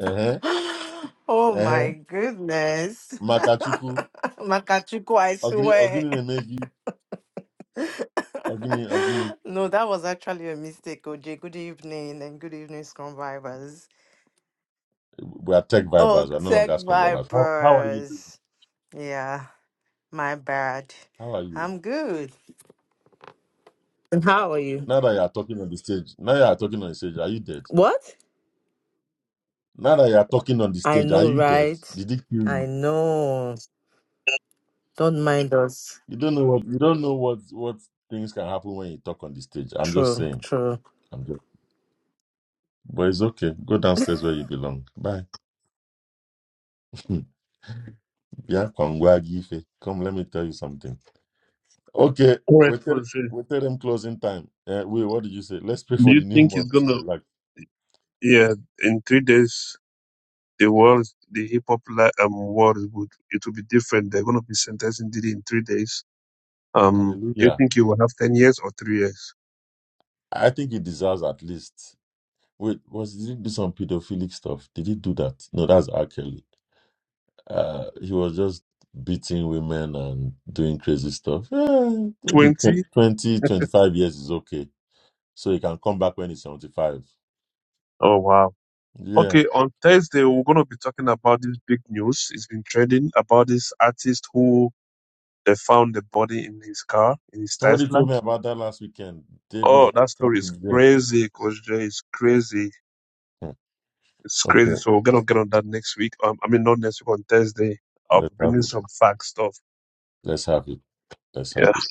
[SPEAKER 2] Eh?
[SPEAKER 7] Oh
[SPEAKER 2] Eh?
[SPEAKER 7] my goodness.
[SPEAKER 2] Makachuku.
[SPEAKER 7] Makachuku, I
[SPEAKER 2] Ogini,
[SPEAKER 7] swear.
[SPEAKER 2] Ogini Agni, Agni,
[SPEAKER 7] no, that was actually a mistake, OJ. Good evening and good evening, Scrum Vibers.
[SPEAKER 2] we are tech
[SPEAKER 7] Oh,
[SPEAKER 2] vibers. We are no
[SPEAKER 7] Tech
[SPEAKER 2] longer Scrum vibers. How, how are you doing?
[SPEAKER 7] Vibers. Yeah, my bad.
[SPEAKER 2] How are you?
[SPEAKER 7] I'm good. And how are you?
[SPEAKER 2] Now that you are talking on the stage, now you are talking on the stage, are you dead?
[SPEAKER 7] What?
[SPEAKER 2] Now that you are talking on the
[SPEAKER 7] I
[SPEAKER 2] stage, are
[SPEAKER 7] know,
[SPEAKER 2] you dead?
[SPEAKER 7] right?
[SPEAKER 2] Did it kill
[SPEAKER 7] I
[SPEAKER 2] you?
[SPEAKER 7] know. Don't mind us.
[SPEAKER 2] You don't know what you don't know what what things can happen when you talk on the stage. I'm just
[SPEAKER 7] True,
[SPEAKER 2] saying.
[SPEAKER 7] true.
[SPEAKER 2] I'm just. But it's okay. Go downstairs where you belong. Bye. yeah, Kwangwa Gife. Come, let me tell you something. Okay,
[SPEAKER 4] All right,
[SPEAKER 2] we tell
[SPEAKER 4] Jose. Do
[SPEAKER 2] we tell them closing time. Uh, wait, what did you say? Let's pray for
[SPEAKER 4] you
[SPEAKER 2] the new
[SPEAKER 4] think he's
[SPEAKER 2] month.
[SPEAKER 4] gonna?
[SPEAKER 2] Like,
[SPEAKER 4] Yeah, in three days, the world, the hip hop li- um, world would it will be different. They're gonna be sentencing Diddy in three days. Um, do you
[SPEAKER 2] hallelujah.
[SPEAKER 4] think you will have ten years or three years?
[SPEAKER 2] I think he deserves at least. Wait, was did he do some pedophilic stuff? Did he do that? No, that's R. Kelly. Uh, he was just beating women and doing crazy stuff. Eh, maybe tw-
[SPEAKER 4] Twenty?
[SPEAKER 2] 20, 25 years is okay. So he can come back when he's 75.
[SPEAKER 4] Oh wow.
[SPEAKER 2] Yeah.
[SPEAKER 4] Okay, on Thursday we're gonna be talking about this big news. It's been trending about this artist who they found the body in his car in his
[SPEAKER 2] Somebody
[SPEAKER 4] Tesla.
[SPEAKER 2] told me about that last weekend. David
[SPEAKER 4] Oh,
[SPEAKER 2] or
[SPEAKER 4] that story is
[SPEAKER 2] something. Yeah.
[SPEAKER 4] crazy, Coach Jay. It's crazy.
[SPEAKER 2] Hmm.
[SPEAKER 4] It's crazy.
[SPEAKER 2] Okay.
[SPEAKER 4] So we're gonna get on that next week. Um, I mean not next week on Thursday. I'll be
[SPEAKER 2] Let's have
[SPEAKER 4] bringing
[SPEAKER 2] it.
[SPEAKER 4] some fact stuff.
[SPEAKER 2] Let's have it. Let's
[SPEAKER 4] Yeah.
[SPEAKER 2] have it.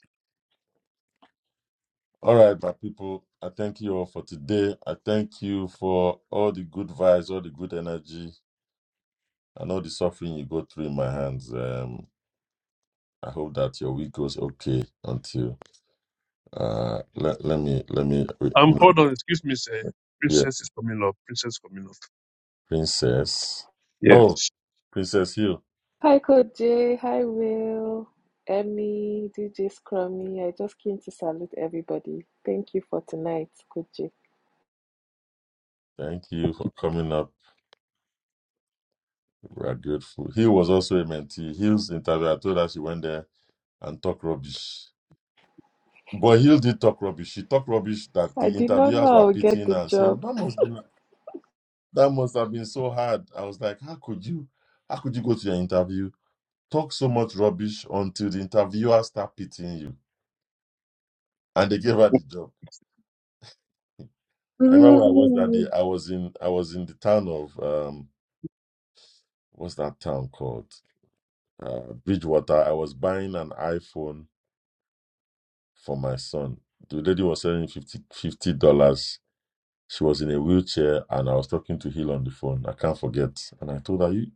[SPEAKER 2] All right, my people. I thank you all for today. I thank you for all the good vibes, all the good energy I know the suffering you go through in my hands. Um, I hope that your week goes okay until uh let, let me let me re-
[SPEAKER 4] Um,
[SPEAKER 2] re-
[SPEAKER 4] hold on, excuse me, sir.
[SPEAKER 2] yeah,
[SPEAKER 4] Princess is coming up. Princess coming up.
[SPEAKER 2] Princess.
[SPEAKER 4] Yeah.
[SPEAKER 2] Oh, Princess Hill,
[SPEAKER 8] Hi, Code J. Hi, Will. Emmy, DJ Scrummy. I just came to salute everybody. Thank you for tonight, Code J.
[SPEAKER 2] thank you for coming up. We are grateful. Hill was also a mentee. Hill's interview, I told her she went there and talked rubbish. But Hill did talk rubbish. She talked rubbish that
[SPEAKER 8] I
[SPEAKER 2] the
[SPEAKER 8] did not know
[SPEAKER 2] interviewers were
[SPEAKER 8] I would get
[SPEAKER 2] pitying her
[SPEAKER 8] the
[SPEAKER 2] and saying,
[SPEAKER 8] job.
[SPEAKER 2] That must be like- that must have been so hard. I was like, How could you how could you go to your interview? talk so much rubbish until the interviewer start pitying you, and they gave her the job. I remember where I was that day. I was in I was in the town of um what's that town called uh, Bridgewater. I was buying an iPhone for my son. The lady was selling fifty fifty dollars. She was in a wheelchair, and I was talking to Hill on the phone. I can't forget, and I told her you.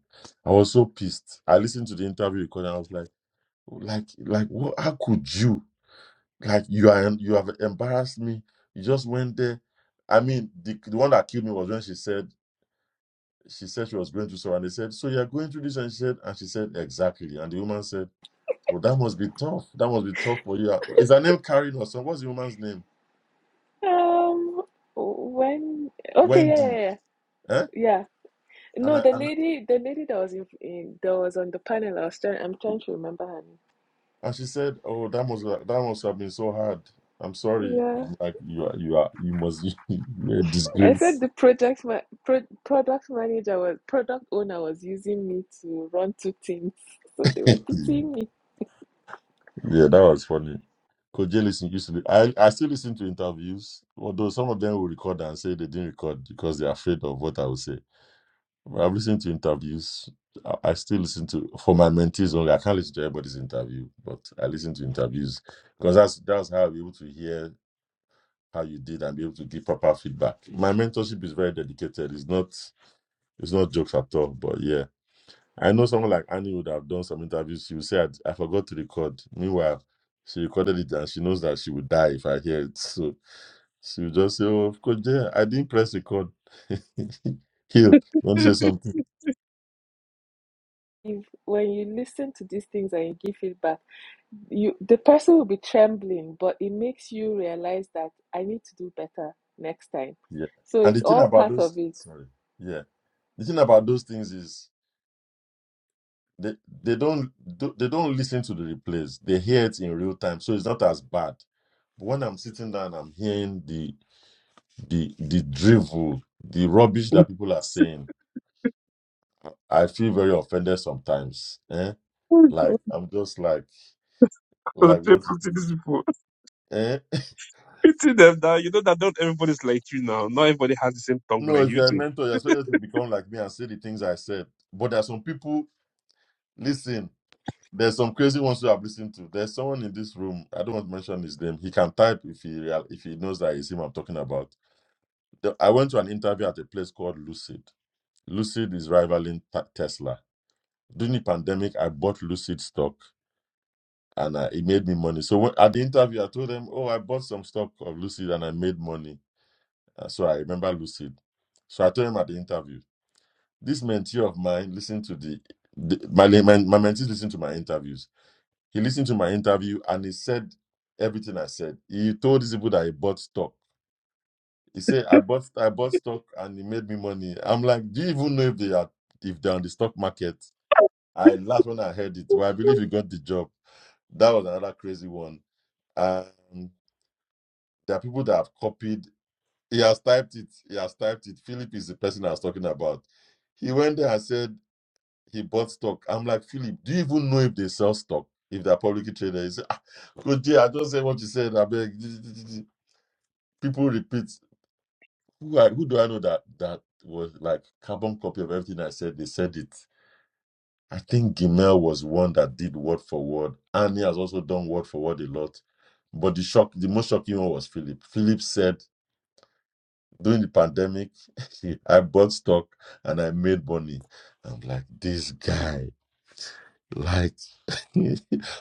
[SPEAKER 2] I was so pissed. I listened to the interview recording. I was like, like, like, what? How could you? Like you are, you have embarrassed me. You just went there. I mean, the, the one that killed me was when she said she said she was going through so, and they said, "So you are going through this?" And she said, and she said, "Exactly." And the woman said, "Well, that must be tough. That must be tough for you." Uh, Is her name Karen or something? What's the woman's name?
[SPEAKER 8] Um, when? Okay, yeah,
[SPEAKER 2] Wendy.
[SPEAKER 8] yeah,
[SPEAKER 2] Eh?
[SPEAKER 8] yeah. yeah.
[SPEAKER 2] And
[SPEAKER 8] No,
[SPEAKER 2] I
[SPEAKER 8] the
[SPEAKER 2] and
[SPEAKER 8] lady, the lady that was in, in that was on the panel. I was trying. I'm trying to remember her name.
[SPEAKER 2] and she said, "Oh, that must that must have been so hard. I'm sorry."
[SPEAKER 8] Yeah,
[SPEAKER 2] I'm like, "You are, you are, you must be a
[SPEAKER 8] I said
[SPEAKER 2] disgrace."
[SPEAKER 8] the project ma pro product manager was product owner was using me to run two teams, so they were pitying me.
[SPEAKER 2] Yeah, that was funny. Koji listen used to be, I, I still listen to interviews, although some of them will record and say they didn't record because they're afraid of what I will say. But I've listened to interviews. I, I still listen to for my mentees only. I can't listen to everybody's interview, but I listen to interviews because that's that's how I'll be able to hear how you did and be able to give proper feedback. My mentorship is very dedicated. It's not it's not jokes at all. But yeah. I know someone like Annie would have done some interviews. She would say, I, I forgot to record. Meanwhile, she recorded it and she knows that she would die if I hear it. So she would just say, Oh, of course, yeah, I didn't press record. Hill, you want to say something?
[SPEAKER 8] If when you listen to these things and you give feedback, you the person will be trembling, but it makes you realize that I need to do better next time.
[SPEAKER 2] Yeah.
[SPEAKER 8] So
[SPEAKER 2] And the
[SPEAKER 8] it's
[SPEAKER 2] thing
[SPEAKER 8] all
[SPEAKER 2] about
[SPEAKER 8] part of
[SPEAKER 2] those,
[SPEAKER 8] it.
[SPEAKER 2] sorry, yeah, the thing about those things is they, they don't do- they don't listen to the replays. They hear it in real time, so it's not as bad. But when I'm sitting down, I'm hearing the the the drivel, the rubbish that people are saying I feel very offended sometimes. Eh? Like I'm just like, like what is
[SPEAKER 4] these
[SPEAKER 2] this?
[SPEAKER 4] people.
[SPEAKER 2] Eh?
[SPEAKER 4] Pity them now. You know that not everybody's like you now. Not everybody has the same tongue
[SPEAKER 2] no,
[SPEAKER 4] like
[SPEAKER 2] if
[SPEAKER 4] you
[SPEAKER 2] you're a
[SPEAKER 4] do.
[SPEAKER 2] mentor, you're supposed to become like me and say the things I said. But there are some people. Listen, there's some crazy ones who I've listened to. There's someone in this room. I don't want to mention his name. He can type if he real, if he knows that it's him I'm talking about. The- I went to an interview at a place called Lucid. Lucid is rivaling Ta- Tesla. During the pandemic, I bought Lucid stock. and uh, it made me money. So when, at the interview, I told them, "Oh, I bought some stock of Lucid and I made money." Uh, so I remember Lucid. So I told him at the interview, "This mentee of mine listened to the, the my, my my mentee listened to my interviews. He listened to my interview and he said everything I said. He told these people that he bought stock. He said I bought I bought stock and he made me money. I'm like, do you even know if they are if they're on the stock market?" I laughed when I heard it. Well, I believe he got the job. That was another crazy one. Um, There are people that have copied. He has typed it. He has typed it. Philip is the person I was talking about. He went there and said he bought stock. I'm like, Philip, do you even know if they sell stock? If they're publicly traded? He said, ah, Coach Jay, I just said what you said. I beg. People repeat. Who, I, who do I know that that was like carbon copy of everything I said? They said it. I think Gimel was one that did word for word, and he has also done word for word a lot. But the shock, the most shocking one was Philip. Philip said during the pandemic, I bought stock and I made money. I'm like, this guy, like,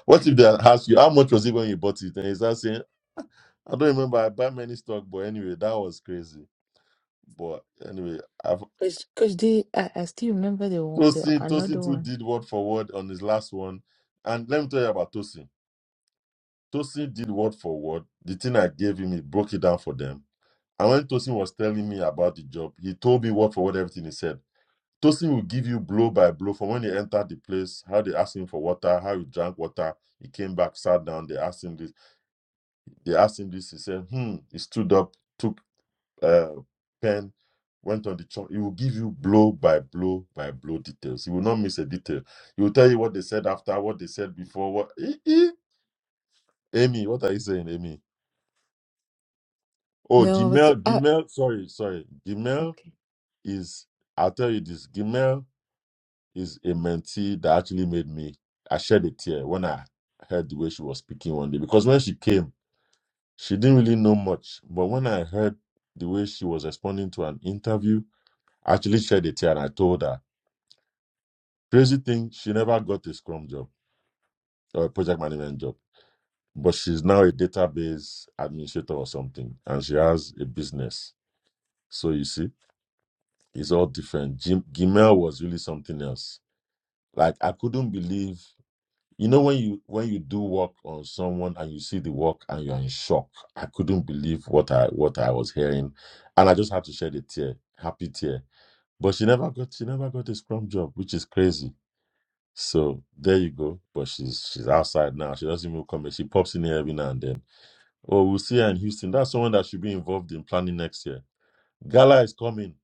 [SPEAKER 2] what if they ask you how much was it when you bought it? And he's not saying, I don't remember. I buy many stock, but anyway, that was crazy. But anyway, I've
[SPEAKER 3] Cause, cause the I, I still remember the one- the
[SPEAKER 2] Tosin
[SPEAKER 3] another
[SPEAKER 2] Tosin too
[SPEAKER 3] one.
[SPEAKER 2] did word for word on his last one. And let me tell you about Tosin. Tosin did word for word. The thing I gave him, he broke it down for them. And when Tosin was telling me about the job, he told me word for word everything he said. Tosin will give you blow by blow from when he entered the place, how they asked him for water, how he drank water. He came back, sat down. They asked him this. They asked him this. He said, "Hmm." He stood up, took a pen, went on the chalk. He will give you blow by blow by blow details. He will not miss a detail. He will tell you what they said after, what they said before. What Eh, eh. Amy? What are you saying, Amy? Oh,
[SPEAKER 3] No, I was
[SPEAKER 2] Gmail,
[SPEAKER 3] I
[SPEAKER 2] Gmail. Sorry, sorry. Gmail
[SPEAKER 3] okay.
[SPEAKER 2] is. I'll tell you this. Gmail is a mentee that actually made me I shed a tear when I heard the way she was speaking one day because when she came, she didn't really know much. But when I heard the way she was responding to an interview, I actually shed a tear and I told her. Crazy thing, she never got a scrum job or a project management job. But she's now a database administrator or something, and she has a business. So you see, it's all different. Gim- Gmail was really something else. Like I couldn't believe You know when you when you do work on someone and you see the work and you're in shock. I couldn't believe what I what I was hearing, and I just had to shed a tear, happy tear. But she never got she never got a scrum job, which is crazy. So there you go. But she's she's outside now. She doesn't even come. in. She pops in here every now and then. Oh, we'll see her in Houston. That's someone that should be involved in planning next year. Gala is coming.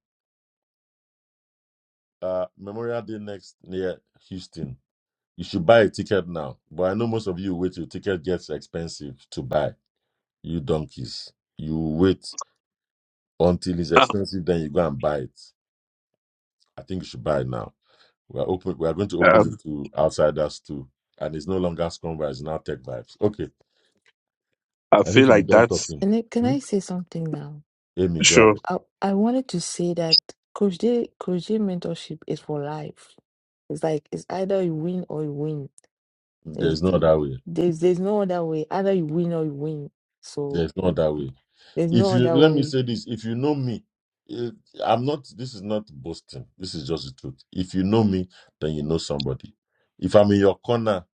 [SPEAKER 2] Uh, Memorial Day next near Houston. You should buy a ticket now. But I know most of you wait till ticket gets expensive to buy You donkeys. You wait until it's
[SPEAKER 4] Ah,
[SPEAKER 2] expensive, then you go and buy it. I think you should buy it now. We are open we are going to open it
[SPEAKER 4] Um,
[SPEAKER 2] to outsiders too. And it's no longer scrum vibes, it's now tech vibes. Okay.
[SPEAKER 4] I
[SPEAKER 2] I need
[SPEAKER 4] feel
[SPEAKER 2] to be
[SPEAKER 4] like
[SPEAKER 2] done
[SPEAKER 4] that's
[SPEAKER 2] talking.
[SPEAKER 3] And then, can
[SPEAKER 2] Hmm?
[SPEAKER 3] I say something now?
[SPEAKER 2] Amy, go
[SPEAKER 4] sure.
[SPEAKER 2] ahead.
[SPEAKER 3] I, I wanted to say that Coach J, Coach J mentorship is for life. It's like it's either you win or you win. There's
[SPEAKER 2] There's no
[SPEAKER 3] the,
[SPEAKER 2] other way.
[SPEAKER 3] there's there's no other way. Either you win or you win. So
[SPEAKER 2] There's no
[SPEAKER 3] mm,
[SPEAKER 2] other way.
[SPEAKER 3] there's
[SPEAKER 2] If
[SPEAKER 3] no
[SPEAKER 2] you
[SPEAKER 3] other
[SPEAKER 2] let me
[SPEAKER 3] way.
[SPEAKER 2] say this, if you know me, eh, I'm not this is not boasting. This is just the truth. If you know me, then you know somebody. If I'm in your corner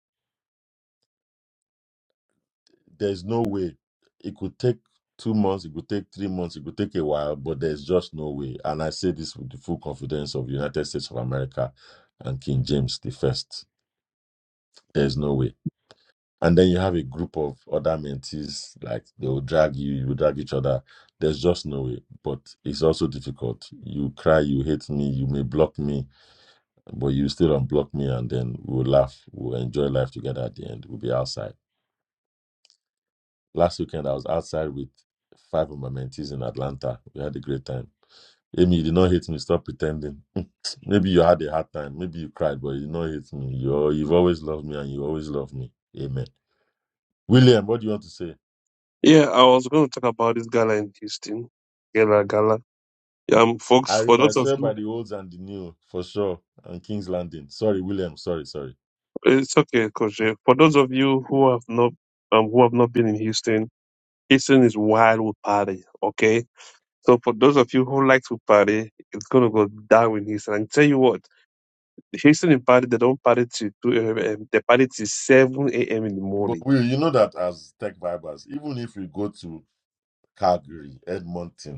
[SPEAKER 2] There's no way. It could take two months, it could take three months, it could take a while, but there's just no way. And I say this with the full confidence of the United States of America and King James the First. There's no way. And then you have a group of other mentees, like they will drag you, you will drag each other. There's just no way. But it's also difficult. You cry, you hate me, you may block me, but you still unblock me, and then we'll laugh, we'll enjoy life together at the end. We'll be outside. Last weekend, I was outside with five of my mentees in Atlanta. We had a great time. Amy, you did not hate me. Stop pretending. Maybe you had a hard time. Maybe you cried, but you did not hate me. You, you've always loved me and you always love me. Amen. William, what do you want to say?
[SPEAKER 4] Yeah, I was going to talk about this gala in Houston. Gala, gala. Um, folks, for
[SPEAKER 2] Irene, I
[SPEAKER 4] those of
[SPEAKER 2] swear by
[SPEAKER 4] you,
[SPEAKER 2] the olds and the new, for sure, and King's Landing. Sorry, William, sorry, sorry.
[SPEAKER 4] it's okay, Coach. Jay. For those of you who have not, um, who have not been in Houston, Houston is wild with party. Okay, So for those of you who like to party, it's gonna go down in Houston. And tell you what, the Houston in party, they don't party till two a.m. They party till seven a.m. in the morning.
[SPEAKER 2] But Will, you know that as tech vibers, even if we go to Calgary, Edmonton,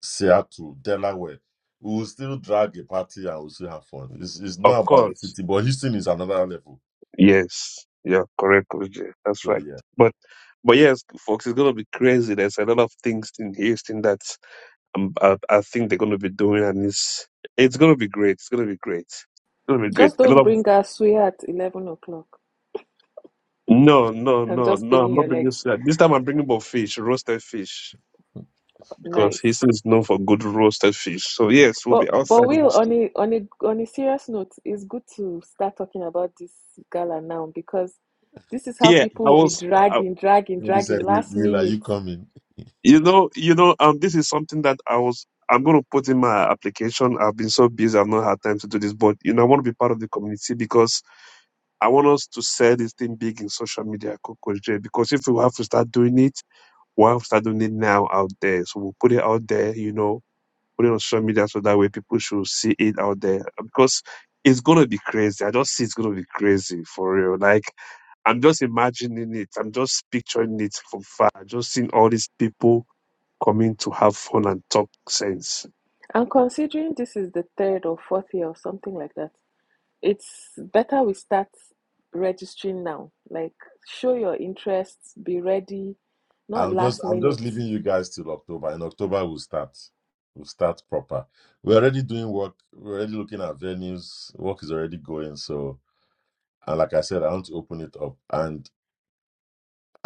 [SPEAKER 2] Seattle, Delaware. We will still drag a party and we'll still have fun. It's, it's
[SPEAKER 4] Of
[SPEAKER 2] not about the
[SPEAKER 4] course.
[SPEAKER 2] city, but Houston is another level.
[SPEAKER 4] Yes. Yeah. Correct. Coach Jay. That's
[SPEAKER 2] So
[SPEAKER 4] right.
[SPEAKER 2] yeah,
[SPEAKER 4] But but yes, folks, it's gonna be crazy. There's a lot of things in Houston that um, I, I think they're gonna be doing, and it's it's gonna be great. It's gonna be great. It's gonna be great.
[SPEAKER 2] that's
[SPEAKER 8] Just
[SPEAKER 4] A
[SPEAKER 8] don't
[SPEAKER 4] lot of
[SPEAKER 8] bring us sweet at eleven o'clock.
[SPEAKER 4] no, no,
[SPEAKER 8] and
[SPEAKER 4] no,
[SPEAKER 8] just
[SPEAKER 4] no.
[SPEAKER 8] feeling
[SPEAKER 4] I'm not
[SPEAKER 8] your
[SPEAKER 4] bringing.
[SPEAKER 8] legs.
[SPEAKER 4] salad. This time I'm bringing about fish, roasted fish. because
[SPEAKER 8] Nice.
[SPEAKER 4] Houston is known for good roasted fish. So yes, we'll be
[SPEAKER 8] But but
[SPEAKER 4] outside in
[SPEAKER 8] Will, on
[SPEAKER 4] Houston.
[SPEAKER 8] a on a on a serious note, it's good to start talking about this gala now because this is how
[SPEAKER 4] Yeah,
[SPEAKER 8] people
[SPEAKER 4] I
[SPEAKER 8] will be
[SPEAKER 4] was, I,
[SPEAKER 8] dragging, dragging,
[SPEAKER 2] he said,
[SPEAKER 8] dragging
[SPEAKER 2] Will,
[SPEAKER 8] last
[SPEAKER 2] Will, are
[SPEAKER 8] minute.
[SPEAKER 2] you coming?
[SPEAKER 4] you know, you know, um, this is something that I was, I'm going to put in my application. I've been so busy, I've not had time to do this, but you know, I want to be part of the community because I want us to sell this thing big in social media, Coco J. Because if we have to start doing it, we have to start doing it now out there. So we'll put it out there, you know put it on social media so that way people should see it out there because it's gonna be crazy. I just see it's gonna be crazy for real. Like I'm just imagining it. I'm just picturing it from far. Just seeing all these people coming to have fun and talk sense.
[SPEAKER 8] And considering this is the third or fourth year or something like that, it's better we start registering now. Like, show your interests, be ready, not
[SPEAKER 2] I'm just
[SPEAKER 8] last
[SPEAKER 2] I'm just
[SPEAKER 8] minute.
[SPEAKER 2] leaving you guys till October. In October we'll start. We'll start proper. We're already doing work, we're already looking at venues. Work is already going. So and like I said, I want to open it up. And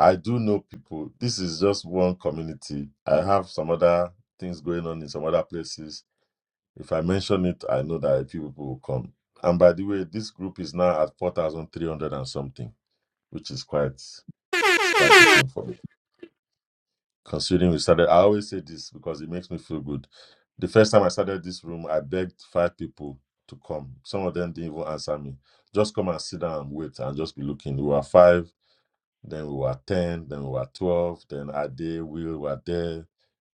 [SPEAKER 2] I do know people. This is just one community. I have some other things going on in some other places If I mention it, I know that a few people will come. And by the way, this group is now at 4,300 and something, which is quite it's quite a thing for me. Considering we started, I always say this because it makes me feel good. The first time I started this room, I begged five people to come. Some of them didn't even answer me. Just come and sit down and wait and just be looking. We were five, then we were 10, then we were 12, then Ade, Will were there,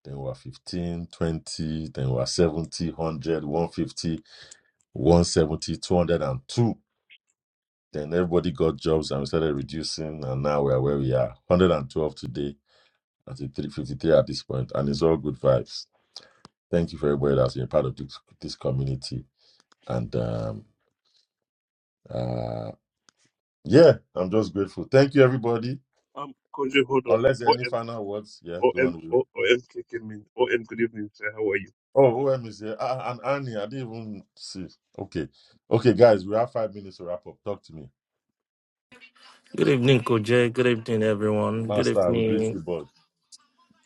[SPEAKER 2] then we were 15, 20, then we were 70, one hundred, one hundred fifty. One seventy two hundred and two. Then everybody got jobs and we started reducing, and now we are where we are 112 today, at 353 at this point, and it's all good vibes. Thank you for everybody that's been part of this, this community. And um, uh, yeah, I'm just grateful. Thank you, everybody.
[SPEAKER 4] Um, Koji, hold on.
[SPEAKER 2] Unless there are any
[SPEAKER 4] OM,
[SPEAKER 2] final words, yeah, go on.
[SPEAKER 4] OM,
[SPEAKER 2] Will.
[SPEAKER 4] O- OM kicking me. OM, good evening, sir. How are
[SPEAKER 2] Oh, OM is here. Ah, ah, and Annie, I didn't even see. Okay. Okay, guys, we have five minutes to wrap up. Talk to me.
[SPEAKER 9] Good evening, Koje. Good evening, everyone. Good
[SPEAKER 2] Master, we greet
[SPEAKER 9] evening.
[SPEAKER 2] you, boss.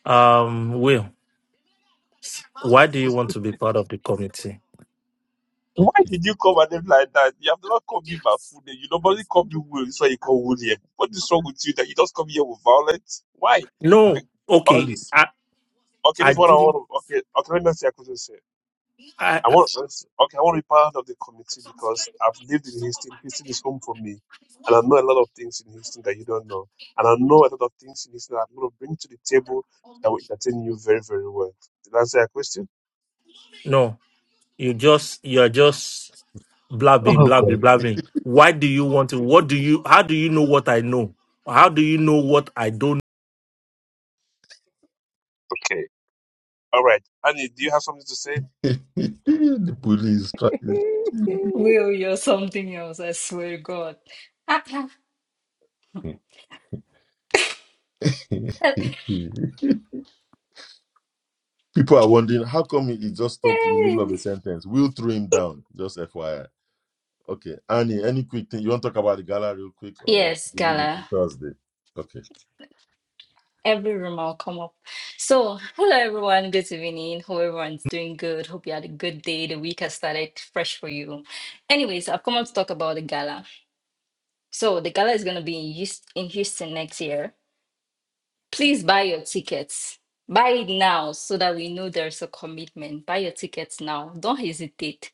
[SPEAKER 9] Um, Will, why
[SPEAKER 4] you?
[SPEAKER 9] do you want to be part of the committee?
[SPEAKER 4] Why did you come at them like that? You have never called me my full name. You normally call me Will. That's why you call William. What is wrong with you that you just come here with violence? Why?
[SPEAKER 2] Ah,
[SPEAKER 4] Like,
[SPEAKER 9] No,
[SPEAKER 2] All
[SPEAKER 9] okay.
[SPEAKER 4] Okay,
[SPEAKER 2] this.
[SPEAKER 9] I,
[SPEAKER 4] okay, this
[SPEAKER 9] I
[SPEAKER 4] is what I
[SPEAKER 9] didn't.
[SPEAKER 4] want to, okay, okay, let me see, I could say.
[SPEAKER 9] I,
[SPEAKER 4] I
[SPEAKER 9] I
[SPEAKER 4] want, okay, I want to be part of the committee because I've lived in Houston. Houston is home for me. And I know a lot of things in Houston that you don't know. And I know a lot of things in Houston that I'm going to bring to the table that will entertain you very, very well. Did I answer your question?
[SPEAKER 9] no. You just you're just blabbing,
[SPEAKER 4] Oh,
[SPEAKER 9] blabbing,
[SPEAKER 4] God.
[SPEAKER 9] blabbing. Why do you want to? What do you? How do you know what I know? How do you know what I don't?
[SPEAKER 4] Okay. All right. Annie, do you have something to say?
[SPEAKER 2] the police strikes.
[SPEAKER 10] Will, you're something else, I swear to God.
[SPEAKER 2] People are wondering how come he he just stopped in the middle of a
[SPEAKER 10] Hey.
[SPEAKER 2] sentence. We'll throw him down. Just FYI. Okay, Annie, any quick thing you want to talk about the gala real quick, or
[SPEAKER 10] yes,
[SPEAKER 2] we leave it to
[SPEAKER 10] Gala.
[SPEAKER 2] Thursday? Okay.
[SPEAKER 10] Every room I'll come up. So, hello everyone. Good evening. Hope everyone's doing good. Hope you had a good day. The week has started fresh for you. Anyways, I've come up to talk about the gala. So, the gala is going to be in Houston, in Houston next year. Please buy your tickets. Buy it now so that we know there's a commitment. Buy your tickets now. Don't hesitate.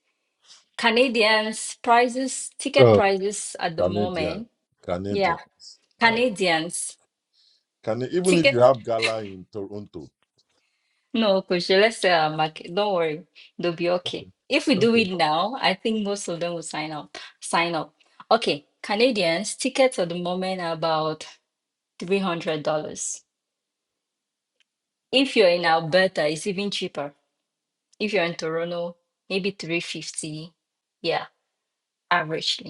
[SPEAKER 10] Canadians prices, ticket
[SPEAKER 2] Oh,
[SPEAKER 10] prices at the
[SPEAKER 2] Canadian,
[SPEAKER 10] moment. Yeah,
[SPEAKER 2] Canadians. Uh,
[SPEAKER 10] Canadians.
[SPEAKER 2] can even if
[SPEAKER 10] Ticket.
[SPEAKER 2] you have gala in Toronto.
[SPEAKER 10] No, Kusha, let's uh, mark it. Don't worry, they'll be okay. If we do
[SPEAKER 2] Okay.
[SPEAKER 10] it now, I think most of them will sign up. Sign up. Okay, Canadians, tickets at the moment are about $300. If you're in Alberta, it's even cheaper. If you're in Toronto, maybe 350. Yeah, averagely.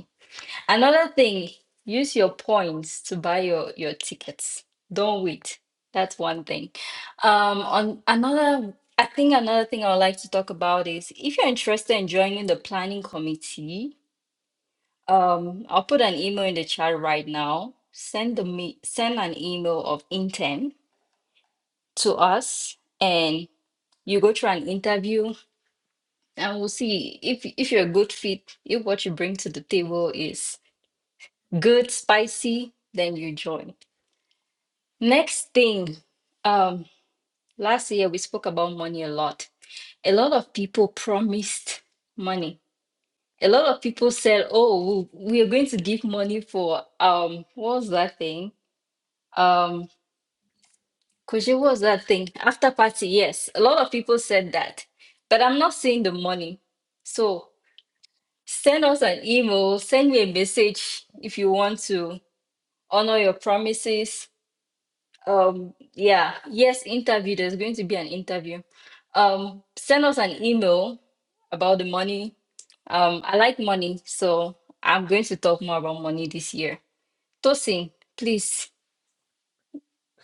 [SPEAKER 10] Another thing, use your points to buy your your tickets. Don't wait. That's one thing. Um, on another, I think another thing I would like to talk about is if you're interested in joining the planning committee, um, I'll put an email in the chat right now. Send the me send an email of intent to us, and you go through an interview, and we'll see if if you're a good fit, if what you bring to the table is good, spicy, then you join. Next thing, um, last year we spoke about money a lot. A lot of people promised money. A lot of people said, "Oh, we we are going to give money for um, what was that thing? Um, Koji, what was that thing? After party?" Yes, a lot of people said that, but I'm not seeing the money. So send us an email, send me a message if you want to honor your promises Um, yeah, yes, interview. There's going to be an interview. Um, send us an email about the money. Um, I like money, so I'm going to talk more about money this year. Tosin, please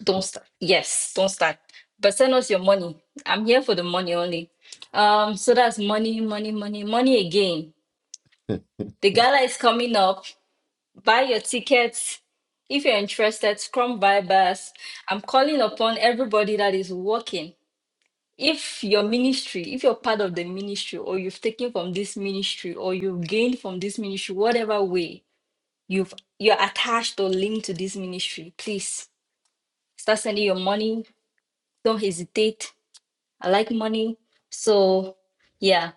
[SPEAKER 10] don't start. Yes, don't start. But send us your money. I'm here for the money only. Um, so that's money, money, money, money again.
[SPEAKER 2] Okay.
[SPEAKER 10] The gala is coming up. Buy your tickets. If you're interested, Scrum Vibers. I'm calling upon everybody that is working if your ministry, if you're part of the ministry, or you've taken from this ministry, or you've gained from this ministry, whatever way you've you're attached or linked to this ministry, please start sending your money. Don't hesitate. I like money. So yeah.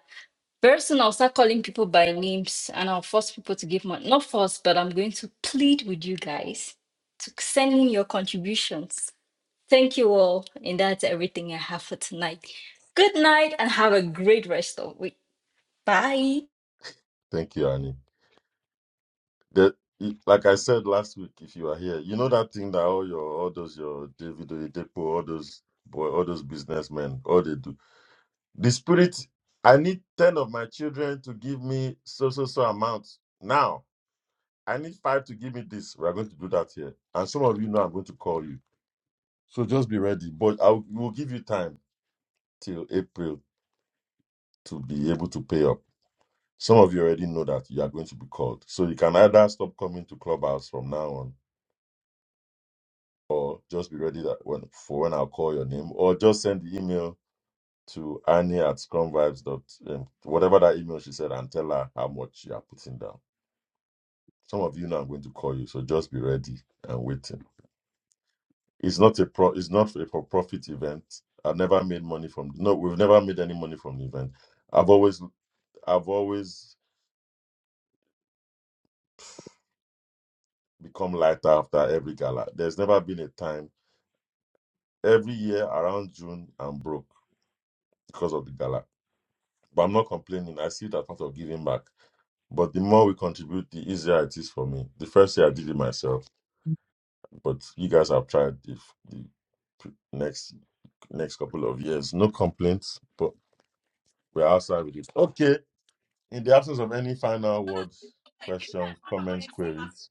[SPEAKER 10] Very soon I'll start calling people by names and I'll force people to give money. Not force, but I'm going to plead with you guys to send in your contributions Thank you all. And that's everything I have for tonight. Good night and have a great rest of the week. Bye.
[SPEAKER 2] Thank you, Annie. The, like I said last week, if you are here, you know that thing that all your all those your David Oyedepo, all those boy, all those businessmen, all they do. The spirit, I need ten of my children to give me so so so amount now. I need five to give me this. We are going to do that here, and some of you know I'm going to call you. So just be ready. But I will we'll give you time till April to be able to pay up. Some of you already know that you are going to be called, so you can either stop coming to clubhouse from now on or just be ready that when for when I'll call your name, or just send the email to Annie at scrumvibes dot um, whatever that email she said, and tell her how much you are putting down. Some of you now I'm going to call you, so just be ready and waiting. It's not a pro. It's not a for profit event. I've never made money from. No, we've never made any money from the event. I've always, I've always become lighter after every gala. There's never been a time. Every year around June, I'm broke because of the gala. But I'm not complaining. I see it as part of giving back. But the more we contribute, the easier it is for me. The first year I did it myself, but you guys have tried the, the pr- next next couple of years. No complaints, but we're outside with it. Okay. In the absence of any final words, questions, comments, queries.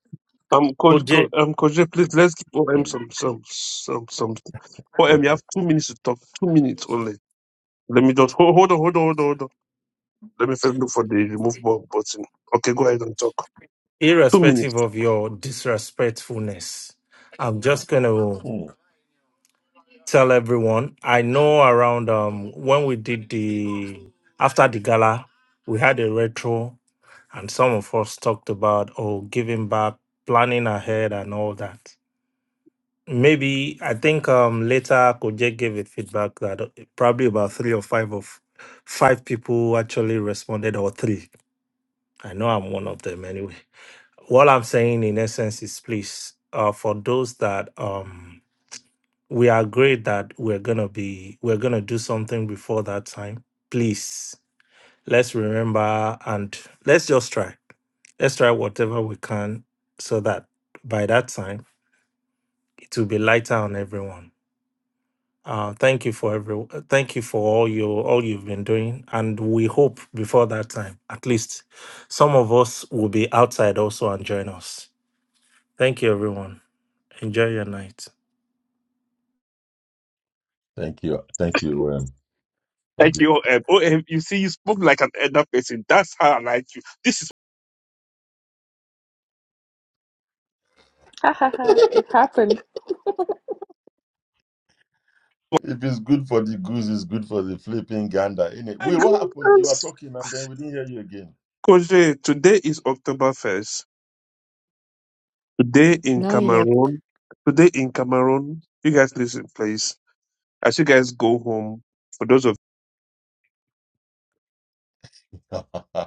[SPEAKER 4] Um, coach, Co-
[SPEAKER 9] Koje,
[SPEAKER 4] um, coach, Jay, please let's give OM
[SPEAKER 2] hmm,
[SPEAKER 4] some, some, some, some. OM, you
[SPEAKER 2] Okay.
[SPEAKER 4] have two minutes to talk. Two minutes only. Let me just hold, hold on, hold on, hold on, hold on. Let me first look for the remove ball button. Okay, go ahead and talk. Two minutes.
[SPEAKER 9] irrespective of your disrespectfulness, I'm just gonna.
[SPEAKER 2] Hmm,
[SPEAKER 9] tell everyone. I know around um when we did the after the gala, we had a retro, and some of us talked about oh giving back, planning ahead, and all that. Maybe I think um later Koje gave a feedback that uh, probably about three or five of five people actually responded or three. I know I'm one of them anyway. What I'm saying in essence is please uh for those that um we agreed that we're gonna be we're gonna do something before that time. Please let's remember and let's just try. Let's try whatever we can so that by that time it will be lighter on everyone. Uh, thank you for every thank you for all you all you've been doing and we hope before that time at least some of us will be outside also and join us. Thank you everyone. Enjoy your night.
[SPEAKER 2] Thank you. Thank you, um,
[SPEAKER 4] Thank
[SPEAKER 2] Agreed.
[SPEAKER 4] you, OM. OM, you see, you spoke like an elder person. That's how I like you. This is
[SPEAKER 8] It
[SPEAKER 2] if
[SPEAKER 8] happened.
[SPEAKER 2] it's good for the goose, it's good for the flipping gander, innit? it?
[SPEAKER 4] my
[SPEAKER 2] Will, what happened? You were
[SPEAKER 4] goodness.
[SPEAKER 2] talking and then we didn't hear you again.
[SPEAKER 4] Coach, Jay, today is October first. Today in
[SPEAKER 3] Not yet.
[SPEAKER 4] Cameroon. Today in Cameroon. You guys listen, please. As you guys go home, for those of
[SPEAKER 2] Hmm.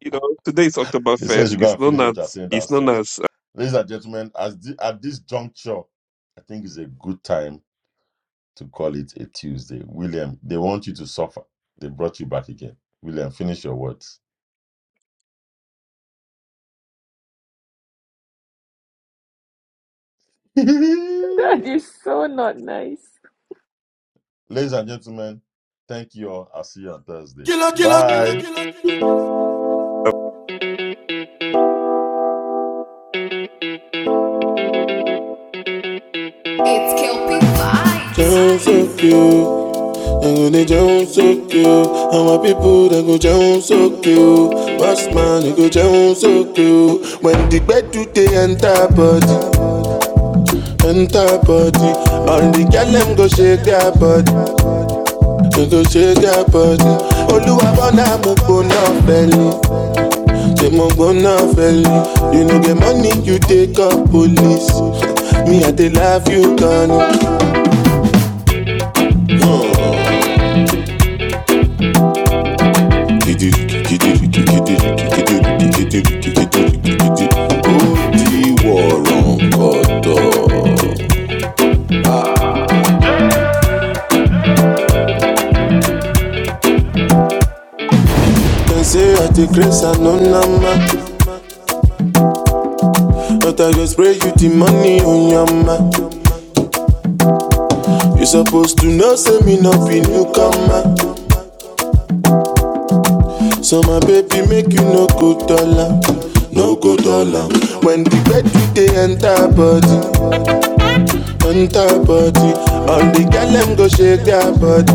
[SPEAKER 4] You know, today's
[SPEAKER 2] they said you
[SPEAKER 4] Oktoberfest
[SPEAKER 2] go
[SPEAKER 4] is
[SPEAKER 2] and
[SPEAKER 4] known
[SPEAKER 2] finish what
[SPEAKER 4] as
[SPEAKER 2] you're saying
[SPEAKER 4] is known
[SPEAKER 2] downstairs.
[SPEAKER 4] as
[SPEAKER 2] Ladies and gentlemen, as the, at this juncture, I think it's a good time to call it a Tuesday. William, they want you to suffer. They brought you back again. William, finish your words.
[SPEAKER 8] That
[SPEAKER 2] Ladies
[SPEAKER 8] is so not nice.
[SPEAKER 2] and gentlemen, thank you all. I'll see you on Thursday. Bye.
[SPEAKER 1] Jump so cute, and when they jump so cute, and my people they go jump so cute. Boss man, they go jump so cute. When the bed do they enter body, enter body, all the girl them go shake their body, they go shake their body. Oluwa bona mo bona belly, money you take up pussy, me. and you. They say I take grace and no number, but I go spray you the money on your ma. You supposed to know, say me not be newcomer. So my baby make you no go dollar, no go dollar. When the bed you they enter body, enter body. All the girl them go shake their body,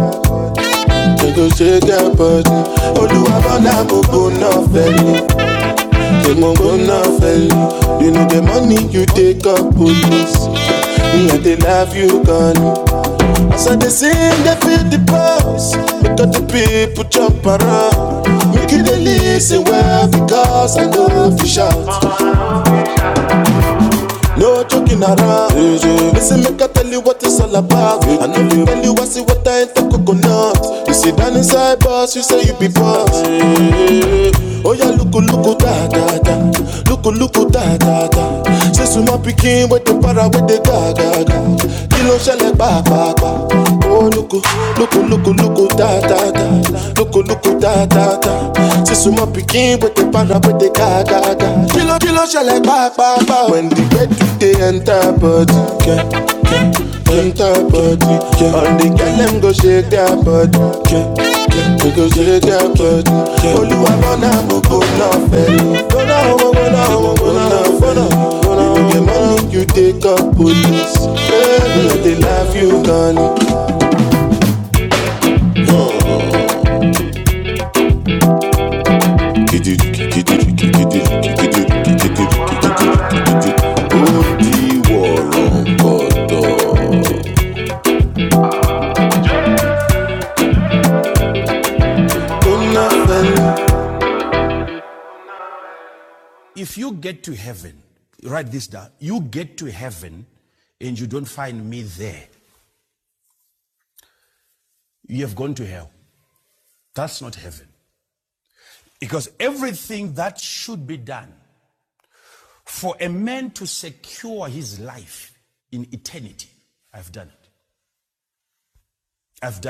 [SPEAKER 1] they go shake their body. Oluwabola gbogbo náà fẹ́ ni. The mongona fell. You know the money you take up police. Me and they love you gone. As I they sing, they feel the pulse. Because the people jump around. Make you they listen well because I know you shout. No joking around. Listen, make I tell you what it's all about. What I You see that you be boss. Oh yeah, look, look, da da da. Look, look, da da da. Say, so my pikin with the para with the ga ga ga. Ba-ba-ba. Oh, loko, loko, loko, loko, da, da, da. Loko, loko, da, da, da. Say so like ba, ba, ba. When the get to the enter body, yeah, enter body, yeah. All the girl them go shake their body, yeah, yeah. go shake their body, yeah. Olúwa mọ́nà gbogbo náà fẹ́. Gbọ́nà ọmọ gbọ́nà ọmọ gbọ́nà gbọ́nà. You are gonna move on, baby. go now, go now, go now, go now. You get money, you take up police. Yeah, they love you, Connie. If you get to heaven, write this down. You get to heaven and you don't find me there, you have gone to hell. That's not heaven. Because everything that should be done for a man to secure his life in eternity, I've done it. I've done it.